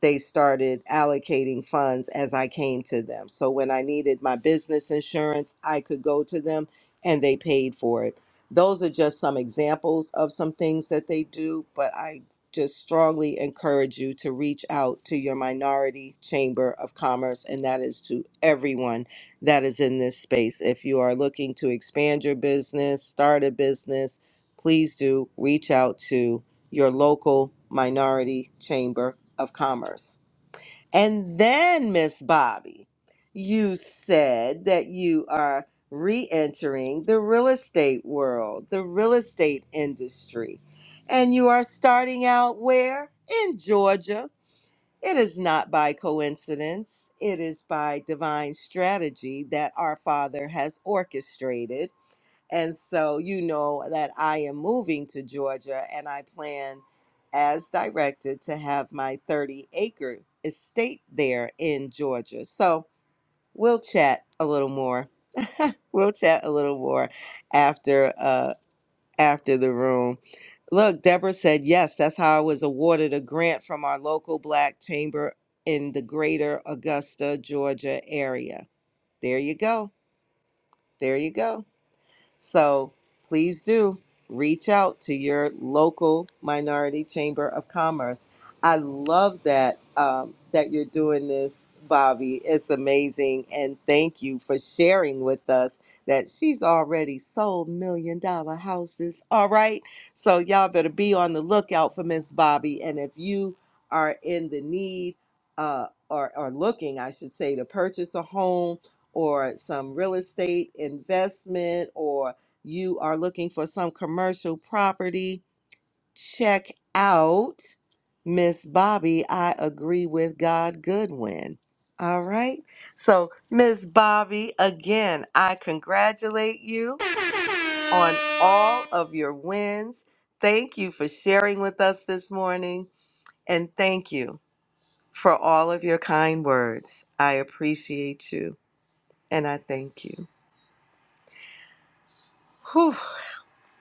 [SPEAKER 1] they started allocating funds as i came to them so when i needed my business insurance i could go to them and they paid for it those are just some examples of some things that they do but i just strongly encourage you to reach out to your minority chamber of commerce and that is to everyone that is in this space. If you are looking to expand your business, start a business, please do reach out to your local minority chamber of commerce. And then, Miss Bobby, you said that you are re entering the real estate world, the real estate industry, and you are starting out where? In Georgia. It is not by coincidence, it is by divine strategy that our Father has orchestrated. And so you know that I am moving to Georgia and I plan, as directed, to have my 30 acre estate there in Georgia. So we'll chat a little more. We'll chat a little more after. uh, after the room. Look, Deborah said, yes, that's how I was awarded a grant from our local black chamber in the greater Augusta, Georgia area. There you go. There you go. So please do reach out to your local minority chamber of commerce. I love that um, that you're doing this, Bobby. It's amazing, and thank you for sharing with us that she's already sold million dollar houses. All right, so y'all better be on the lookout for Miss Bobby, and if you are in the need uh, or, or looking, I should say, to purchase a home or some real estate investment or you are looking for some commercial property, check out Miss Bobby. I agree with God Goodwin. All right. So, Miss Bobby, again, I congratulate you on all of your wins. Thank you for sharing with us this morning. And thank you for all of your kind words. I appreciate you and I thank you. Whew.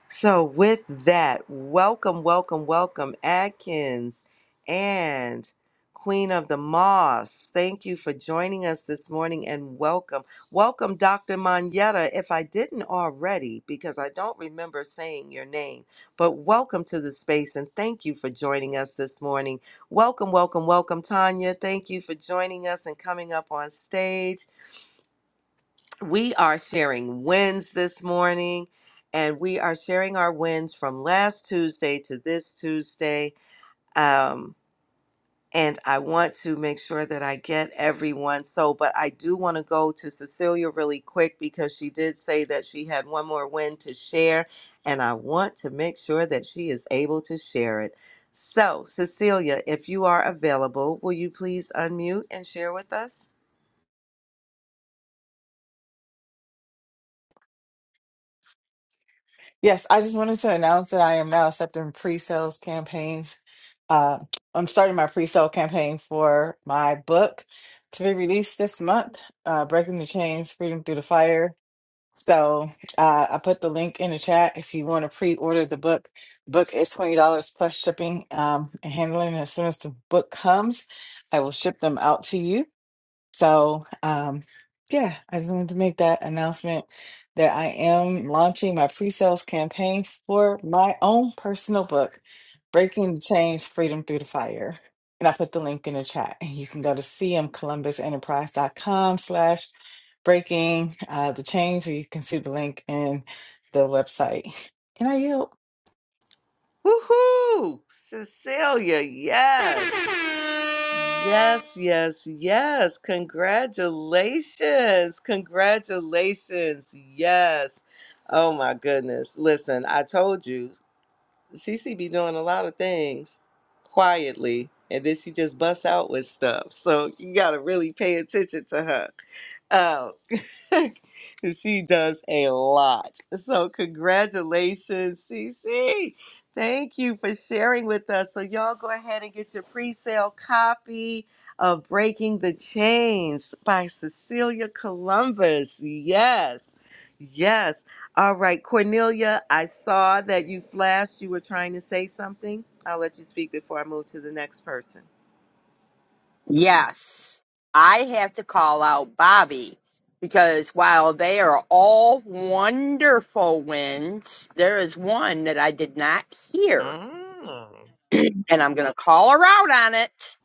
[SPEAKER 1] So, with that, welcome, welcome, welcome, Adkins and Queen of the Moss. Thank you for joining us this morning and welcome. Welcome, Dr. Manetta, if I didn't already, because I don't remember saying your name, but welcome to the space and thank you for joining us this morning. Welcome, welcome, welcome, Tanya. Thank you for joining us and coming up on stage. We are sharing wins this morning, and we are sharing our wins from last Tuesday to this Tuesday. Um, and I want to make sure that I get everyone. So, but I do want to go to Cecilia really quick because she did say that she had one more win to share, and I want to make sure that she is able to share it. So, Cecilia, if you are available, will you please unmute and share with us?
[SPEAKER 5] Yes, I just wanted to announce that I am now accepting pre-sales campaigns. Uh, I'm starting my pre-sale campaign for my book to be released this month, uh, Breaking the Chains, Freedom Through the Fire. So uh, I put the link in the chat if you want to pre-order the book. Book is $20 plus shipping um, and handling. As soon as the book comes, I will ship them out to you. So, um, yeah, I just wanted to make that announcement that I am launching my pre-sales campaign for my own personal book, Breaking the Change: Freedom Through the Fire. And I put the link in the chat. And you can go to cmcolumbusenterprise.com slash breaking uh, the change, or you can see the link in the website. And I yield.
[SPEAKER 1] Woohoo! Cecilia, yes. Yes, yes, yes. Congratulations. Congratulations. Yes. Oh my goodness. Listen, I told you, Cece be doing a lot of things quietly, and then she just busts out with stuff. So you gotta really pay attention to her. Uh, she does a lot. So congratulations, Cece! Thank you for sharing with us. So y'all go ahead and get your pre-sale copy of Breaking the Chains by Cecilia Columbus. Yes. Yes. All right, Cornelia, I saw that you flashed. You were trying to say something. I'll let you speak before I move to the next person.
[SPEAKER 3] Yes, I have to call out Bobby because while they are all wonderful wins, there is one that I did not hear,
[SPEAKER 1] Mm.
[SPEAKER 3] and I'm going to call her out on it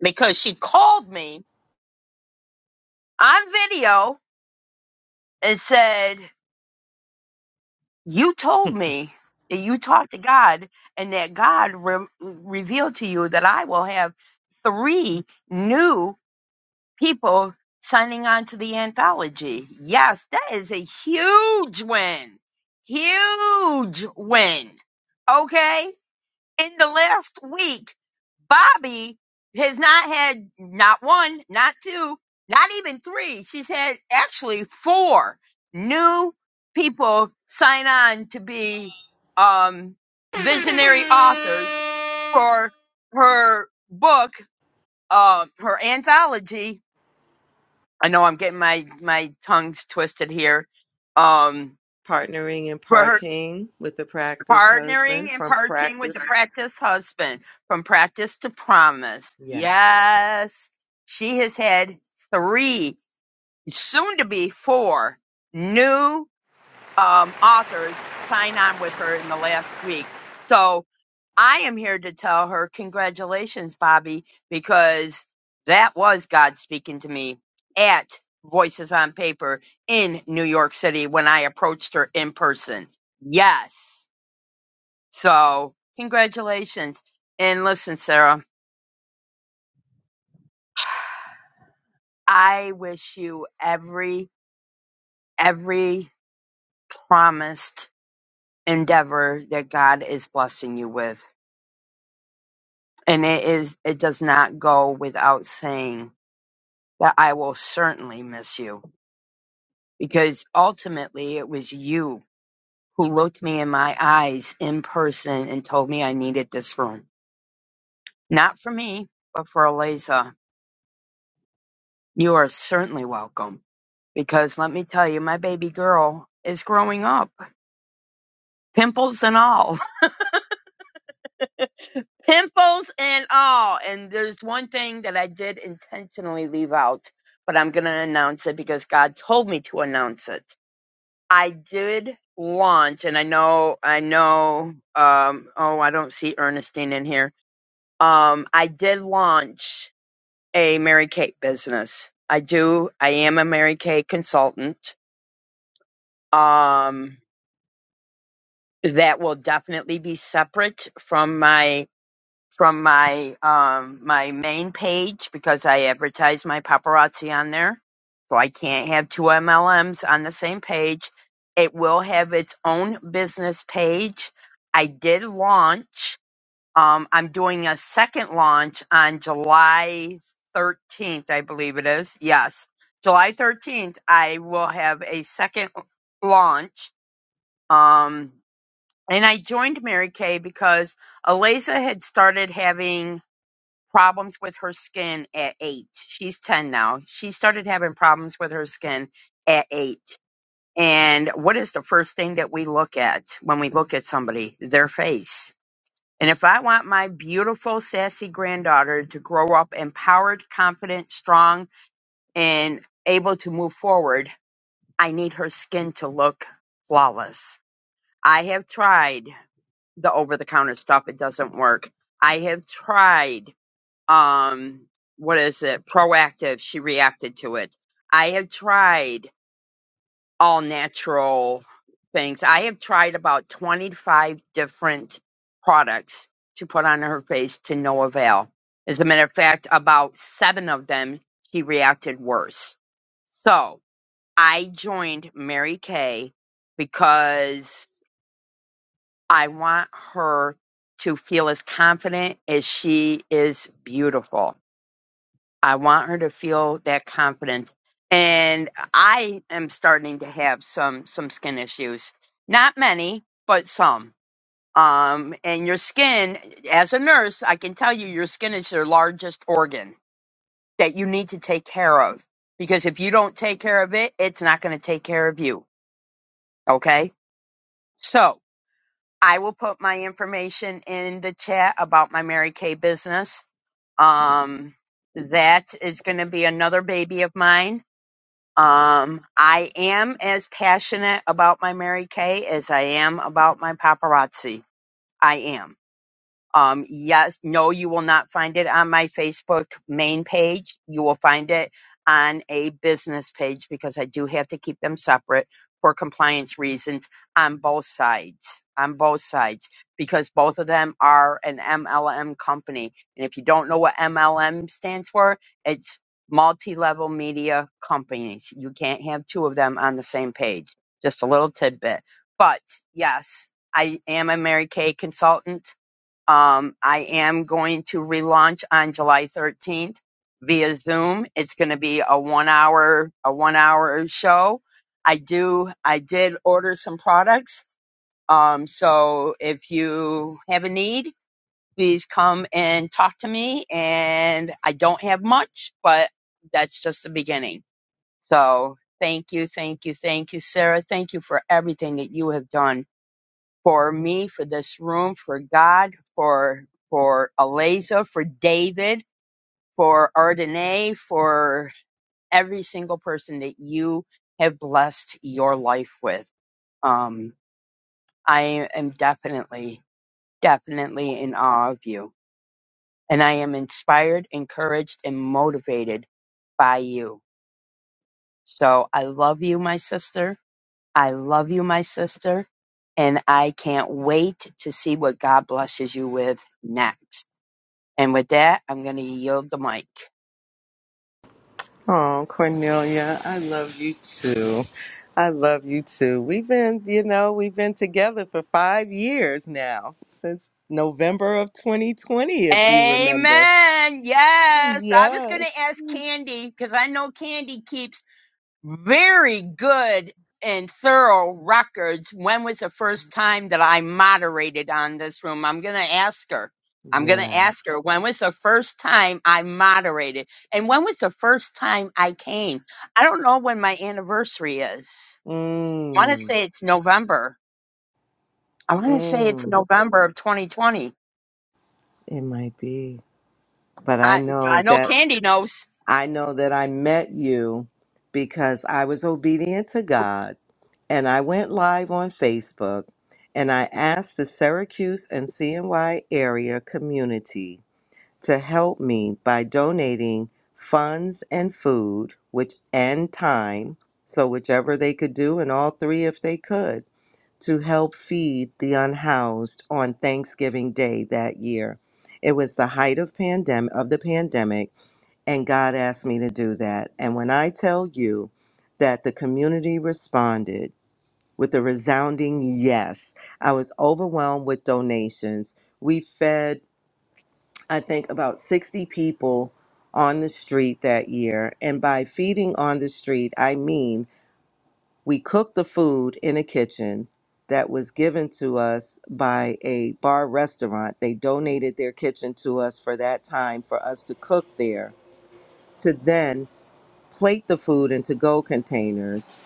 [SPEAKER 3] because she called me on video and said, You told me that you talked to God and that God re- revealed to you that I will have three new people signing on to the anthology. Yes, that is a huge win. Huge win. Okay? In the last week, Bobby has not had not one, not two, not even three. She's had actually four new people sign on to be um, visionary authors for her book, uh, her anthology, I know I'm getting my my tongues twisted here. Um,
[SPEAKER 1] partnering and
[SPEAKER 3] for her
[SPEAKER 1] partying with the practice husband
[SPEAKER 3] partnering and
[SPEAKER 1] from
[SPEAKER 3] parting with the
[SPEAKER 1] practice.
[SPEAKER 3] practice husband from practice to promise.
[SPEAKER 1] Yes.
[SPEAKER 3] Yes, she has had three, soon to be four, new um, authors sign on with her in the last week. So I am here to tell her, congratulations, Bobby, because that was God speaking to me at Voices on Paper in New York City when I approached her in person. Yes. So congratulations. And listen, Sarah, I wish you every, every promised endeavor that God is blessing you with. And it is it does not go without saying that I will certainly miss you because ultimately it was you who looked me in my eyes in person and told me I needed this room. Not for me, but for Eliza. You are certainly welcome because let me tell you, my baby girl is growing up, pimples and all. pimples and all. And there's one thing that I did intentionally leave out, but I'm going to announce it because God told me to announce it. I did launch, and I know, I know, um, oh, I don't see Ernestine in here. Um, I did launch a Mary Kate business. I do. I am a Mary Kate consultant. Um, that will definitely be separate from my from my um my main page because I advertise my paparazzi on there. So I can't have two MLMs on the same page. It will have its own business page. I did launch. Um, I'm doing a second launch on July 13th, I believe it is. Yes, July 13th. I will have a second launch. Um, and I joined Mary Kay because Eliza had started having problems with her skin at eight. She's 10 now. She started having problems with her skin at eight. And what is the first thing that we look at when we look at somebody? Their face. And if I want my beautiful, sassy granddaughter to grow up empowered, confident, strong, and able to move forward, I need her skin to look flawless. I have tried the over the counter stuff, it doesn't work. I have tried um what is it proactive she reacted to it i have tried all natural things i have tried about 25 different products to put on her face to no avail as a matter of fact about seven of them she reacted worse so i joined mary kay because i want her to feel as confident as she is beautiful I want her to feel that confidence. And I am starting to have some some skin issues. Not many, but some. Um, and your skin, as a nurse, I can tell you your skin is your largest organ that you need to take care of. Because if you don't take care of it, it's not going to take care of you. Okay? So I will put my information in the chat about my Mary Kay business. Um, that is going to be another baby of mine Um, I am as passionate about my Mary Kay as I am about my paparazzi. I am. Um, yes, no, you will not find it on my Facebook main page. You will find it on a business page because I do have to keep them separate for compliance reasons on both sides. On both sides, because both of them are an MLM company. And if you don't know what MLM stands for, it's multi level media companies. You can't have two of them on the same page. Just a little tidbit. But yes, I am a Mary Kay consultant. Um, I am going to relaunch on July 13th via Zoom. It's going to be a one hour, a one hour show. I do, I did order some products. Um, so if you have a need, please come and talk to me. And I don't have much, but that's just the beginning. So thank you. Thank you. Thank you, Sarah. Thank you for everything that you have done for me, for this room, for God, for for Aleza, for David, for Ardenay, for every single person that you have blessed your life with. Um, I am definitely, definitely in awe of you. And I am inspired, encouraged, and motivated by you. So I love you, my sister. I love you, my sister. And I can't wait to see what God blesses you with next. And with that, I'm going to yield the mic.
[SPEAKER 1] Oh, Cornelia, I love you too. I love you too. We've been, you know, we've been together for five years now, since November of 2020, if you remember.
[SPEAKER 3] Amen. Yes. I was going
[SPEAKER 1] Yes.
[SPEAKER 3] to ask Candy because I know Candy keeps very good and thorough records. When was the first time that I moderated on this room? I'm going to ask her. I'm going to
[SPEAKER 1] Yeah.
[SPEAKER 3] ask her when was the first time I moderated and when was the first time I came? I don't know when my anniversary is. I want to
[SPEAKER 1] Mm.
[SPEAKER 3] say it's November. I want to say it's
[SPEAKER 1] Mm.
[SPEAKER 3] November of 2020.
[SPEAKER 1] It might be. But I
[SPEAKER 3] I I
[SPEAKER 1] know
[SPEAKER 3] know
[SPEAKER 1] that
[SPEAKER 3] Candy knows.
[SPEAKER 1] I know that I met you because I was obedient to God and I went live on Facebook and I asked the Syracuse and CNY area community to help me by donating funds and food, which and time, so whichever they could do and all three if they could, to help feed the unhoused on Thanksgiving Day that year. It was the height of pandemic of the pandemic and God asked me to do that. And when I tell you that the community responded with a resounding yes. I was overwhelmed with donations. We fed, I think, about 60 people on the street that year. And by feeding on the street, I mean we cooked the food in a kitchen that was given to us by a bar restaurant. They donated their kitchen to us for that time for us to cook there, to then plate the food in to go containers,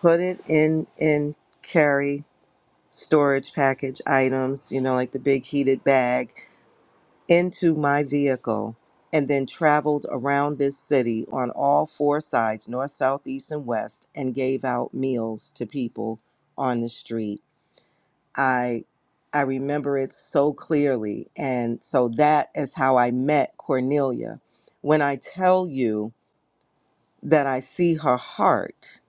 [SPEAKER 1] put it in in carry storage package items, you know, like the big heated bag, into my vehicle and then traveled around this city on all four sides north, south, east, and west and gave out meals to people on the street. I I remember it so clearly. And so that is how I met Cornelia. When I tell you that I see her heart,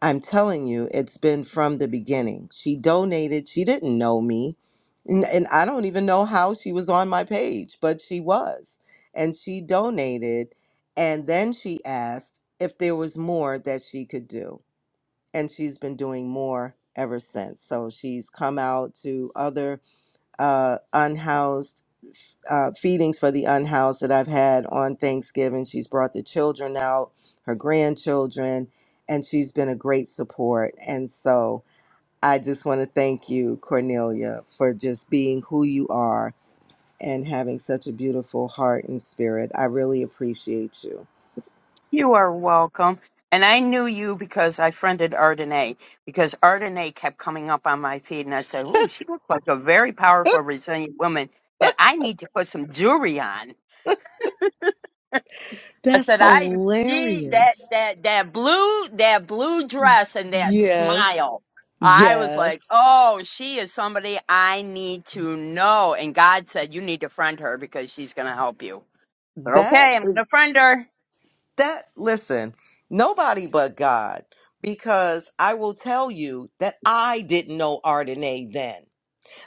[SPEAKER 1] I'm telling you, it's been from the beginning. She donated. She didn't know me. And, and I don't even know how she was on my page, but she was. And she donated. And then she asked if there was more that she could do. And she's been doing more ever since. So she's come out to other uh, unhoused uh, feedings for the unhoused that I've had on Thanksgiving. She's brought the children out, her grandchildren, and she's been a great support. And so I just want to thank you, Cornelia, for just being who you are and having such a beautiful heart and spirit. I really appreciate you.
[SPEAKER 3] You are welcome. And I knew you because I friended Ardenae because Ardenae kept coming up on my feed, and I said, "Ooh, she looks like a very powerful, resilient woman that I need to put some jewelry on." I
[SPEAKER 1] That's
[SPEAKER 3] said, "I see that
[SPEAKER 1] hilarious.
[SPEAKER 3] that that blue that blue dress and that
[SPEAKER 1] Yes.
[SPEAKER 3] smile." I was like,
[SPEAKER 1] Yes.
[SPEAKER 3] "Oh, she is somebody I need to know." And God said, "You need to friend her because she's going to help you." I said,
[SPEAKER 1] That
[SPEAKER 3] "Okay, I'm going
[SPEAKER 1] is.
[SPEAKER 3] to friend her."
[SPEAKER 1] that listen nobody but god because i will tell you that i didn't know ardenae then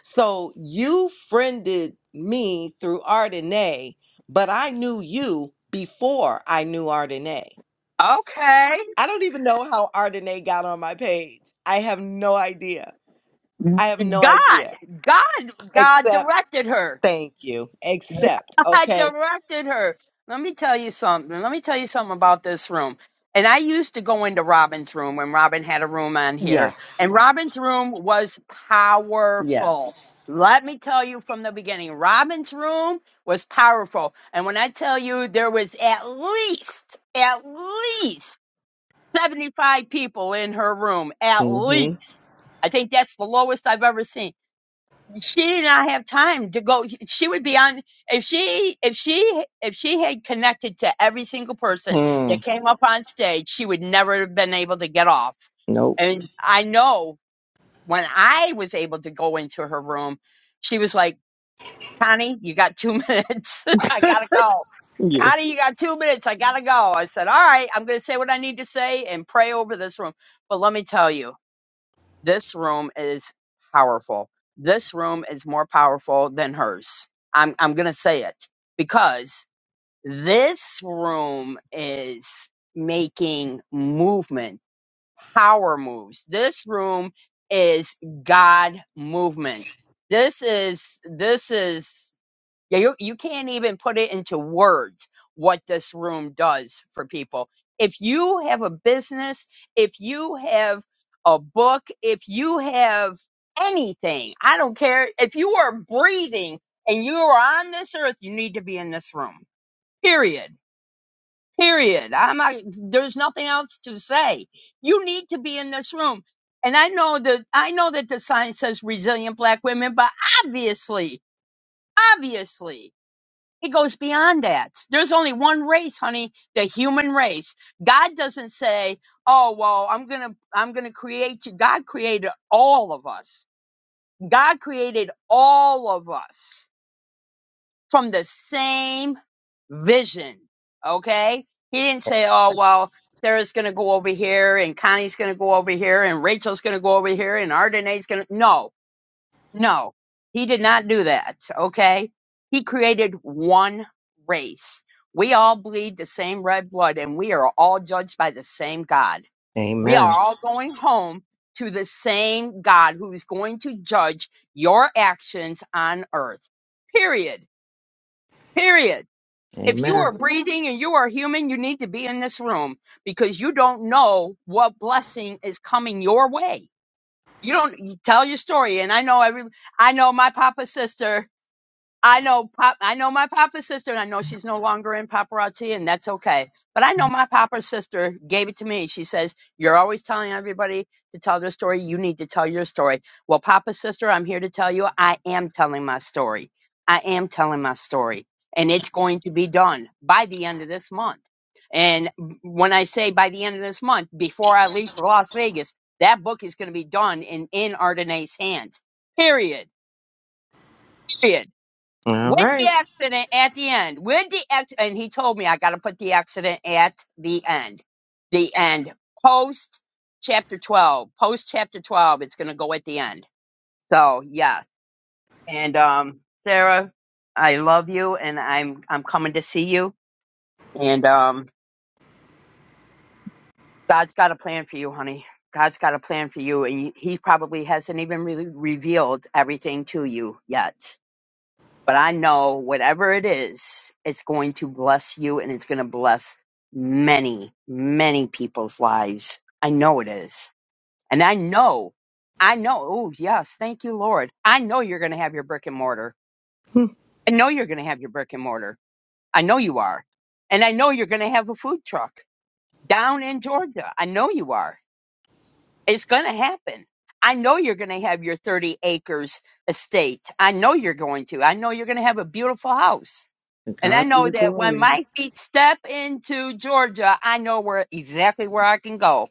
[SPEAKER 1] so you friended me through ardenae but i knew you before i knew ardenae
[SPEAKER 3] Okay.
[SPEAKER 1] i don't even know how ardenae got on my page i have no idea
[SPEAKER 3] God,
[SPEAKER 1] i have no idea
[SPEAKER 3] God, God
[SPEAKER 1] except
[SPEAKER 3] directed her.
[SPEAKER 1] thank you except
[SPEAKER 3] I
[SPEAKER 1] okay
[SPEAKER 3] directed her. Let me tell you something. Let me tell you something about this room. And I used to go into Robin's room when Robin had a room on here. And
[SPEAKER 1] yes
[SPEAKER 3] Robin's room was powerful.
[SPEAKER 1] yes
[SPEAKER 3] Let me tell you from the beginning, Robin's room was powerful. And when I tell you there was at least, at least 75 people in her room, at
[SPEAKER 1] mm-hmm
[SPEAKER 3] least. I think that's the lowest I've ever seen she did not have time to go she would be on if she if she if she had connected to every single person
[SPEAKER 1] hmm
[SPEAKER 3] that came up on stage she would never have been able to get off
[SPEAKER 1] nope
[SPEAKER 3] and i know when i was able to go into her room she was like connie you got two minutes i gotta go
[SPEAKER 1] yeah
[SPEAKER 3] connie you got two minutes i gotta go i said all right i'm gonna say what i need to say and pray over this room but let me tell you this room is powerful. This room is more powerful than hers. I'm I'm going to say it because this room is making movement, power moves. This room is God movement. This is this is yeah, you, you can't even put it into words what this room does for people. If you have a business, if you have a book, if you have anything, I don't care. If you are breathing and you are on this earth, you need to be in this room. Period. Period. I'm not, there's nothing else to say. You need to be in this room. And I know that, I know that the sign says resilient black women, but obviously, obviously it goes beyond that. There's only one race, honey, the human race. God doesn't say, "Oh, well, I'm going to I'm going to create you." God created all of us. God created all of us from the same vision, okay? He didn't say, "Oh, well, Sarah's going to go over here and Connie's going to go over here and Rachel's going to go over here and Ardenae's going to No. No, he did not do that. Okay. He created one race. We all bleed the same red blood and we are all judged by the same God. We are
[SPEAKER 1] amen
[SPEAKER 3] all going home to the same God who is going to judge your actions on earth. Period. Period. If you
[SPEAKER 1] Amen.
[SPEAKER 3] are breathing and you are human, you need to be in this room because you don't know what blessing is coming your way you don't you tell your story, and I know every. I know my papa's sister. I know pop. I know my papa's sister, and I know she's no longer in paparazzi, and that's okay. But I know my papa's sister gave it to me. She says you're always telling everybody to tell their story. You need to tell your story. Well, papa's sister, I'm here to tell you, I am telling my story. I am telling my story, and it's going to be done by the end of this month. And when I say by the end of this month, before I leave for Las Vegas, that book is going to be done and in Ardenae's hands. Period. Period
[SPEAKER 1] All
[SPEAKER 3] with the
[SPEAKER 1] right.
[SPEAKER 3] accident at the end. With the ex, and he told me I got to put the accident at the end. The end. Post chapter 12. Post chapter 12. It's going to go at the end. So, yes. And, um, Sarah, I love you and I'm, I'm coming to see you. And, um, God's got a plan for you, honey. God's got a plan for you. And he he probably hasn't even really revealed everything to you yet. but I know whatever it is, it's going to bless you and it's going to bless many, many people's lives. I know it is. And I know, I know, oh, yes, thank you, Lord. I know you're going to have your brick and mortar. I know you're going to have your brick and mortar. I know you are. And I know you're going to have a food truck down in Georgia. I know you are. It's going to happen. I know you're going to have your 30 acres estate. I know you're going to. I know you're going to have a beautiful house.
[SPEAKER 1] To
[SPEAKER 3] And I
[SPEAKER 1] God be
[SPEAKER 3] know
[SPEAKER 1] the
[SPEAKER 3] that when
[SPEAKER 1] glory.
[SPEAKER 3] my feet step into Georgia, I know where exactly where I can go.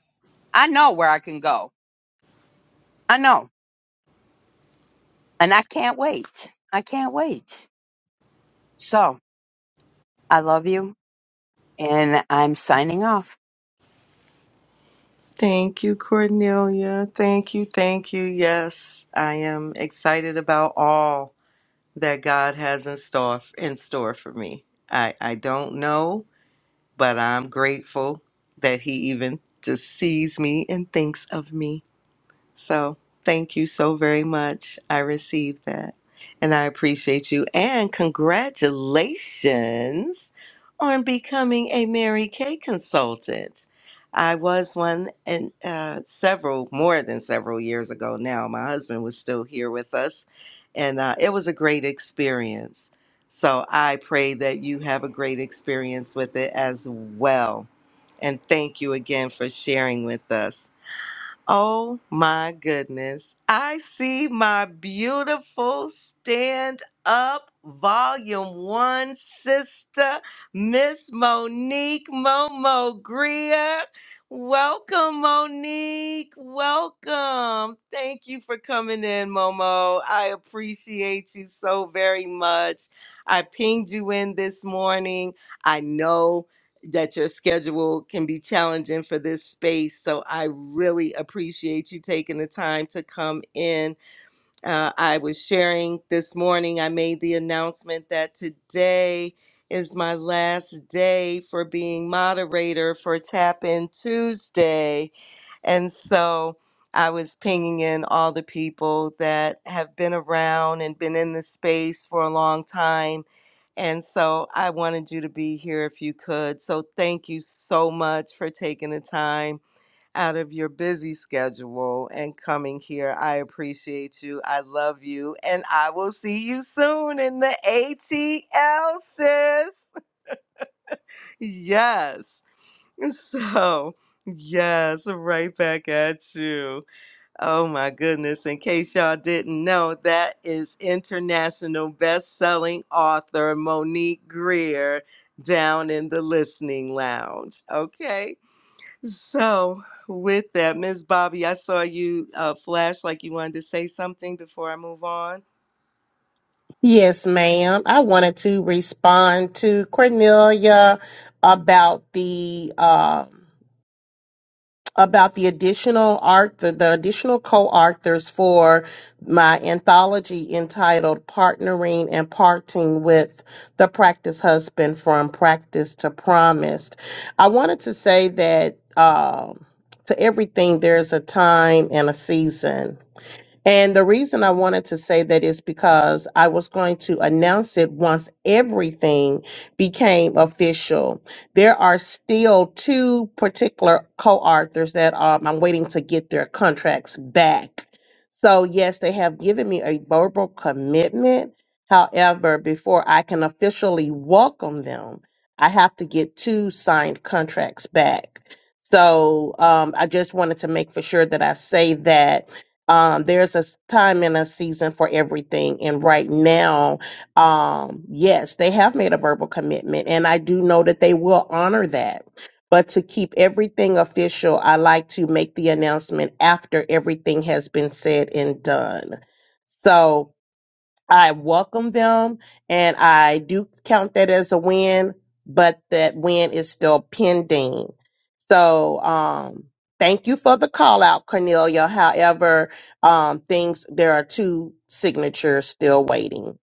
[SPEAKER 3] I know where I can go. I know. And I can't wait. I can't wait. So I love you and I'm signing off.
[SPEAKER 1] Thank you, Cornelia. Thank you. Thank you. Yes, I am excited about all that God has in store in store for me. I I don't know, but I'm grateful that He even just sees me and thinks of me. So thank you so very much. I received that. And I appreciate you. And congratulations on becoming a Mary Kay consultant. I was one and uh, several, more than several years ago now. My husband was still here with us, and uh, it was a great experience. So I pray that you have a great experience with it as well. And thank you again for sharing with us. Oh my goodness. I see my beautiful stand up volume one sister, Miss Monique Momo Greer. Welcome, Monique. Welcome. Thank you for coming in, Momo. I appreciate you so very much. I pinged you in this morning. I know that your schedule can be challenging for this space. So I really appreciate you taking the time to come in. Uh, I was sharing this morning, I made the announcement that today is my last day for being moderator for Tap In Tuesday. And so I was pinging in all the people that have been around and been in this space for a long time. And so I wanted you to be here if you could. So thank you so much for taking the time out of your busy schedule and coming here. I appreciate you. I love you. And I will see you soon in the ATL, sis. Yes. So, yes, right back at you. Oh my goodness. In case y'all didn't know, that is international best-selling author Monique Greer down in the listening lounge. Okay. So, with that, Miss Bobby, I saw you uh, flash like you wanted to say something before I move on.
[SPEAKER 9] Yes, ma'am. I wanted to respond to Cornelia about the um about the additional art, the, the additional co-authors for my anthology entitled Partnering and Parting with the Practice Husband from Practice to Promised. I wanted to say that um, to everything, there's a time and a season and the reason I wanted to say that is because I was going to announce it once everything became official. There are still two particular co authors that um, I'm waiting to get their contracts back. So, yes, they have given me a verbal commitment. However, before I can officially welcome them, I have to get two signed contracts back. So, um, I just wanted to make for sure that I say that um, there's a s- time and a season for everything. And right now, um, yes, they have made a verbal commitment, and I do know that they will honor that. But to keep everything official, I like to make the announcement after everything has been said and done. So I welcome them and I do count that as a win, but that win is still pending. So, um, thank you for the call out, Cornelia. However, um, things, there are two signatures still waiting.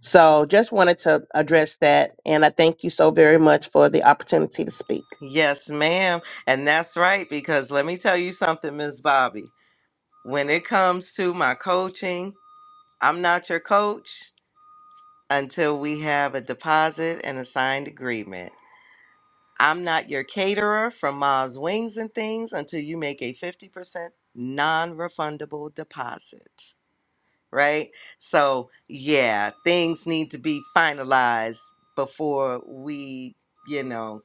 [SPEAKER 9] So just wanted to address that. And I thank you so very much for the opportunity to speak.
[SPEAKER 1] Yes, ma'am. And that's right, because let me tell you something, Miss Bobby. When it comes to my coaching, I'm not your coach until we have a deposit and a signed agreement. I'm not your caterer from Ma's Wings and Things until you make a 50% non refundable deposit right? So, yeah, things need to be finalized before we, you know,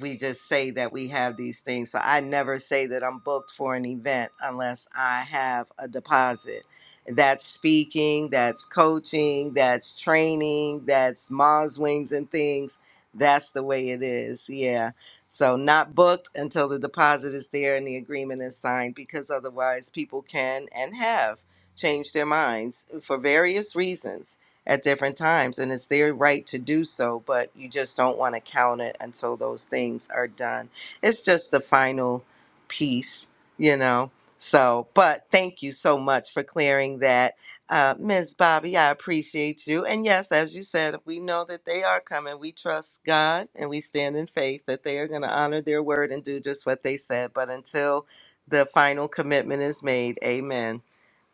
[SPEAKER 1] we just say that we have these things. So, I never say that I'm booked for an event unless I have a deposit. That's speaking, that's coaching, that's training, that's Mars Wings and things. That's the way it is. Yeah. So, not booked until the deposit is there and the agreement is signed because otherwise people can and have change their minds for various reasons at different times and it's their right to do so but you just don't want to count it until those things are done it's just the final piece you know so but thank you so much for clearing that uh, ms bobby i appreciate you and yes as you said we know that they are coming we trust god and we stand in faith that they are going to honor their word and do just what they said but until the final commitment is made amen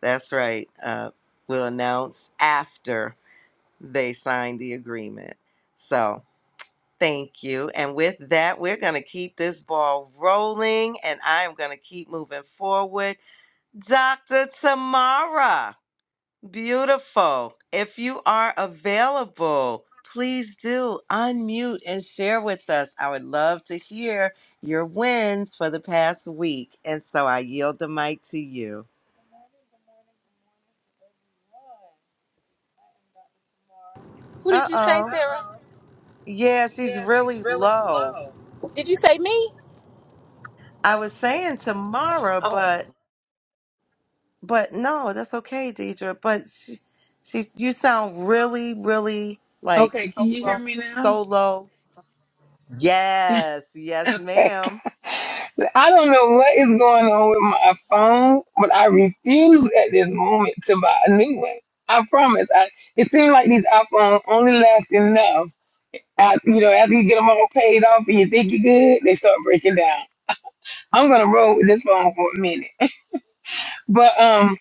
[SPEAKER 1] that's right. Uh, we'll announce after they sign the agreement. So thank you. And with that, we're going to keep this ball rolling and I'm going to keep moving forward. Dr. Tamara, beautiful. If you are available, please do unmute and share with us. I would love to hear your wins for the past week. And so I yield the mic to you.
[SPEAKER 10] Who did
[SPEAKER 1] Uh
[SPEAKER 10] you say,
[SPEAKER 1] oh.
[SPEAKER 10] Sarah? Uh-uh.
[SPEAKER 1] Yeah, she's
[SPEAKER 10] Yeah, she's
[SPEAKER 1] really
[SPEAKER 10] really
[SPEAKER 1] low.
[SPEAKER 10] low. Did you say me?
[SPEAKER 1] I
[SPEAKER 10] I was
[SPEAKER 1] was
[SPEAKER 10] saying
[SPEAKER 1] saying
[SPEAKER 10] to
[SPEAKER 1] tomorrow,
[SPEAKER 10] Barbara, Oh,
[SPEAKER 1] but
[SPEAKER 10] but
[SPEAKER 1] but no, that's okay, Deidre. But she, she, you sound really, really like
[SPEAKER 11] Okay, can you hear me now?
[SPEAKER 1] so low. Yes, yes,
[SPEAKER 11] Okay.
[SPEAKER 1] ma'am.
[SPEAKER 11] I don't know what is going on with my phone, but I refuse at this moment to buy a new one. I promise. I, it seems like these iPhones only last enough. I, you know, after you get them all paid off and you think you're good, they start breaking down. I'm gonna roll with this phone for a minute. But um,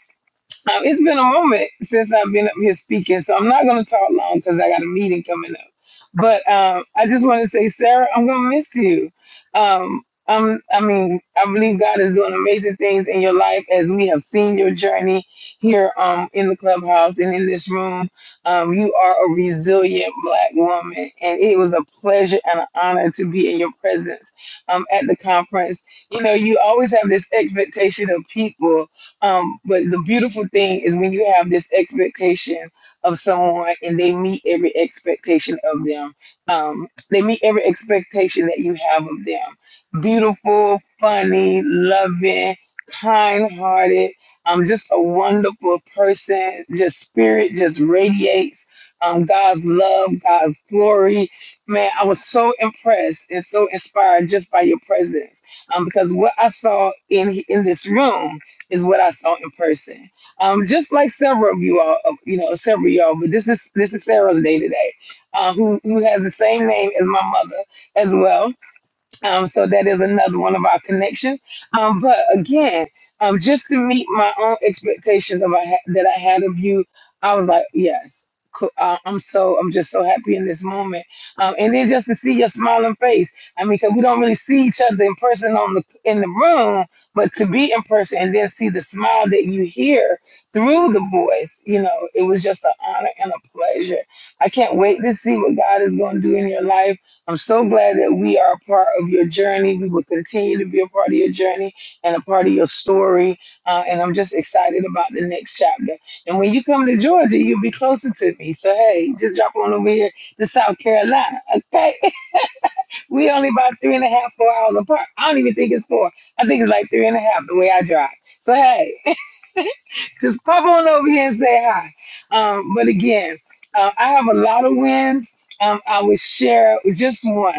[SPEAKER 11] Um, it's been a moment since I've been up here speaking, so I'm not going to talk long because I got a meeting coming up. But um, I just want to say, Sarah, I'm going to miss you. Um, um, I mean, I believe God is doing amazing things in your life as we have seen your journey here um, in the clubhouse and in this room. Um, you are a resilient black woman, and it was a pleasure and an honor to be in your presence um, at the conference. You know, you always have this expectation of people um, but the beautiful thing is when you have this expectation of someone and they meet every expectation of them. Um, they meet every expectation that you have of them. Beautiful, funny, loving, kind hearted, um, just a wonderful person, just spirit just radiates. Um, God's love, God's glory. Man, I was so impressed and so inspired just by your presence. Um, because what I saw in in this room is what I saw in person. Um, just like several of you all, of- you know, several of y'all, but this is this is Sarah's day today, uh, who who has the same name as my mother as well. Um, so that is another one of our connections. Um, but again, um, just to meet my own expectations of I ha- that I had of you, I was like, yes, cool. uh, I'm so I'm just so happy in this moment. Um, and then just to see your smiling face, I mean, because we don't really see each other in person on the in the room, but to be in person and then see the smile that you hear through the voice, you know, it was just an honor and a pleasure. I can't wait to see what God is going to do in your life I'm so glad that we are a part of your journey. We will continue to be a part of your journey and a part of your story. Uh, and I'm just excited about the next chapter. And when you come to Georgia, you'll be closer to me. So, hey, just drop on over here to South Carolina. Okay. We only about three and a half, four hours apart. I don't even think it's four. I think it's like three and a half the way I drive. So, hey, just pop on over here and say hi. Um, but again, uh, I have a lot of wins. Um, I will share just one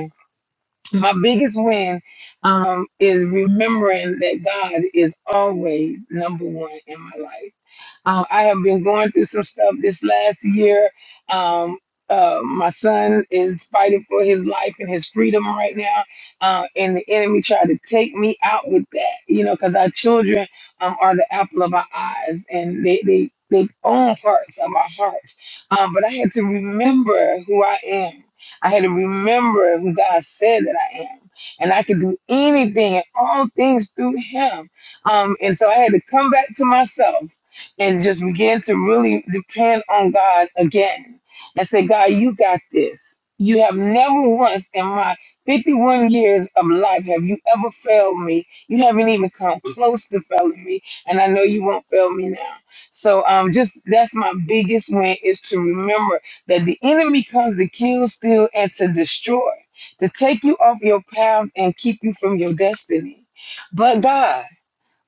[SPEAKER 11] my biggest win um, is remembering that God is always number one in my life. Uh, I have been going through some stuff this last year. Um, uh, my son is fighting for his life and his freedom right now, uh, and the enemy tried to take me out with that, you know, because our children um, are the apple of our eyes and they, they, they own parts of our hearts. Um, but I had to remember who I am. I had to remember who God said that I am. And I could do anything and all things through Him. Um, and so I had to come back to myself and just begin to really depend on God again and say, God, you got this. You have never once in my 51 years of life have you ever failed me. You haven't even come close to failing me, and I know you won't fail me now. So, um, just that's my biggest win is to remember that the enemy comes to kill, steal, and to destroy, to take you off your path and keep you from your destiny. But God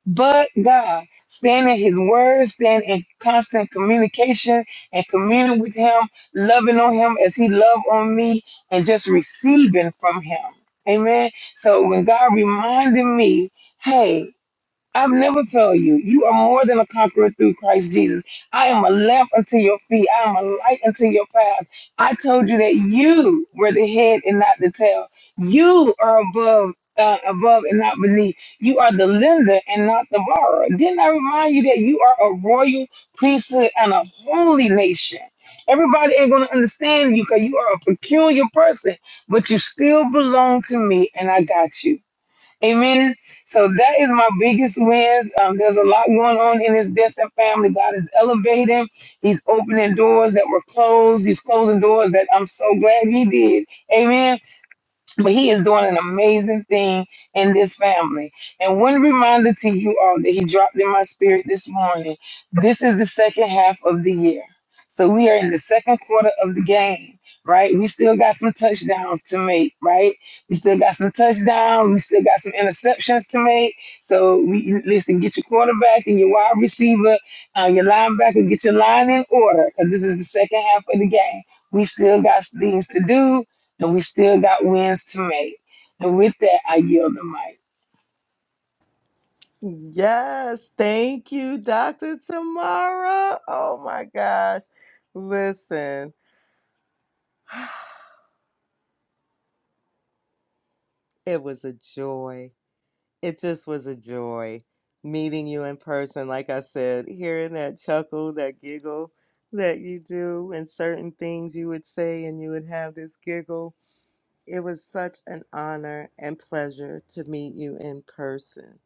[SPEAKER 11] but God. Stand in His Word, stand in constant communication and communing with Him, loving on Him as He loved on me, and just receiving from Him. Amen. So when God reminded me, hey, I've never failed you. You are more than a conqueror through Christ Jesus. I am a lamp unto your feet. I am a light unto your path. I told you that you were the head and not the tail. You are above. Uh, above and not beneath. You are the lender and not the borrower. Didn't I remind you that you are a royal priesthood and a holy nation? Everybody ain't going to understand you because you are a peculiar person, but you still belong to me and I got you. Amen. So that is my biggest wins. Um, there's a lot going on in this Destin family. God is elevating. He's opening doors that were closed. He's closing doors that I'm so glad He did. Amen but he is doing an amazing thing in this family. And one reminder to you all that he dropped in my spirit this morning this is the second half of the year. So we are in the second quarter of the game, right? We still got some touchdowns to make, right? We still got some touchdowns. We still got some interceptions to make. So we you- listen, get your quarterback and your wide receiver, uh, your linebacker, get your line in order because this is the second half of the game. We still got things to do and we still got wins to make. And with that, I yield the mic.
[SPEAKER 1] Yes, thank you, Doctor Tamara. Oh my gosh, listen, it was a joy. It just was a joy meeting you in person. Like I said, hearing that chuckle, that giggle that you do, and certain things you would say, and you would have this giggle. It was such an honor and pleasure to meet you in person.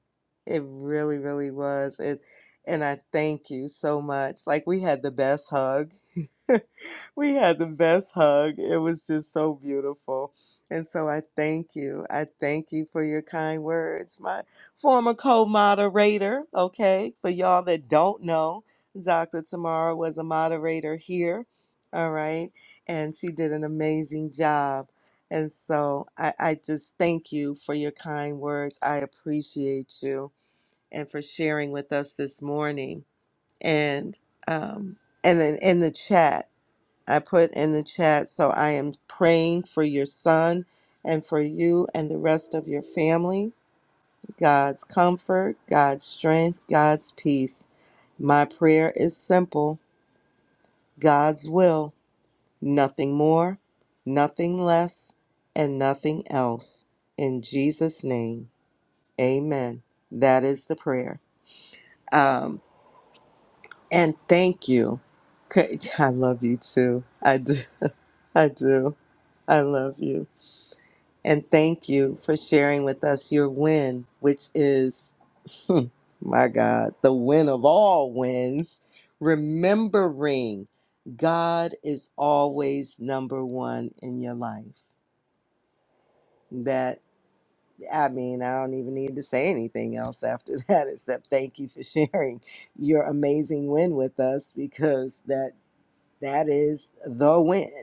[SPEAKER 1] It really, really was. It, and I thank you so much. Like we had the best hug. We had the best hug. It was just so beautiful. And so I thank you. I thank you for your kind words. My former co moderator, okay, for y'all that don't know, Dr. Tamara was a moderator here, all right, and she did an amazing job. And so I, I just thank you for your kind words. I appreciate you and for sharing with us this morning. And um, and then in the chat. I put in the chat. So I am praying for your son and for you and the rest of your family. God's comfort, God's strength, God's peace. My prayer is simple God's will, nothing more, nothing less, and nothing else. In Jesus' name, amen. That is the prayer. Um, and thank you. C- I love you too. I do. I do. I love you. And thank you for sharing with us your win, which is, hmm, my God, the win of all wins. Remembering God is always number one in your life. That, I mean, I don't even need to say anything else after that, except thank you for sharing your amazing win with us because that that is the win.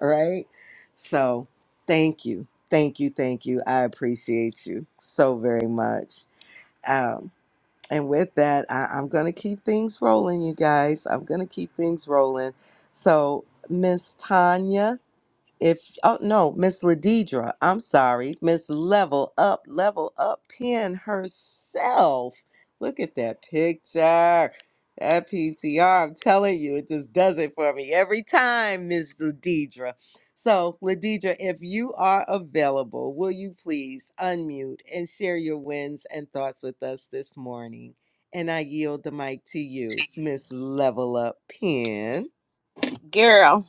[SPEAKER 1] All right. So thank you. Thank you. Thank you. I appreciate you so very much. Um, and with that, I, I'm going to keep things rolling, you guys. I'm going to keep things rolling. So, Miss Tanya. If oh no, Miss Ladidra, I'm sorry, Miss Level Up, Level Up Pin herself. Look at that picture. That PTR, I'm telling you, it just does it for me every time, Miss Ladidra. So, Ladidra, if you are available, will you please unmute and share your wins and thoughts with us this morning? And I yield the mic to you, Miss Level Up Pin.
[SPEAKER 10] girl.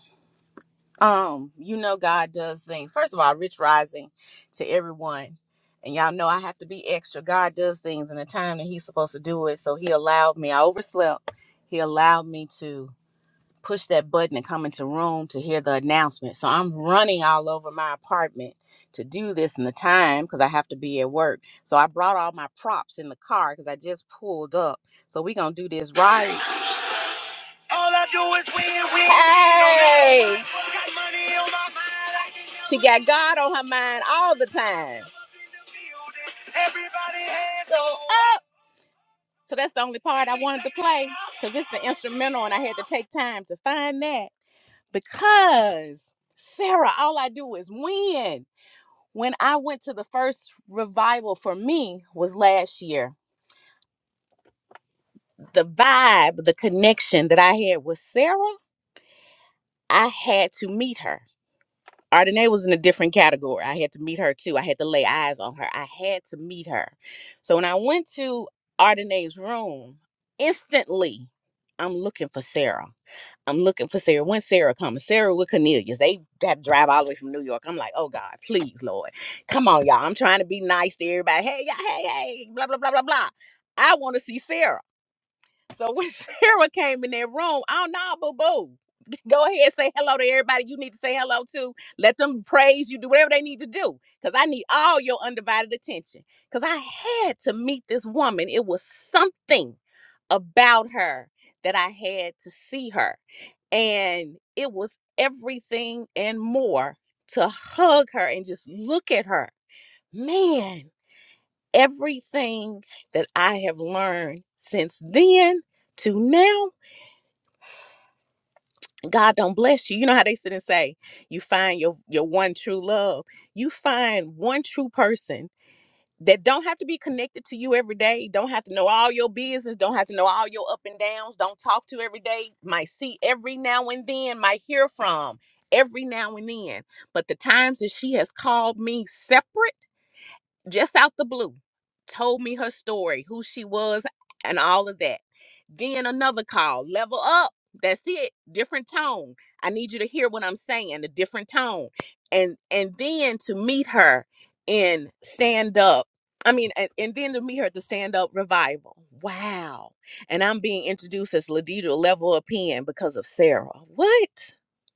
[SPEAKER 10] Um, you know God does things. First of all, rich rising to everyone. And y'all know I have to be extra. God does things in the time that he's supposed to do it. So he allowed me. I overslept. He allowed me to. push that button and come into room to hear the announcement. So I'm running all over my apartment to do this in the time because I have to be at work. So I brought all my props in the car because I just pulled up. So we gonna do this right. All I do is win, win, win. Hey! Got money on my mind, I can never She got God on her mind all the time. Everybody hands go up. So that's the only part I wanted to play because it's the instrumental and I had to take time to find that because Sarah, all I do is win. When I went to the first revival for me was last year. The vibe, the connection that I had with Sarah, I had to meet her. Ardenae was in a different category. I had to meet her too. I had to lay eyes on her. I had to meet her. So when I went to Ardenae's room, instantly, I'm looking for Sarah. I'm looking for Sarah. When Sarah comes, Sarah with Cornelius, they had to drive all the way from New York. I'm like, oh God, please, Lord. Come on, y'all. I'm trying to be nice to everybody. Hey, y'all, hey, hey, blah, blah, blah, blah, blah. I want to see Sarah. So when Sarah came in that room, oh no, boo boo. Go ahead, say hello to everybody you need to say hello to. Let them praise you, do whatever they need to do. Because I need all your undivided attention. Because I had to meet this woman. It was something about her that I had to see her and it was everything and more to hug her and just look at her. Man, everything that I have learned since then to now, God don't bless you. You know how they sit and say, you find your your one true love. You find one true person that don't have to be connected to you every day, don't have to know all your business, don't have to know all your up and downs, don't talk to every day, might see every now and then, might hear from every now and then. But the times that she has called me separate, just out the blue, told me her story, who she was, and all of that then another call, level up. That's it. Different tone. I need you to hear what I'm saying, a different tone. And and then to meet her in stand up. I mean, and, and then to meet her at the stand up revival. Wow. And I'm being introduced as Ladidra Level Up Pen because of Sarah. What?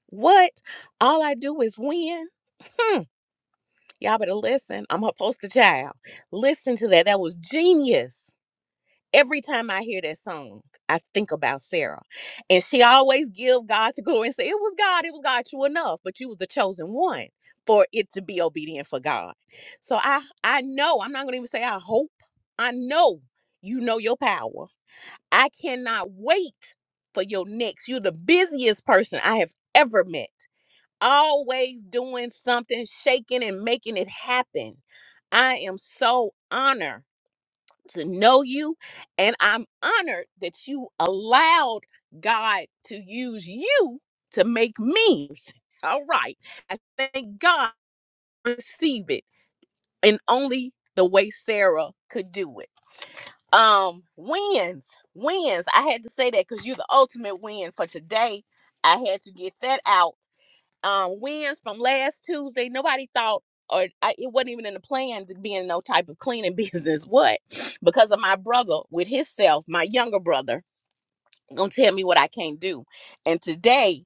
[SPEAKER 10] What? All I do is win. Hmm. Y'all better listen. I'm her poster child. Listen to that. That was genius every time I hear that song, I think about Sarah. And she always give God the glory and say, It was God, it was God, true enough, but you was the chosen one for it to be obedient for God. So I I know, I'm not gonna even say I hope. I know you know your power. I cannot wait for your next. You're the busiest person I have ever met. Always doing something, shaking and making it happen. I am so honored to know you. And I'm honored that you allowed God to use you to make me. All right. I thank God I receive it in only the way Sarah could do it. Um, wins, wins. I had to say that because you're the ultimate win for today. I had to get that out um, wins from last Tuesday. Nobody thought, or I, it wasn't even in the plan to be in no type of cleaning business. What? Because of my brother with his self, my younger brother, gonna tell me what I can't do. And today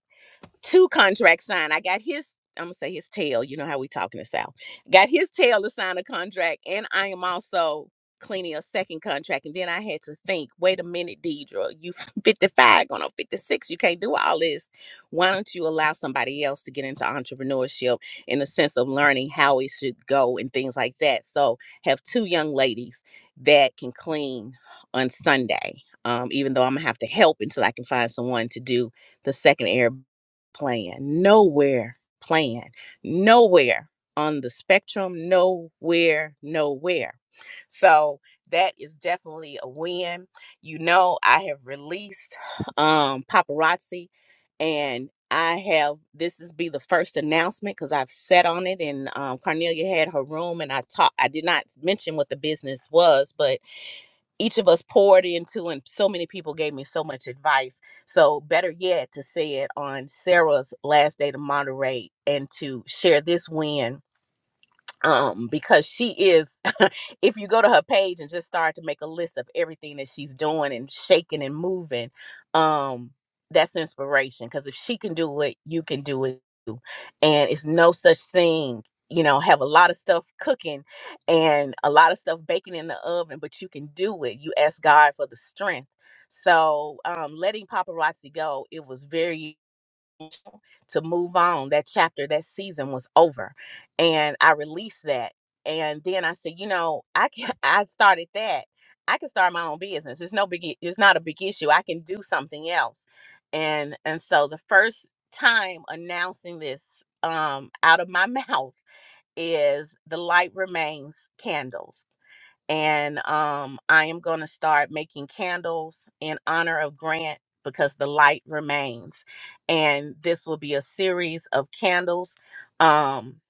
[SPEAKER 10] two contracts signed. I got his, I'm gonna say his tail. You know how we talking the South. Got his tail to sign a contract, and I am also cleaning a second contract. And then I had to think, wait a minute, Deidre, you 55, going on 56, you can't do all this. Why don't you allow somebody else to get into entrepreneurship in the sense of learning how it should go and things like that? So have two young ladies that can clean on Sunday. Um, even though I'm gonna have to help until I can find someone to do the second air plan, nowhere plan, nowhere on the spectrum, nowhere, nowhere. So that is definitely a win. You know, I have released um paparazzi and I have this is be the first announcement because I've sat on it and um, Cornelia had her room and I talked I did not mention what the business was, but each of us poured into and so many people gave me so much advice so better yet to say it on sarah's last day to moderate and to share this win um because she is if you go to her page and just start to make a list of everything that she's doing and shaking and moving um that's inspiration because if she can do it you can do it too. and it's no such thing you know have a lot of stuff cooking and a lot of stuff baking in the oven but you can do it you ask god for the strength so um letting paparazzi go it was very to move on. That chapter, that season was over. And I released that. And then I said, you know, I can I started that. I can start my own business. It's no big i- it's not a big issue. I can do something else. And and so the first time announcing this um out of my mouth is the light remains candles and um, I am going to start making candles in honor of Grant because the light remains. And this will be a series of candles um,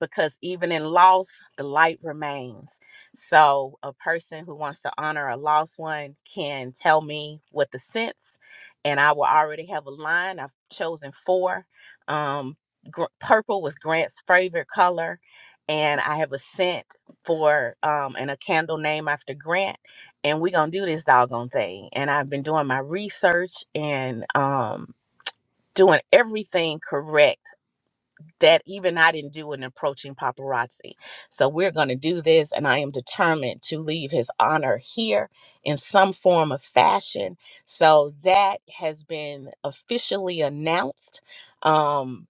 [SPEAKER 10] because even in loss, the light remains. So a person who wants to honor a lost one can tell me what the scents, and I will already have a line. I've chosen four. Um, gr- purple was Grant's favorite color, and I have a scent for um and a candle name after Grant, and we gonna do this doggone thing. And I've been doing my research and um doing everything correct that even I didn't do in approaching paparazzi. So we're gonna do this, and I am determined to leave his honor here in some form of fashion. So that has been officially announced. Um,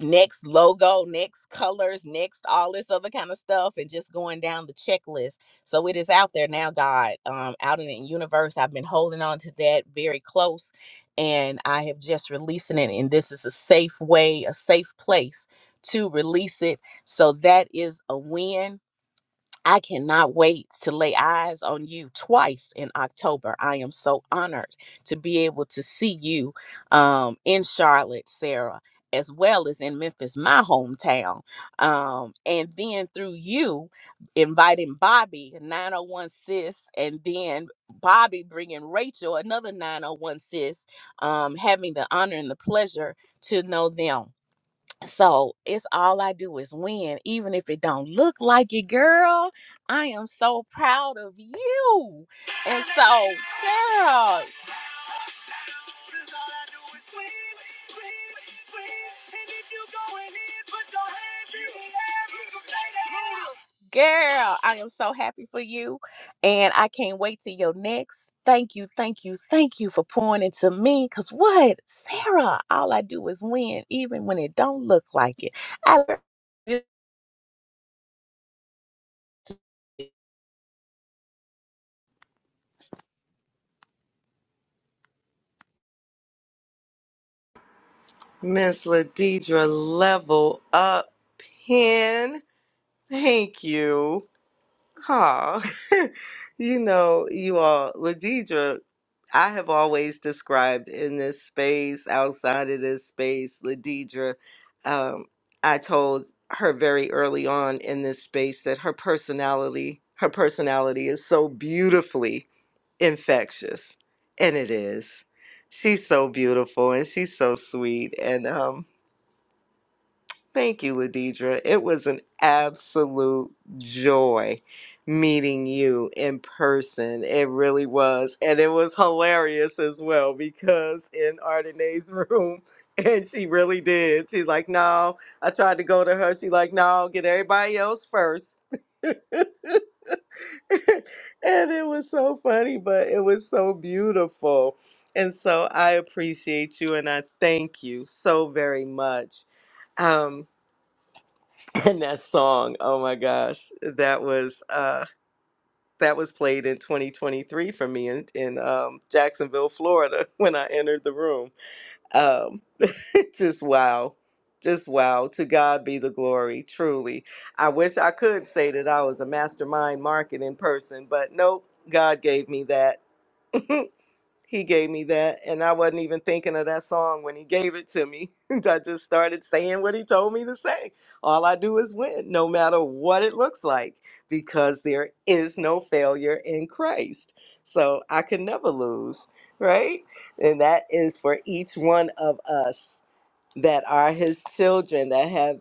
[SPEAKER 10] next logo, next colors, next all this other kind of stuff, and just going down the checklist. So it is out there now, God, um, out in the universe. I've been holding on to that very close, and I have just releasing it. And this is a safe way, a safe place to release it. So that is a win I cannot wait to lay eyes on you twice in October. I am so honored to be able to see you um, in Charlotte, Sarah, as well as in Memphis, my hometown. Um, and then through you, inviting Bobby, 901 Sis, and then Bobby bringing Rachel, another 901 Sis, um, having the honor and the pleasure to know them. So it's all I do is win, even if it don't look like it, girl. I am so proud of you. And so, girl, Cause all I do is win, win, win. And if you going in, put your hands in the air and say that. Girl, I am so happy for you. And I can't wait to your next. Thank you, thank you, thank you for pouring into me. Cause what? Sarah, all I do is win, even when it don't look like it. I
[SPEAKER 1] Miss Ladidra, level up, pin. Thank you. Aw. you know, you all, Ladidra, I have always described in this space, outside of this space, Ladidra, um, I told her very early on in this space that her personality, her personality is so beautifully infectious. And it is. She's so beautiful and she's so sweet. And um Thank you, Ladidra. It was an absolute joy meeting you in person. It really was. And it was hilarious as well because in Ardenae's room, and she really did. She's like, no, I tried to go to her. She's like, no, get everybody else first. and it was so funny, but it was so beautiful. And so I appreciate you and I thank you so very much. Um, and that song oh my gosh that was uh that was played in 2023 for me in in um jacksonville florida when i entered the room um just wow just wow to god be the glory truly i wish i could say that i was a mastermind marketing person but nope god gave me that he gave me that, and I wasn't even thinking of that song when he gave it to me. I just started saying what he told me to say. All I do is win, no matter what it looks like, because there is no failure in Christ. So I can never lose, right? And that is for each one of us that are his children, that have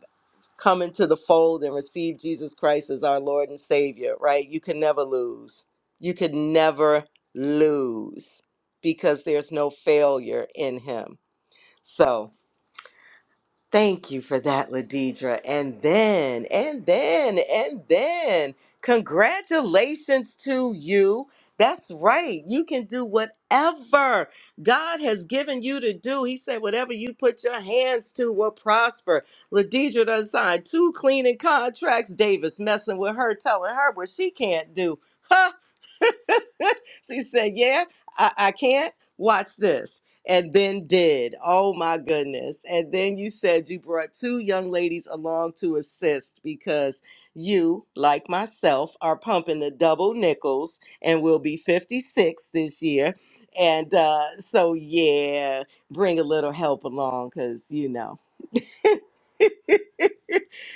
[SPEAKER 1] come into the fold and receive Jesus Christ as our Lord and Savior, right? You can never lose. You could never lose because there's no failure in Him. So, Thank you for that, Ladidra. And then, and then, and then, congratulations to you. That's right. You can do whatever God has given you to do. He said, whatever you put your hands to will prosper. Ladidra done signed two cleaning contracts. Davis messing with her, telling her what she can't do. she said, Yeah, I, I can't. Watch this. And then did. Oh my goodness. And then you said you brought two young ladies along to assist because you, like myself, are pumping the double nickels and will be 56 this year. And uh, so, yeah, bring a little help along because, you know.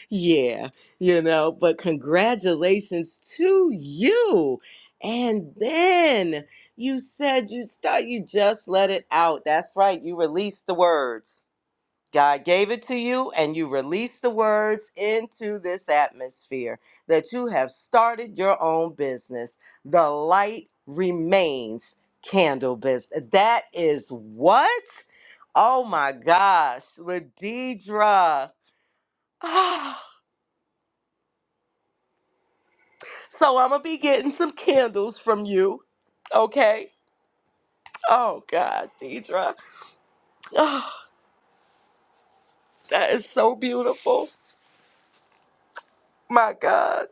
[SPEAKER 1] Yeah, you know, but congratulations to you. And then you said you start you just let it out. That's right. You released the words. God gave it to you and you released the words into this atmosphere that you have started your own business. The light remains candle business. That is what? Oh my gosh, Ladidra. So I'm gonna be getting some candles from you, okay? Oh God, Deidra, oh, that is so beautiful. My God,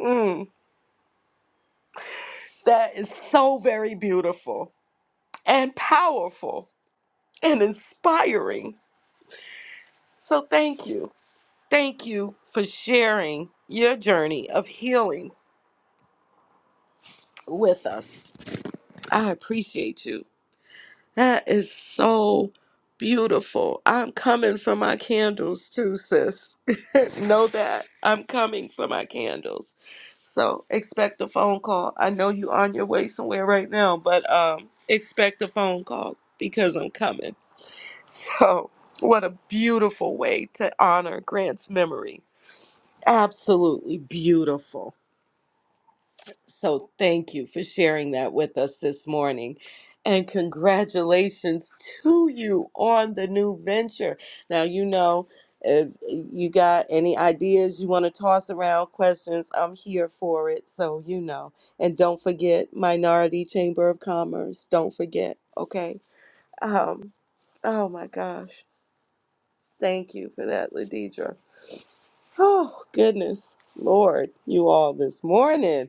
[SPEAKER 1] Mm, that is so very beautiful and powerful and inspiring. So thank you, thank you for sharing your journey of healing with us. I appreciate you. That is so beautiful. I'm coming for my candles too, sis. know that. I'm coming for my candles. So expect a phone call. I know you on your way somewhere right now, but um expect a phone call because I'm coming. So what a beautiful way to honor Grant's memory. Absolutely beautiful. So thank you for sharing that with us this morning. And congratulations to you on the new venture. Now, you know, if you got any ideas you want to toss around, questions, I'm here for it. So, you know. And don't forget Minority Chamber of Commerce. Don't forget, okay? Um, oh my gosh. Thank you for that, Ladidra. Oh, goodness. Lord, you all this morning.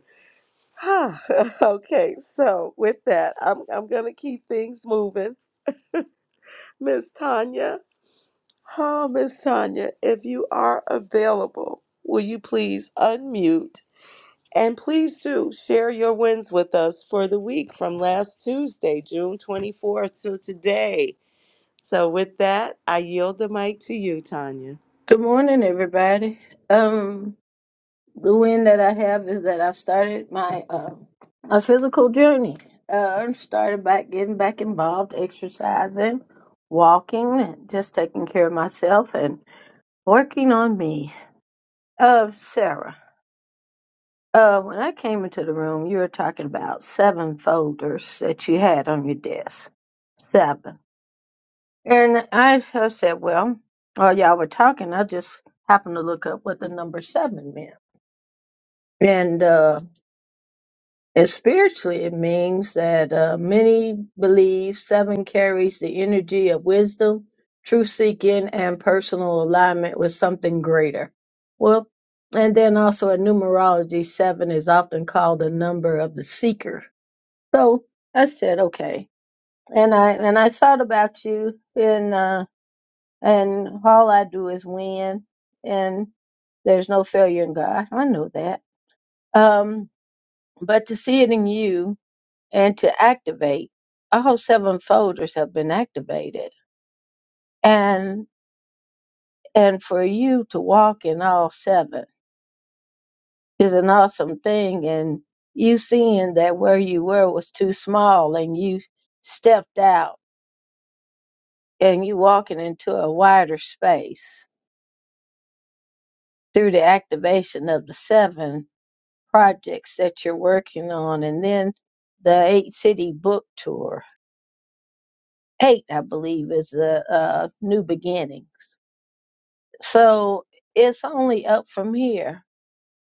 [SPEAKER 1] okay, so with that, I'm I'm gonna keep things moving. Miss Tanya, oh Miss Tanya, if you are available, will you please unmute and please do share your wins with us for the week from last Tuesday, June 24th to today. So with that, I yield the mic to you, Tanya.
[SPEAKER 12] Good morning, everybody. Um, the win that I have is that I've started my uh, my physical journey. Uh, I started back getting back involved, exercising, walking, and just taking care of myself and working on me. Uh, Sarah, uh, when I came into the room, you were talking about seven folders that you had on your desk, seven. And I, I said, well, while y'all were talking, I just happened to look up what the number seven meant. And uh, and spiritually, it means that uh, many believe seven carries the energy of wisdom, truth seeking, and personal alignment with something greater. Well, and then also in numerology, seven is often called the number of the seeker. So I said, okay, and I and I thought about you, and uh, and all I do is win, and there's no failure in God. I know that. Um, but to see it in you and to activate. All seven folders have been activated. And and for you to walk in all seven is an awesome thing. And you seeing that where you were was too small and you stepped out and you walking into a wider space through the activation of the seven projects that you're working on and then the eight city book tour. Eight, I believe, is the uh, new beginnings So it's only up from here.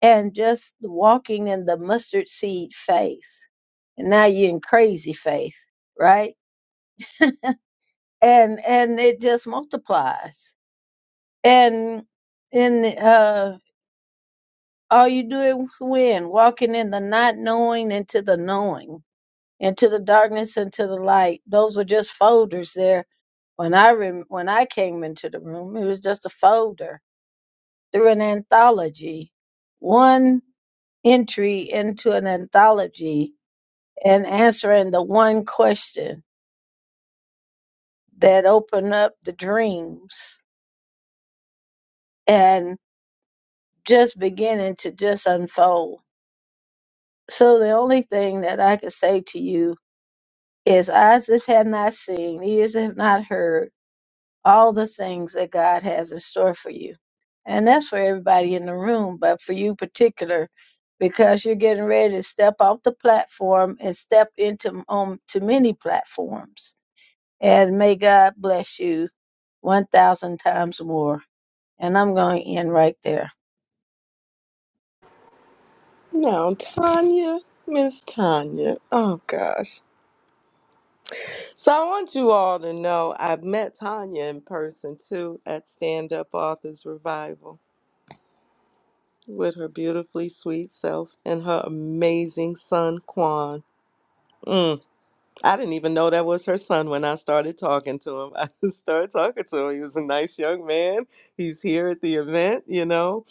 [SPEAKER 12] And just walking in the mustard seed faith. And now you're in crazy faith, right? And and it just multiplies. And and uh all you do is win, walking in the not knowing into the knowing, into the darkness, into the light. Those are just folders there. When I rem- when I came into the room, it was just a folder through an anthology. One entry into an anthology and answering the one question that opened up the dreams and just beginning to just unfold. So the only thing that I could say to you is eyes that have not seen, ears that have not heard, all the things that God has in store for you. And that's for everybody in the room, but for you particular, because you're getting ready to step off the platform and step into on to many platforms And may God bless you 1,000 times more. And I'm going to end right there.
[SPEAKER 1] Now, Tanya, Miss Tanya. Oh gosh. So I want you all to know I've met Tanya in person too at Stand Up Authors Revival with her beautifully sweet self and her amazing son Quan. Mm, I didn't even know that was her son when I started talking to him. I just started talking to him. He was a nice young man. He's here at the event, you know.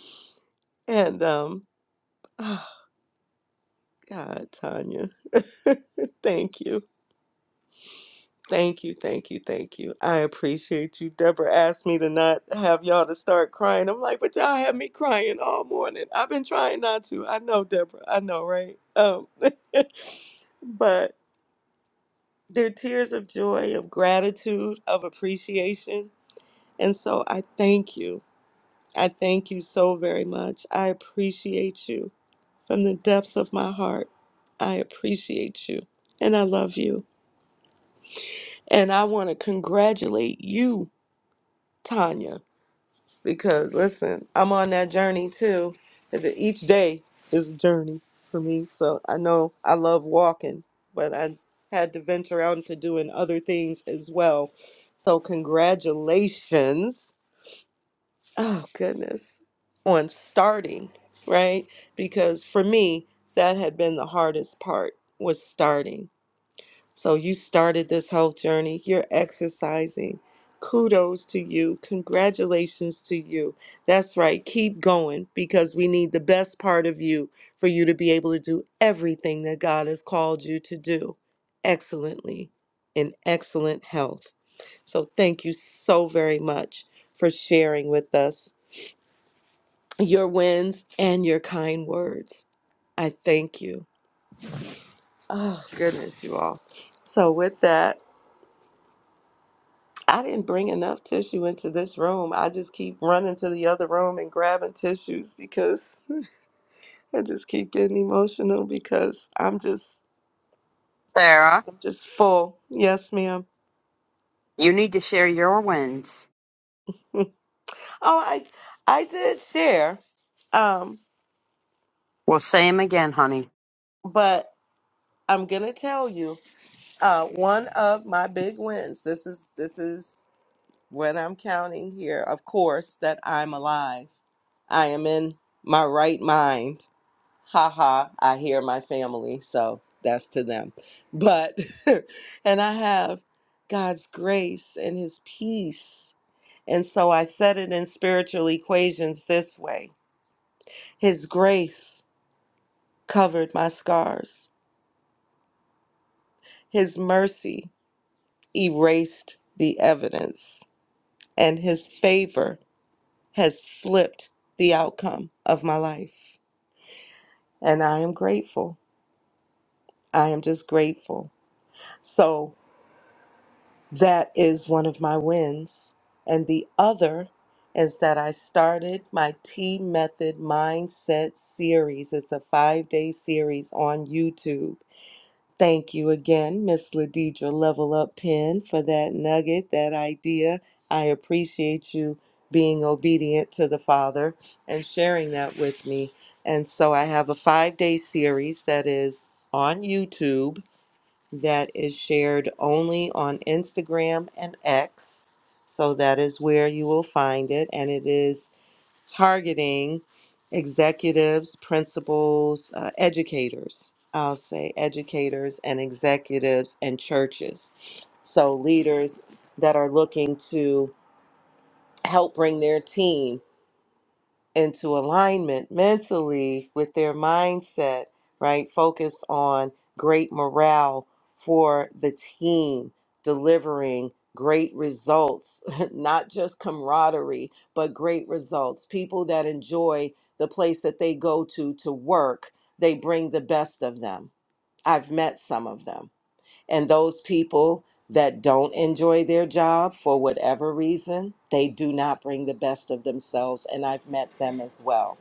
[SPEAKER 1] And um, oh God, Tanya, thank you. Thank you, thank you, thank you. I appreciate you. Deborah asked me to not have y'all to start crying. I'm like, but y'all had me crying all morning. I've been trying not to. I know, Deborah. I know, right? Um, but they're tears of joy, of gratitude, of appreciation. And so I thank you. I thank you so very much. I appreciate you from the depths of my heart. I appreciate you and I love you. And I want to congratulate you, Tanya. because listen, I'm on that journey too. And that Each day is a journey for me. So I know I love walking, but I had to venture out into doing other things as well. So congratulations. Oh goodness. On starting, right? Because for me, that had been the hardest part was starting so you started this whole journey. You're exercising. Kudos to you. Congratulations to you. That's right. Keep going because we need the best part of you for you to be able to do everything that God has called you to do excellently in excellent health. So thank you so very much for sharing with us your wins and your kind words. I thank you. Oh, goodness, you all. So, with that, I didn't bring enough tissue into this room. I just keep running to the other room and grabbing tissues because I just keep getting emotional because I'm just
[SPEAKER 3] Sarah,
[SPEAKER 1] I'm just full. Yes, ma'am.
[SPEAKER 3] you need to share your wins.
[SPEAKER 1] oh, I I did share. Um,
[SPEAKER 3] We'll say say them again, honey.
[SPEAKER 1] but I'm gonna tell you, uh, one of my big wins. This is this is when I'm counting here, of course, that I'm alive. I am in my right mind. ha ha, I hear my family, so that's to them. But, and I have God's grace and His peace. And so I said it in spiritual equations this way His grace covered my scars, His mercy erased the evidence, and His favor has flipped the outcome of my life. And I am grateful. I am just grateful. So That is one of my wins. And the other is that I started my T Method Mindset series. It's a five day series on YouTube. Thank you again, Miss Ladidra Level Up Pen, for that nugget, that idea. I appreciate you being obedient to the Father and sharing that with me. And so I have a five day series that is on YouTube that is shared only on Instagram and X. So that is where you will find it. And it is targeting executives, principals, uh, educators. I'll say educators and executives and churches. So leaders that are looking to help bring their team into alignment mentally with their mindset, right? Focused on great morale for the team, delivering great results, not just camaraderie, but great results. People that enjoy the place that they go to to work, they bring the best of them. I've met some of them and those people that don't enjoy their job for whatever reason, they do not bring the best of themselves. And I've met them as well.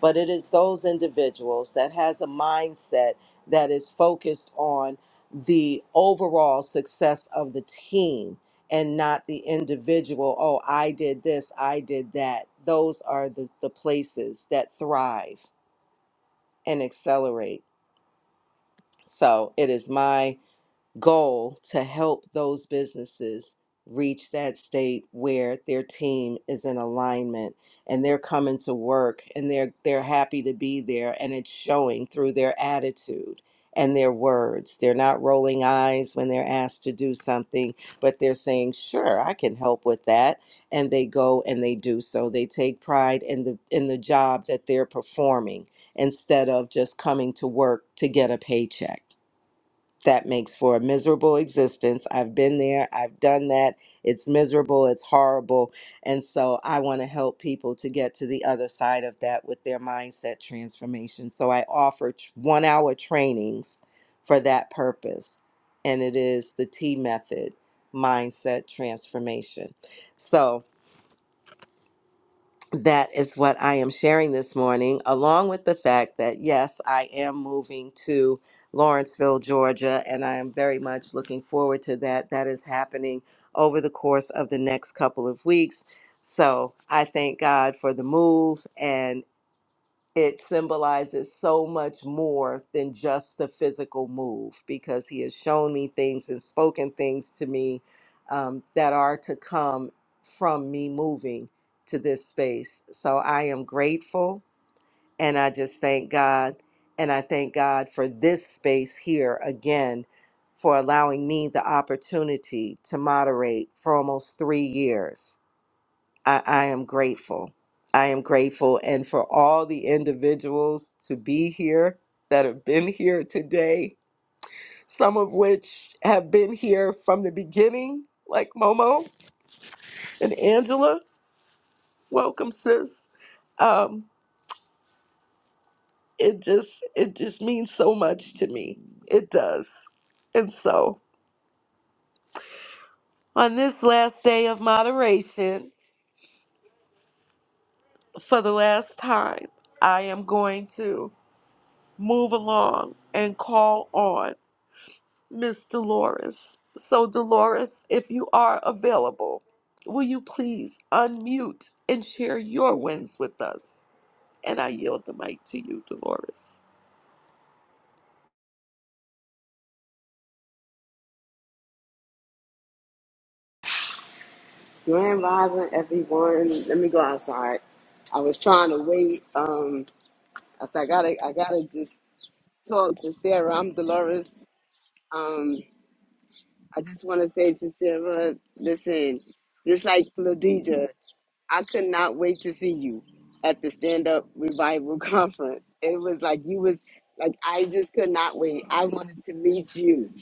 [SPEAKER 1] But it is those individuals that has a mindset that is focused on the overall success of the team and not the individual. Oh, I did this, I did that. Those are the, the places that thrive and accelerate. So it is my goal to help those businesses reach that state where their team is in alignment and they're coming to work and they're they're happy to be there and it's showing through their attitude and their words. They're not rolling eyes when they're asked to do something, but they're saying, "Sure, I can help with that." And they go and they do so. They take pride in the in the job that they're performing instead of just coming to work to get a paycheck that makes for a miserable existence. I've been there, I've done that. It's miserable, it's horrible. And so I want to help people to get to the other side of that with their mindset transformation. So I offer t- one hour trainings for that purpose. And it is the T method mindset transformation. So, that is what I am sharing this morning, along with the fact that, yes, I am moving to Lawrenceville, Georgia, and I am very much looking forward to that. That is happening over the course of the next couple of weeks. So I thank God for the move and it symbolizes so much more than just the physical move because he has shown me things and spoken things to me um, that are to come from me moving to this space. So I am grateful and I just thank God. And I thank God for this space here again for allowing me the opportunity to moderate for almost three years I, I am grateful. I am grateful. And for all the individuals to be here that have been here today, some of which have been here from the beginning, like Momo and Angela. Welcome, sis. Um, it just it just means so much to me. It does. And so on this last day of moderation, for the last time, I am going to move along and call on. Miss Dolores. So, Dolores, if you are available, will you please unmute and share your wins with us? And I yield the mic to you, Dolores.
[SPEAKER 13] Grand Rising, everyone. Let me go outside. I was trying to wait. Um, I said I gotta, I gotta just talk to Sarah. I'm Dolores. Um, I just want to say to Sarah, listen, just like Ladija, I could not wait to see you at the stand up revival conference. It was like you was like I just could not wait. I wanted to meet you,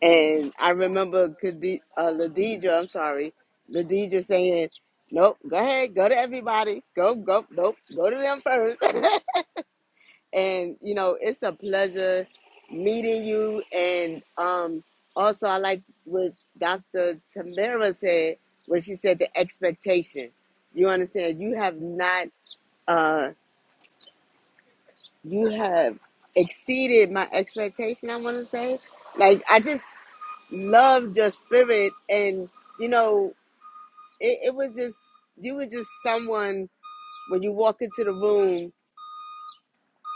[SPEAKER 13] and I remember Khadi- uh, Ladija. I'm sorry, Ladija saying, "Nope, go ahead, go to everybody, go go nope, go to them first." and you know it's a pleasure meeting you and um also i like what dr tamara said when she said the expectation you understand you have not uh you have exceeded my expectation i want to say like i just loved your spirit and you know it, it was just you were just someone when you walk into the room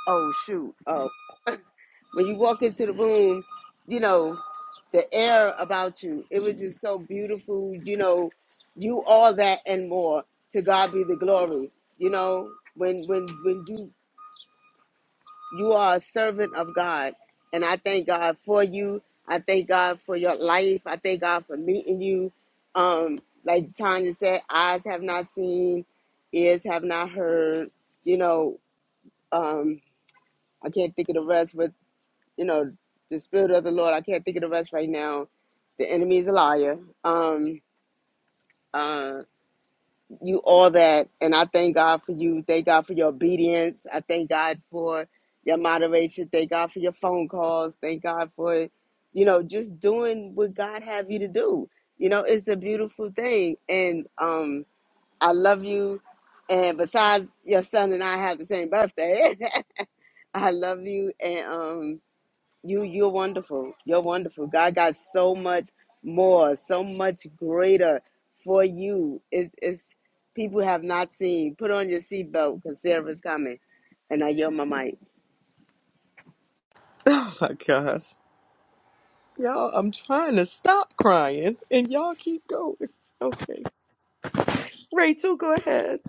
[SPEAKER 13] oh shoot Oh. when you walk into the room, you know, the air about you, it was just so beautiful. You know, you all that and more. To God be the glory. You know, when when when you you are a servant of God, and I thank God for you. I thank God for your life. I thank God for meeting you. Um, like Tanya said, eyes have not seen, ears have not heard. You know, um, I can't think of the rest, but you know, the spirit of the Lord. I can't think of the rest right now. The enemy is a liar. Um, uh, you all that, and I thank God for you. Thank God for your obedience. I thank God for your moderation. Thank God for your phone calls. Thank God for, you know, just doing what God have you to do. You know, it's a beautiful thing, and um, I love you. And besides, your son and I have the same birthday. I love you, and um, you you're wonderful. You're wonderful. God got so much more, so much greater for you. It's it's people have not seen. Put on your seatbelt because Sarah's coming. And I yell my mic.
[SPEAKER 1] Oh my gosh. Y'all, I'm trying to stop crying and y'all keep going. Okay. Rachel, go ahead,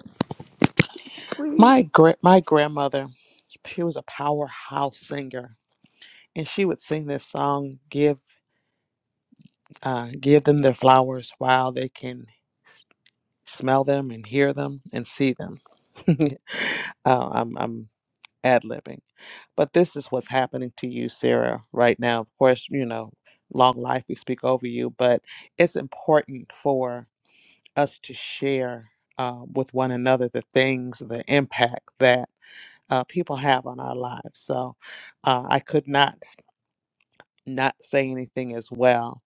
[SPEAKER 6] My
[SPEAKER 1] please.
[SPEAKER 6] gra- my grandmother, she was a powerhouse singer, and she would sing this song, "Give uh, Give them their flowers while they can smell them and hear them and see them." uh, I'm I'm ad libbing, but this is what's happening to you, Sarah, right now. Of course, you know, long life we speak over you, but it's important us to share uh, with one another the things, the impact that uh, people have on our lives. So uh, I could not not say anything as well.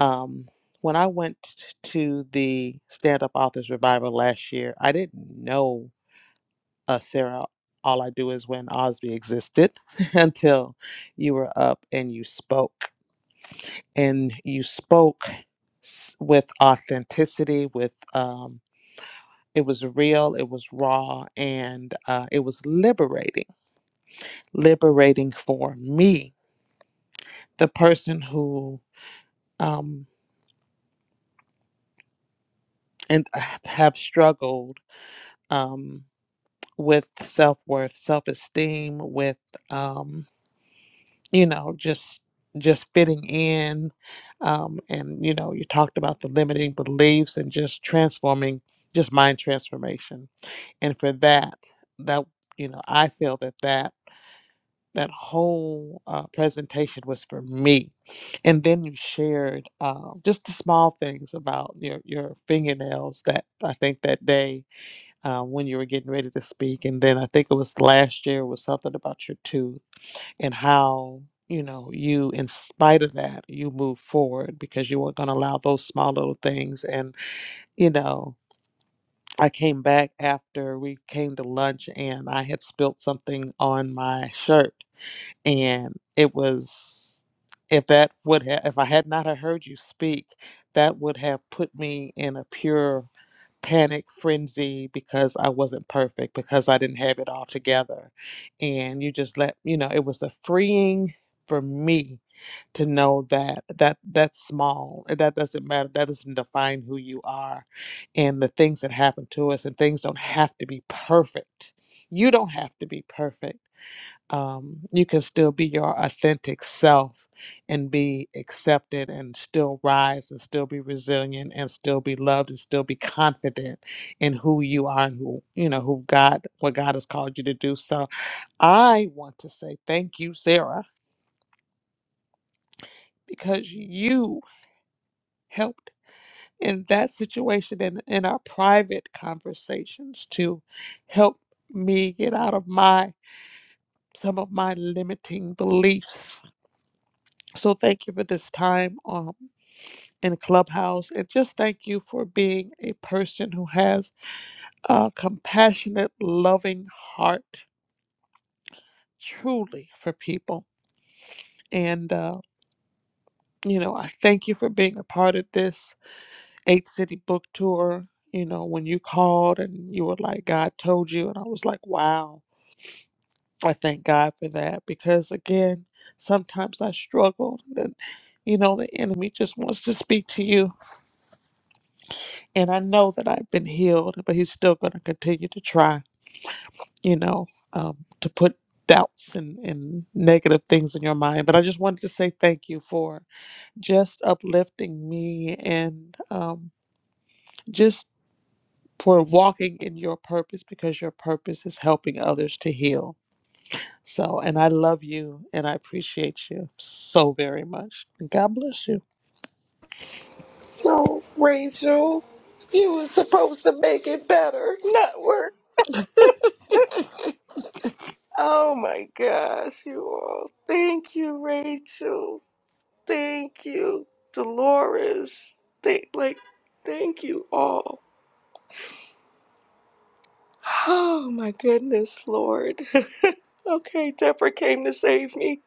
[SPEAKER 6] Um, when I went t- to the Stand Up Authors Revival last year, I didn't know uh, Sarah. All I do is when Osby existed until you were up and you spoke. And you spoke s- with authenticity, with um, It was real, it was raw, and uh, it was liberating, liberating for me, the person who um, and have struggled um, with self worth, self esteem, with um, you know just just fitting in, um, and you know you talked about the limiting beliefs and just transforming, just mind transformation, and for that, that you know I feel that that that whole uh, presentation was for me. And then you shared uh, just the small things about your, your fingernails that I think that day uh, when you were getting ready to speak. And then I think it was last year was something about your tooth and how, you know, you, in spite of that, you moved forward because you weren't going to allow those small little things. And, you know, I came back after we came to lunch and I had spilt something on my shirt and it was if that would have if i had not have heard you speak that would have put me in a pure panic frenzy because i wasn't perfect because i didn't have it all together and you just let you know it was a freeing for me to know that that that's small and that doesn't matter that doesn't define who you are and the things that happen to us and things don't have to be perfect you don't have to be perfect um, you can still be your authentic self and be accepted and still rise and still be resilient and still be loved and still be confident in who you are and who you know who god what god has called you to do so i want to say thank you sarah because you helped in that situation and in our private conversations to help me get out of my some of my limiting beliefs so thank you for this time Um. In Clubhouse. And just thank you for being a person who has a compassionate, loving heart truly for people. And, uh, you know, I thank you for being a part of this eight city book tour. You know, when you called and you were like, God told you. And I was like, wow. I thank God for that because, again, sometimes I struggle. That, you know, the enemy just wants to speak to you. And I know that I've been healed, but he's still going to continue to try. you know, um, to put doubts and, and negative things in your mind. But I just wanted to say thank you for just uplifting me and um, just for walking in your purpose because your purpose is helping others to heal. So, and I love you and I appreciate you so very much. God bless you.
[SPEAKER 1] So, Rachel, you were supposed to make it better, not worse. Oh my gosh, you all. Thank you, Rachel. Thank you, Dolores. Thank, like, thank you all. Oh my goodness, Lord. okay, Deborah came to save me.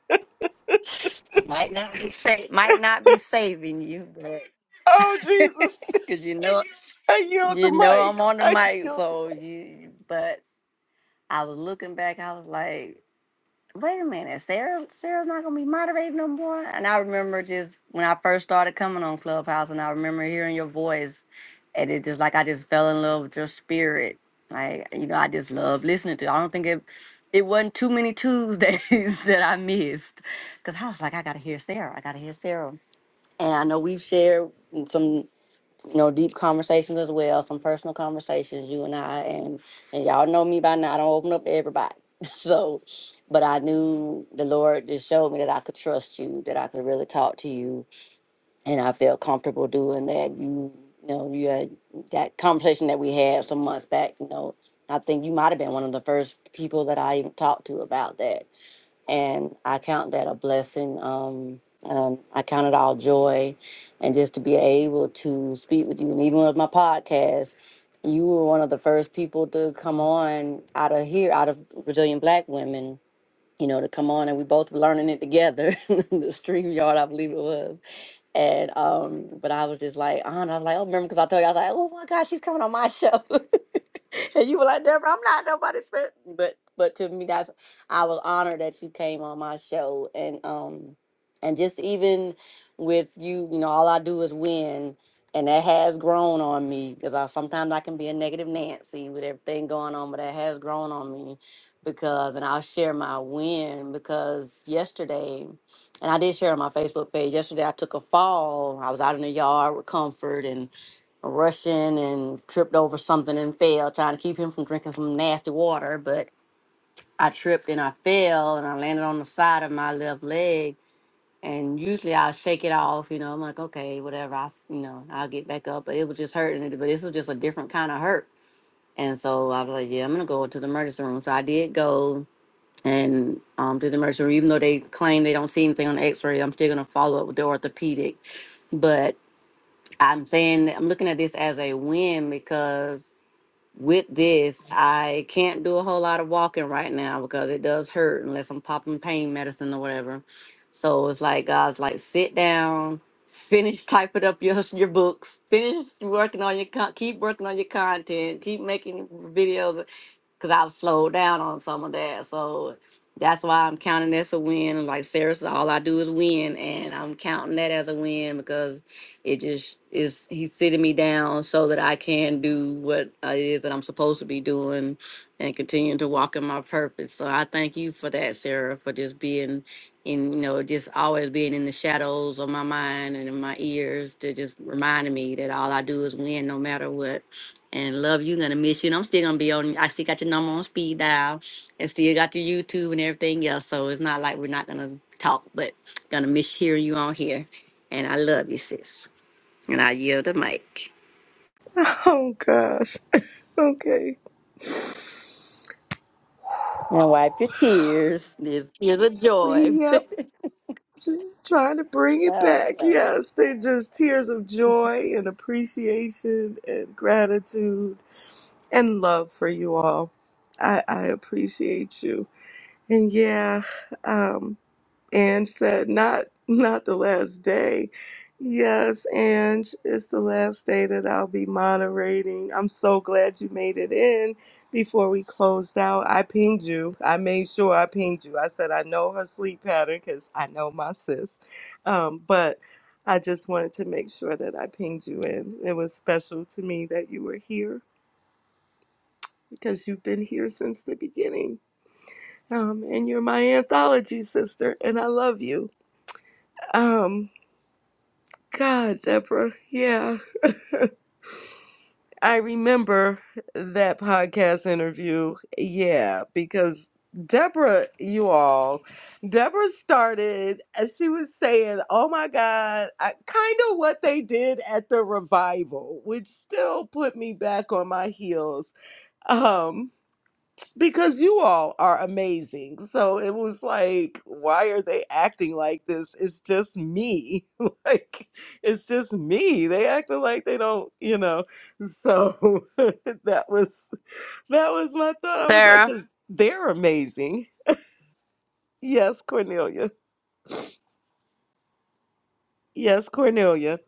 [SPEAKER 14] Might not be sa- might not be saving you, but
[SPEAKER 1] Oh Jesus,
[SPEAKER 14] because you know
[SPEAKER 1] I yield the
[SPEAKER 14] you know I'm
[SPEAKER 1] mic.
[SPEAKER 14] on the
[SPEAKER 1] I
[SPEAKER 14] mic,
[SPEAKER 1] yield.
[SPEAKER 14] so you. But I was looking back, I was like, wait a minute, Sarah Sarah's not gonna be moderating no more. And I remember just when I first started coming on Clubhouse, and I remember hearing your voice, and it just like I just fell in love with your spirit. Like you know, I just love listening to. It. I don't think it. It wasn't too many Tuesdays that I missed, cause I was like, I gotta hear Sarah. I gotta hear Sarah. And I know we've shared some, you know, deep conversations as well, some personal conversations, you and I, and and y'all know me by now. I don't open up to everybody. So, but I knew the Lord just showed me that I could trust you, that I could really talk to you, and I felt comfortable doing that. You, you know, you had that conversation that we had some months back. You know, I think you might have been one of the first people that I even talked to about that and I count that a blessing. Um, and I count it all joy, and just to be able to speak with you, and even with my podcast, you were one of the first people to come on out of here, out of Brazilian Black women. You know, to come on, and we both were learning it together. in the stream yard, I believe it was and um, but I was just like, on. I was like, oh, remember because I told you I was like, oh my God, she's coming on my show, and you were like, Deborah, I'm not nobody's friend. But but to me, that's I was honored that you came on my show, and um, and just even with you, you know, all I do is win, and that has grown on me because I sometimes I can be a negative Nancy with everything going on, but that has grown on me because, and I'll share my win because yesterday and I did share on my Facebook page yesterday. I took a fall. I was out in the yard with Comfort and rushing and tripped over something and fell, trying to keep him from drinking some nasty water. But I tripped and I fell and I landed on the side of my left leg. And usually I'll shake it off, you know. I'm like, okay, whatever. I, you know, I'll get back up. But it was just hurting. But this was just a different kind of hurt. And so I was like, yeah, I'm gonna go to the emergency room. So I did go and um, did the emergency room. Even though they claim they don't see anything on the X-ray, I'm still gonna follow up with the orthopedic. But I'm saying that I'm looking at this as a win because with this, I can't do a whole lot of walking right now because it does hurt unless I'm popping pain medicine or whatever. So it's like God's like sit down, finish typing up your your books, finish working on your con- keep working on your content, keep making videos because I've slowed down on some of that. So that's why I'm counting this a win. And Like seriously, all I do is win, and I'm counting that as a win because it just is. He's sitting me down so that I can do what it is that I'm supposed to be doing, and continue to walk in my purpose. So I thank you for that, Sarah, for just being. in you know, just always being in the shadows of my mind and in my ears to just reminding me that all I do is win no matter what. And love you, gonna miss you. And I'm still gonna be on. I still got your number on speed dial, and still got your YouTube and everything else. So it's not like we're not gonna talk, but gonna miss hearing you on here. And I love you, sis. And I yield the mic.
[SPEAKER 1] Oh gosh. Okay.
[SPEAKER 14] And wipe your tears. This is a joy.
[SPEAKER 1] Yep. Just trying to bring it back.
[SPEAKER 14] oh no!
[SPEAKER 1] Yes, they're just tears of joy and appreciation and gratitude and love for you all. I, I appreciate you. And yeah, um, Ange said not not the last day. Yes, Ange, it's the last day that I'll be moderating. I'm so glad you made it in before we closed out. I pinged you. I made sure I pinged you. I said I know her sleep pattern because I know my sis. Um, but I just wanted to make sure that I pinged you in. It was special to me that you were here because you've been here since the beginning. Um, and you're my anthology sister, and I love you. Um, God, Deborah, yeah. I remember that podcast interview. Yeah, because Deborah, you all, Deborah started, as she was saying, oh my God, I, kind of what they did at the revival, which still put me back on my heels. Um, because you all are amazing. So it was like, why are they acting like this? It's just me. like, it's just me. They acting like they don't, you know. So that was that was my thought. I was like,
[SPEAKER 3] Sarah,
[SPEAKER 1] because they're amazing. Yes, Cornelia. Yes, Cornelia.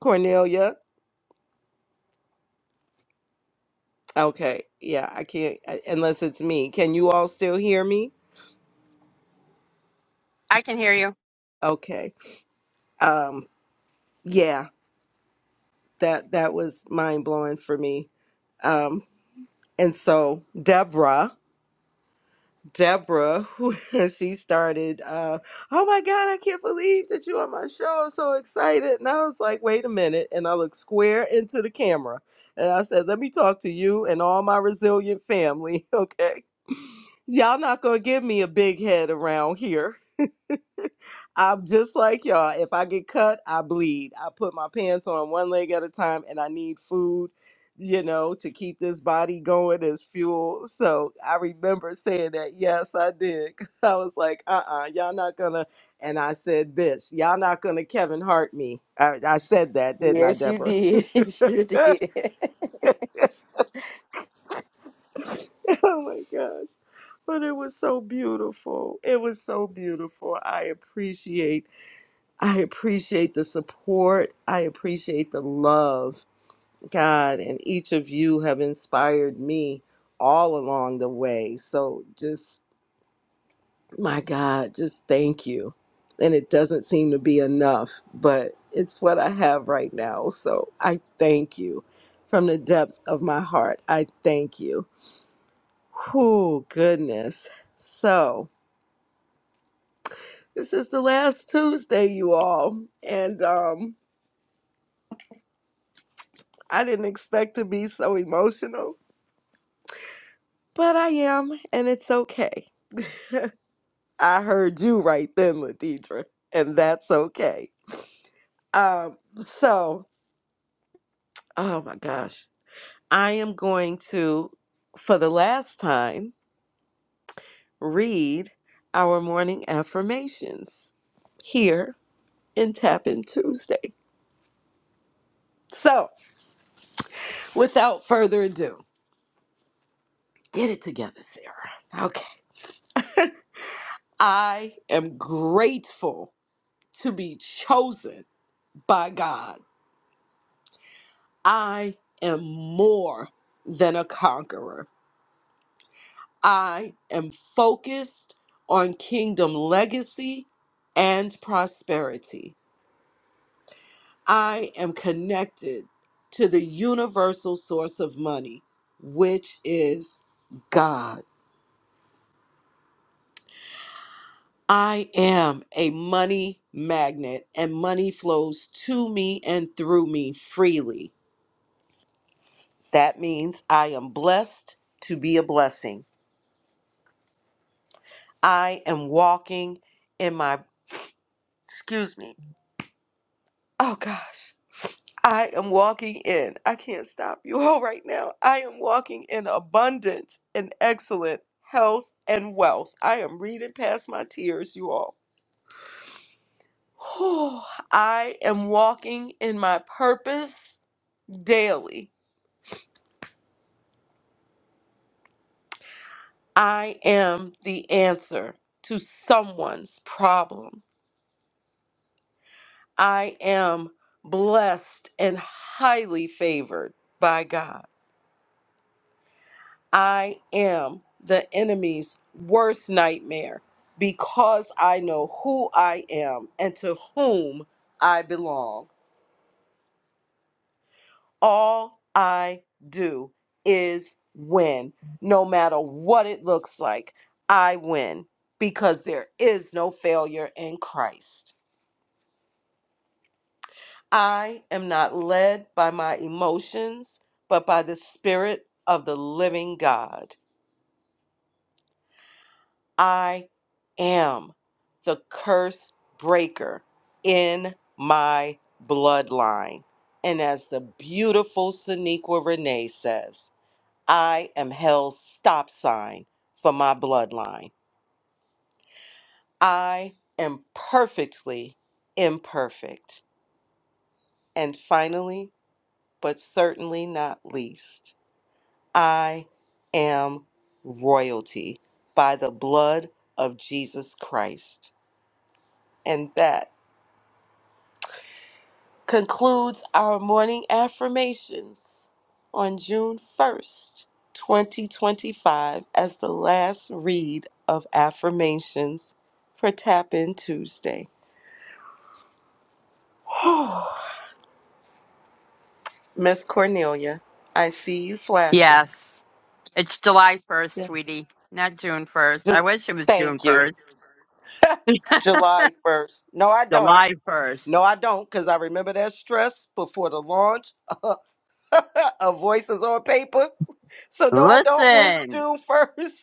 [SPEAKER 1] Cornelia. Okay. Yeah, I can't I- unless it's me. Can you all still hear me?
[SPEAKER 3] I can hear you.
[SPEAKER 1] Okay. Um. Yeah. That that was mind blowing for me. Um. And so Deborah, Deborah, who she started, uh, oh my God, I can't believe that you're on my show. I'm so excited. And I was like, wait a minute. And I looked square into the camera and I said, let me talk to you and all my resilient family, okay? Y'all not gonna give me a big head around here. I'm just like y'all. If I get cut, I bleed. I put my pants on one leg at a time and I need food, you know, to keep this body going as fuel. So I remember saying that. Yes, I did. 'Cause I was like, uh uh-uh, uh, you all not gonna. And I said this, y'all not gonna Kevin Hart me. I, I said that, didn't I,
[SPEAKER 14] Yes, you
[SPEAKER 1] Deborah?
[SPEAKER 14] did. You sure
[SPEAKER 1] oh
[SPEAKER 14] did.
[SPEAKER 1] my gosh. But it was so beautiful. It was so beautiful. I appreciate. I appreciate the support. I appreciate the love, God, and each of you have inspired me all along the way. So just, my God, just thank you. And it doesn't seem to be enough, but it's what I have right now. So I thank you from the depths of my heart. I thank you. Whew, goodness. So this is the last Tuesday, you all. And, um, I didn't expect to be so emotional, but I am, and it's okay. I heard you right then, Ladidra, and that's okay. Um, so, oh my gosh, I am going to, for the last time, read our morning affirmations here in Tap In Tuesday. So, without further ado, get it together, Sarah. Okay. I am grateful to be chosen by God. I am more than a conqueror. I am focused on kingdom legacy and prosperity. I am connected to the universal source of money, which is God. I am a money magnet, and money flows to me and through me freely. That means I am blessed to be a blessing. I am walking in my Excuse me. Oh gosh, I am walking in. I can't stop you all right now. I am walking in abundance and excellent health and wealth. I am reading past my tears, you all. Whew. I am walking in my purpose daily. I am the answer to someone's problem. I am blessed and highly favored by God. I am the enemy's worst nightmare because I know who I am and to whom I belong. All I do is win, no matter what it looks like. I win because there is no failure in Christ. I am not led by my emotions, but by the Spirit of the living God. I am the curse breaker in my bloodline. And as the beautiful Sonequa Renee says, I am hell's stop sign for my bloodline. I am perfectly imperfect. And finally, but certainly not least, I am royalty by the blood of Jesus Christ. And that concludes our morning affirmations on June 1st, 2025, as the last read of affirmations for Tap In Tuesday. Miss Cornelia, I see you flashing.
[SPEAKER 3] Yes. It's July 1st,
[SPEAKER 1] Yeah.
[SPEAKER 3] sweetie, not June 1st. I
[SPEAKER 1] Ju-
[SPEAKER 3] wish it was June
[SPEAKER 1] Thank you.
[SPEAKER 3] 1st.
[SPEAKER 1] July 1st. No, I don't.
[SPEAKER 3] July 1st.
[SPEAKER 1] No, I don't, because I remember that stress before the launch of Voices on Paper. So, no, I don't wish
[SPEAKER 3] Listen,
[SPEAKER 1] June 1st.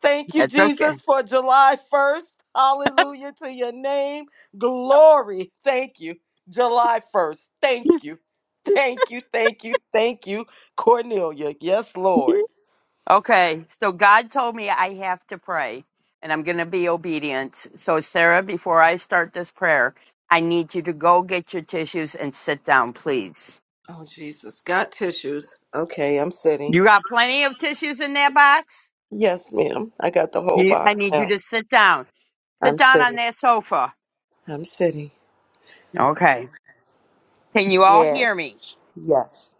[SPEAKER 1] Thank you,
[SPEAKER 3] it's okay.
[SPEAKER 1] Jesus, for July 1st. Hallelujah to your name. Glory. Thank you. July 1st. Thank you. Thank you. Thank you. Thank you, Cornelia. Yes, Lord.
[SPEAKER 3] Okay, so God told me I have to pray and I'm going to be obedient. So, Sarah, before I start this prayer, I need you to go get your tissues and sit down, please.
[SPEAKER 1] Oh, Jesus. Got tissues. Okay, I'm sitting.
[SPEAKER 3] You got plenty of tissues in that box?
[SPEAKER 1] Yes, ma'am. I got the whole
[SPEAKER 3] You, I
[SPEAKER 1] box
[SPEAKER 3] need you
[SPEAKER 1] now.
[SPEAKER 3] to sit down. Sit
[SPEAKER 1] I'm
[SPEAKER 3] down on
[SPEAKER 1] sitting.
[SPEAKER 3] that sofa.
[SPEAKER 1] I'm sitting.
[SPEAKER 3] Okay. Can you all hear me?
[SPEAKER 14] yes.
[SPEAKER 1] Yes.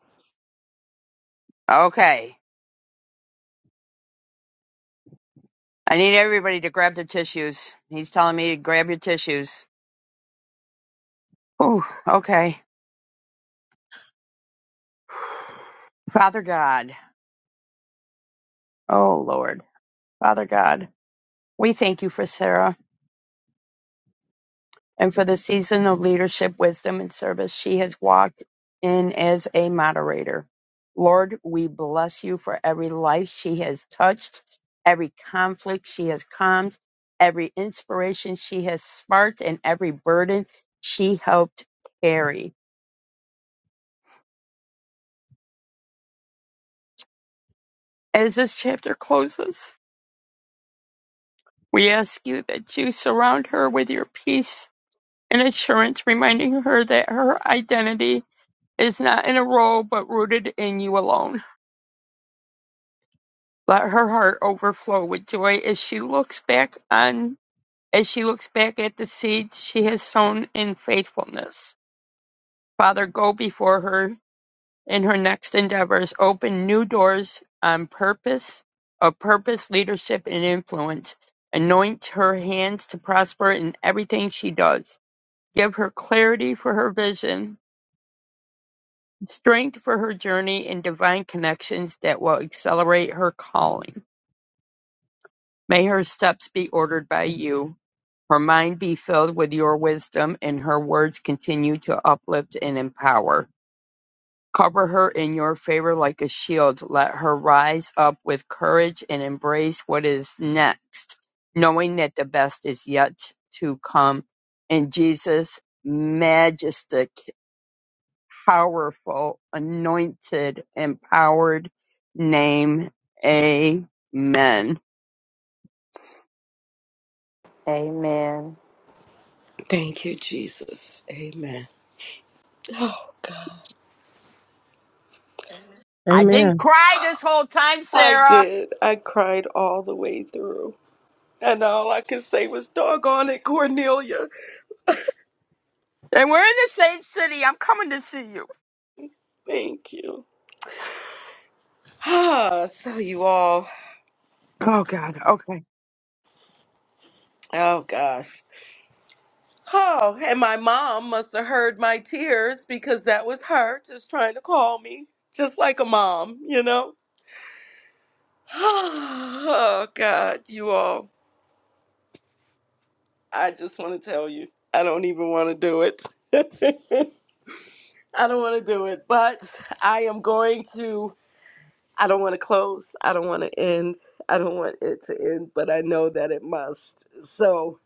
[SPEAKER 3] Okay. I need everybody to grab their tissues. He's telling me to grab your tissues. Oh, okay. Father God. Oh, Lord. Father God. We thank you for Sarah and for the season of leadership, wisdom, and service she has walked in as a moderator. Lord, we bless you for every life she has touched, every conflict she has calmed, every inspiration she has sparked, and every burden she helped carry. As this chapter closes, we ask you that you surround her with your peace and assurance, reminding her that her identity is not in a role but rooted in you alone. Let her heart overflow with joy as she looks back on as she looks back at the seeds she has sown in faithfulness. Father, go before her in her next endeavors. Open new doors on purpose, of purpose, leadership, and influence. Anoint her hands to prosper in everything she does. Give her clarity for her vision strength for her journey and divine connections that will accelerate her calling. May her steps be ordered by you, her mind be filled with your wisdom, and her words continue to uplift and empower. Cover her in your favor like a shield. Let her rise up with courage and embrace what is next, knowing that the best is yet to come. In Jesus' majestic powerful, anointed, empowered name. Amen.
[SPEAKER 14] Amen.
[SPEAKER 1] Thank you, Jesus. Amen. Oh, God.
[SPEAKER 3] I did
[SPEAKER 9] Amen.
[SPEAKER 3] all time,
[SPEAKER 1] I
[SPEAKER 3] Sarah.
[SPEAKER 1] did. I cried all the way through. And all I could say was, doggone it, Cornelia.
[SPEAKER 3] And we're in the same city. I'm coming to see you.
[SPEAKER 1] Thank you. Ah, so you all,
[SPEAKER 3] Oh, God. Okay.
[SPEAKER 1] oh gosh. Oh, and my mom must have heard my tears because that was her just trying to call me, just like a mom, you know? Oh, God, you all. I just want to tell you, I don't even want to do it. I don't want to do it, but I am going to. I don't want to close. I don't want to end. I don't want it to end, but I know that it must. So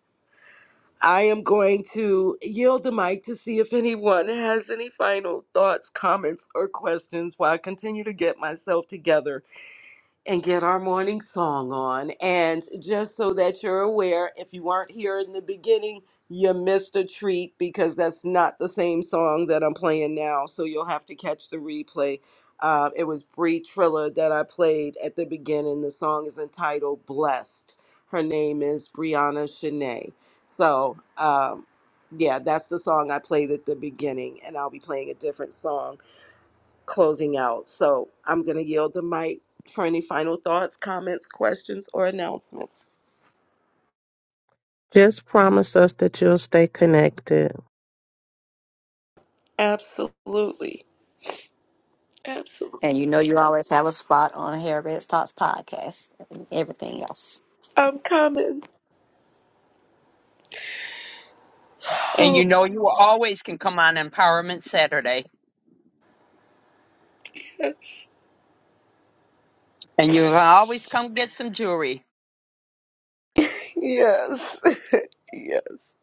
[SPEAKER 1] I am going to yield the mic to see if anyone has any final thoughts, comments, or questions while I continue to get myself together and get our morning song on. And just so that you're aware, if you weren't here in the beginning, you missed a treat because that's not the same song that I'm playing now. So you'll have to catch the replay. Uh, it was Bree Trilla that I played at the beginning. The song is entitled Blessed. Her name is Brianna Shanae. So, um, yeah, that's the song I played at the beginning, and I'll be playing a different song closing out. So I'm going to yield the mic for any final thoughts, comments, questions, or announcements.
[SPEAKER 9] Just promise us that you'll stay connected.
[SPEAKER 1] Absolutely. Absolutely.
[SPEAKER 14] And you know you always have a spot on Harriet's Talks podcast and everything else.
[SPEAKER 1] I'm coming.
[SPEAKER 3] And
[SPEAKER 1] Oh,
[SPEAKER 3] you know
[SPEAKER 1] God.
[SPEAKER 3] you always can come on Empowerment Saturday.
[SPEAKER 1] yes.
[SPEAKER 3] And you can always come get some jewelry.
[SPEAKER 1] Yes. Yes.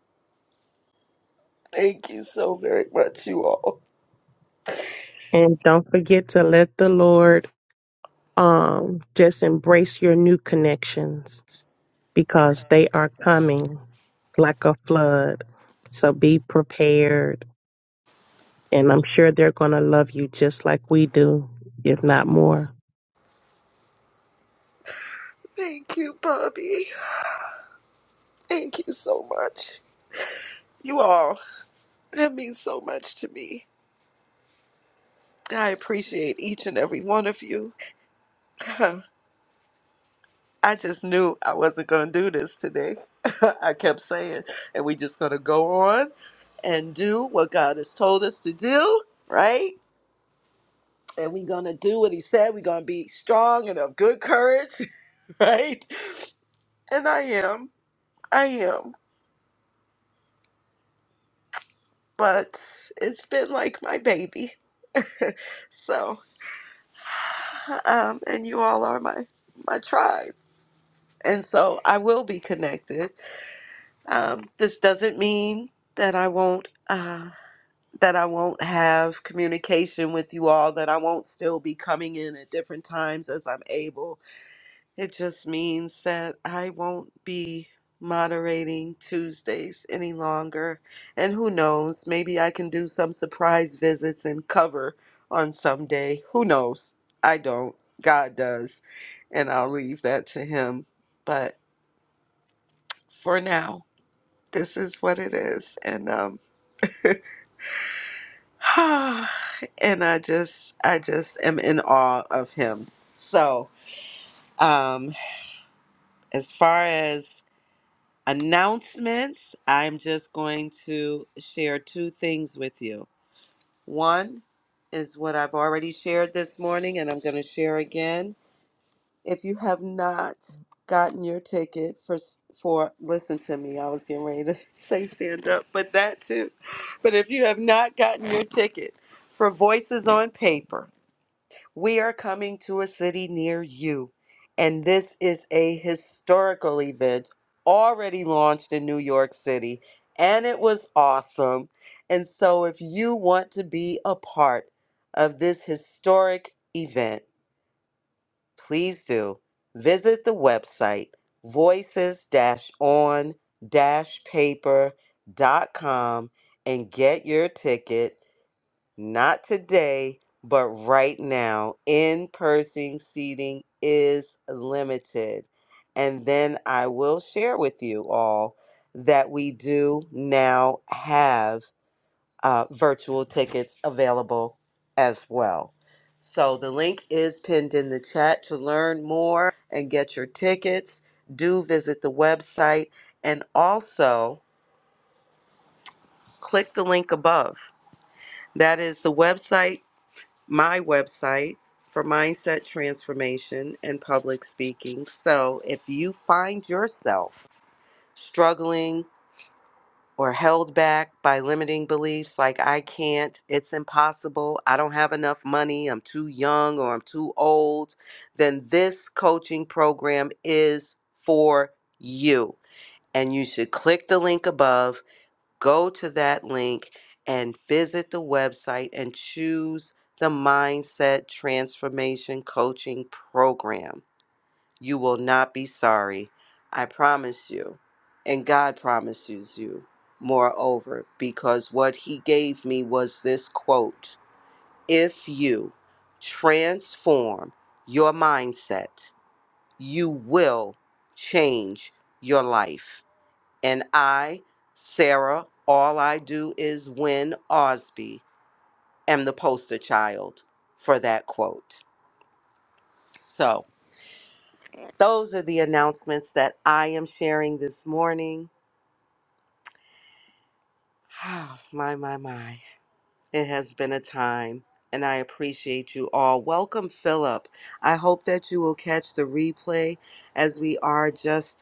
[SPEAKER 1] Thank you so very much, you all.
[SPEAKER 9] And don't forget to let the Lord um, just embrace your new connections because they are coming like a flood. So be prepared. And I'm sure they're going to love you just like we do, if not more.
[SPEAKER 1] Thank you, Bobby. Thank you so much. You all, that means so much to me. I appreciate each and every one of you. I just knew I wasn't going to do this today. I kept saying, and we just going to go on and do what God has told us to do, right? And we're going to do what He said. We're going to be strong and of good courage, right? And I am. I am. But it's been like my baby. so, um, and you all are my, my tribe. And so I will be connected. Um, this doesn't mean that I won't. Uh, that I won't have communication with you all, that I won't still be coming in at different times as I'm able. It just means that I won't be moderating Tuesdays any longer. And who knows, maybe I can do some surprise visits and cover on some day. Who knows? I don't. God does. And I'll leave that to Him. But for now, this is what it is. And um, and I just I just am in awe of him. So, um as far as announcements, I'm just going to share two things with you. One is what I've already shared this morning and I'm going to share again. If you have not gotten your ticket for for listen to me, I was getting ready to say stand up, but that too. But if you have not gotten your ticket for Voices on Paper, We are coming to a city near you, and this is a historical event already launched in New York City, and it was awesome. And so, if you want to be a part of this historic event, please do visit the website voices on paper.com and get your ticket not today, but right now, in person seating is limited. And then I will share with you all that we do now have uh, virtual tickets available as well. So the link is pinned in the chat to learn more and get your tickets. Do visit the website and also click the link above. That is the website my website for mindset transformation and public speaking. So if you find yourself struggling or held back by limiting beliefs like I can't, it's impossible, I don't have enough money, I'm too young or I'm too old, then this coaching program is for you. And you should click the link above go to that link and visit the website and choose the Mindset Transformation Coaching Program. You will not be sorry. I promise you. And God promises you, moreover, because what He gave me was this quote If you transform your mindset, you will change your life. And I, Sarah, all I do is win Osby, am the poster child for that quote. So, those are the announcements that I am sharing this morning. my, my, my. It has been a time, and I appreciate you all. Welcome, Philip. I hope that you will catch the replay as we are just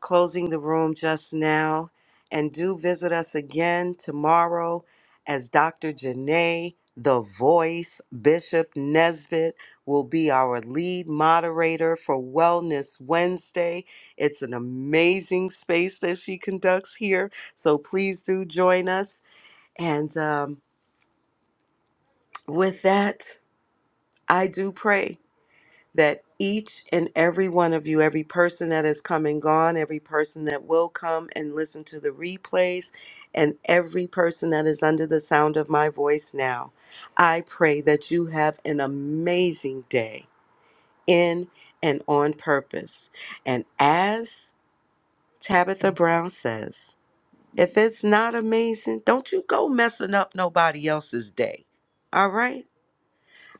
[SPEAKER 1] closing the room just now. And do visit us again tomorrow as Dr. Janae, the voice, Bishop Nesbitt will be our lead moderator for Wellness Wednesday. It's an amazing space that she conducts here. So please do join us. And um, with that, I do pray. that each and every one of you, every person that has come and gone, every person that will come and listen to the replays, and every person that is under the sound of my voice now, I pray that you have an amazing day in and on purpose. And as Tabitha Brown says, if it's not amazing, don't you go messing up nobody else's day. All right?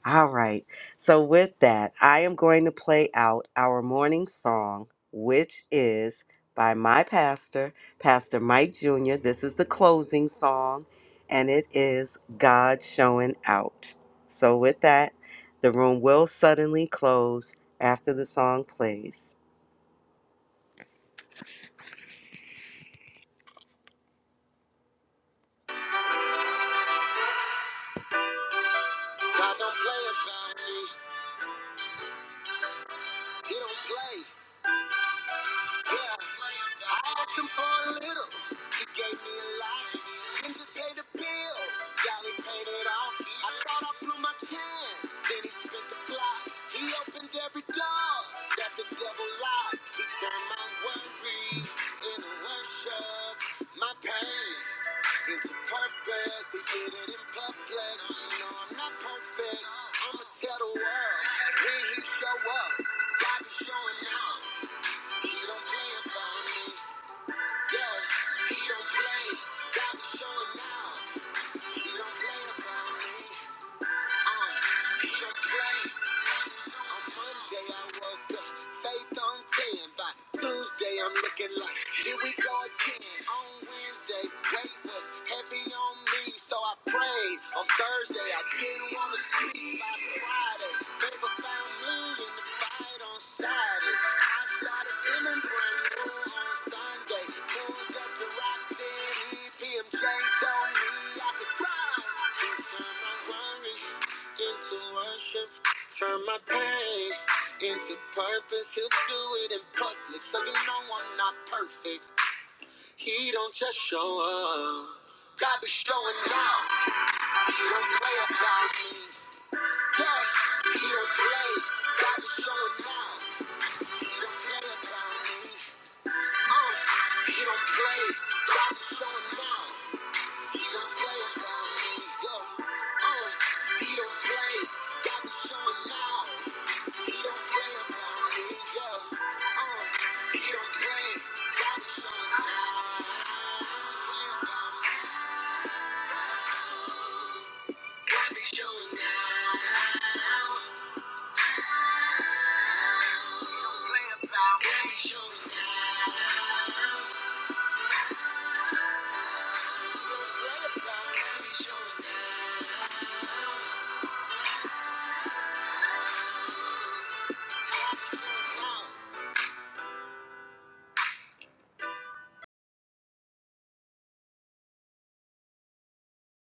[SPEAKER 1] All right. So, with that, I am going to play out our morning song, which is by my pastor, Pastor Mike Jr. This is the closing song, and it is God Showing Out. So, with that, the room will suddenly close after the song plays. God don't play about me. He don't play. Yeah, I asked him for a little. He gave me a lot. Then just paid the bill. Y'all, he paid it off. I thought I blew my chance. Then he spent the block. He opened every door that the devil locked. He turned my worry into worship. My pain into purpose. He did it in public. You know I'm not perfect. I'ma tell the world when he show up. God is showing out. He don't play about me. Yeah, he don't play. God is showing now. He don't play about me. Uh, so On Monday I woke up, faith on 10. By Tuesday I'm looking like, here we go again. On Wednesday, weight was heavy on me, so I prayed. On Thursday I didn't want to sleep. By Friday, favor found me in the fight on Saturday. I started feeling brand new on Sunday. Pulled up to Rock PMJ told me I could drive. In time I worried into worship. Turn my pain into purpose. He'll do it in public, so you know I'm not perfect. He don't just show up. God be showing out. He don't play about me. Yeah, he don't play. God be showing out. He don't play about me. Uh, he don't play. God be showing out. He don't play about me. Uh, he don't play. Got me showing now. He don't play about me. Uh, he don't play. Got me showing now. He don't play about me. Got me showing now. Showing now.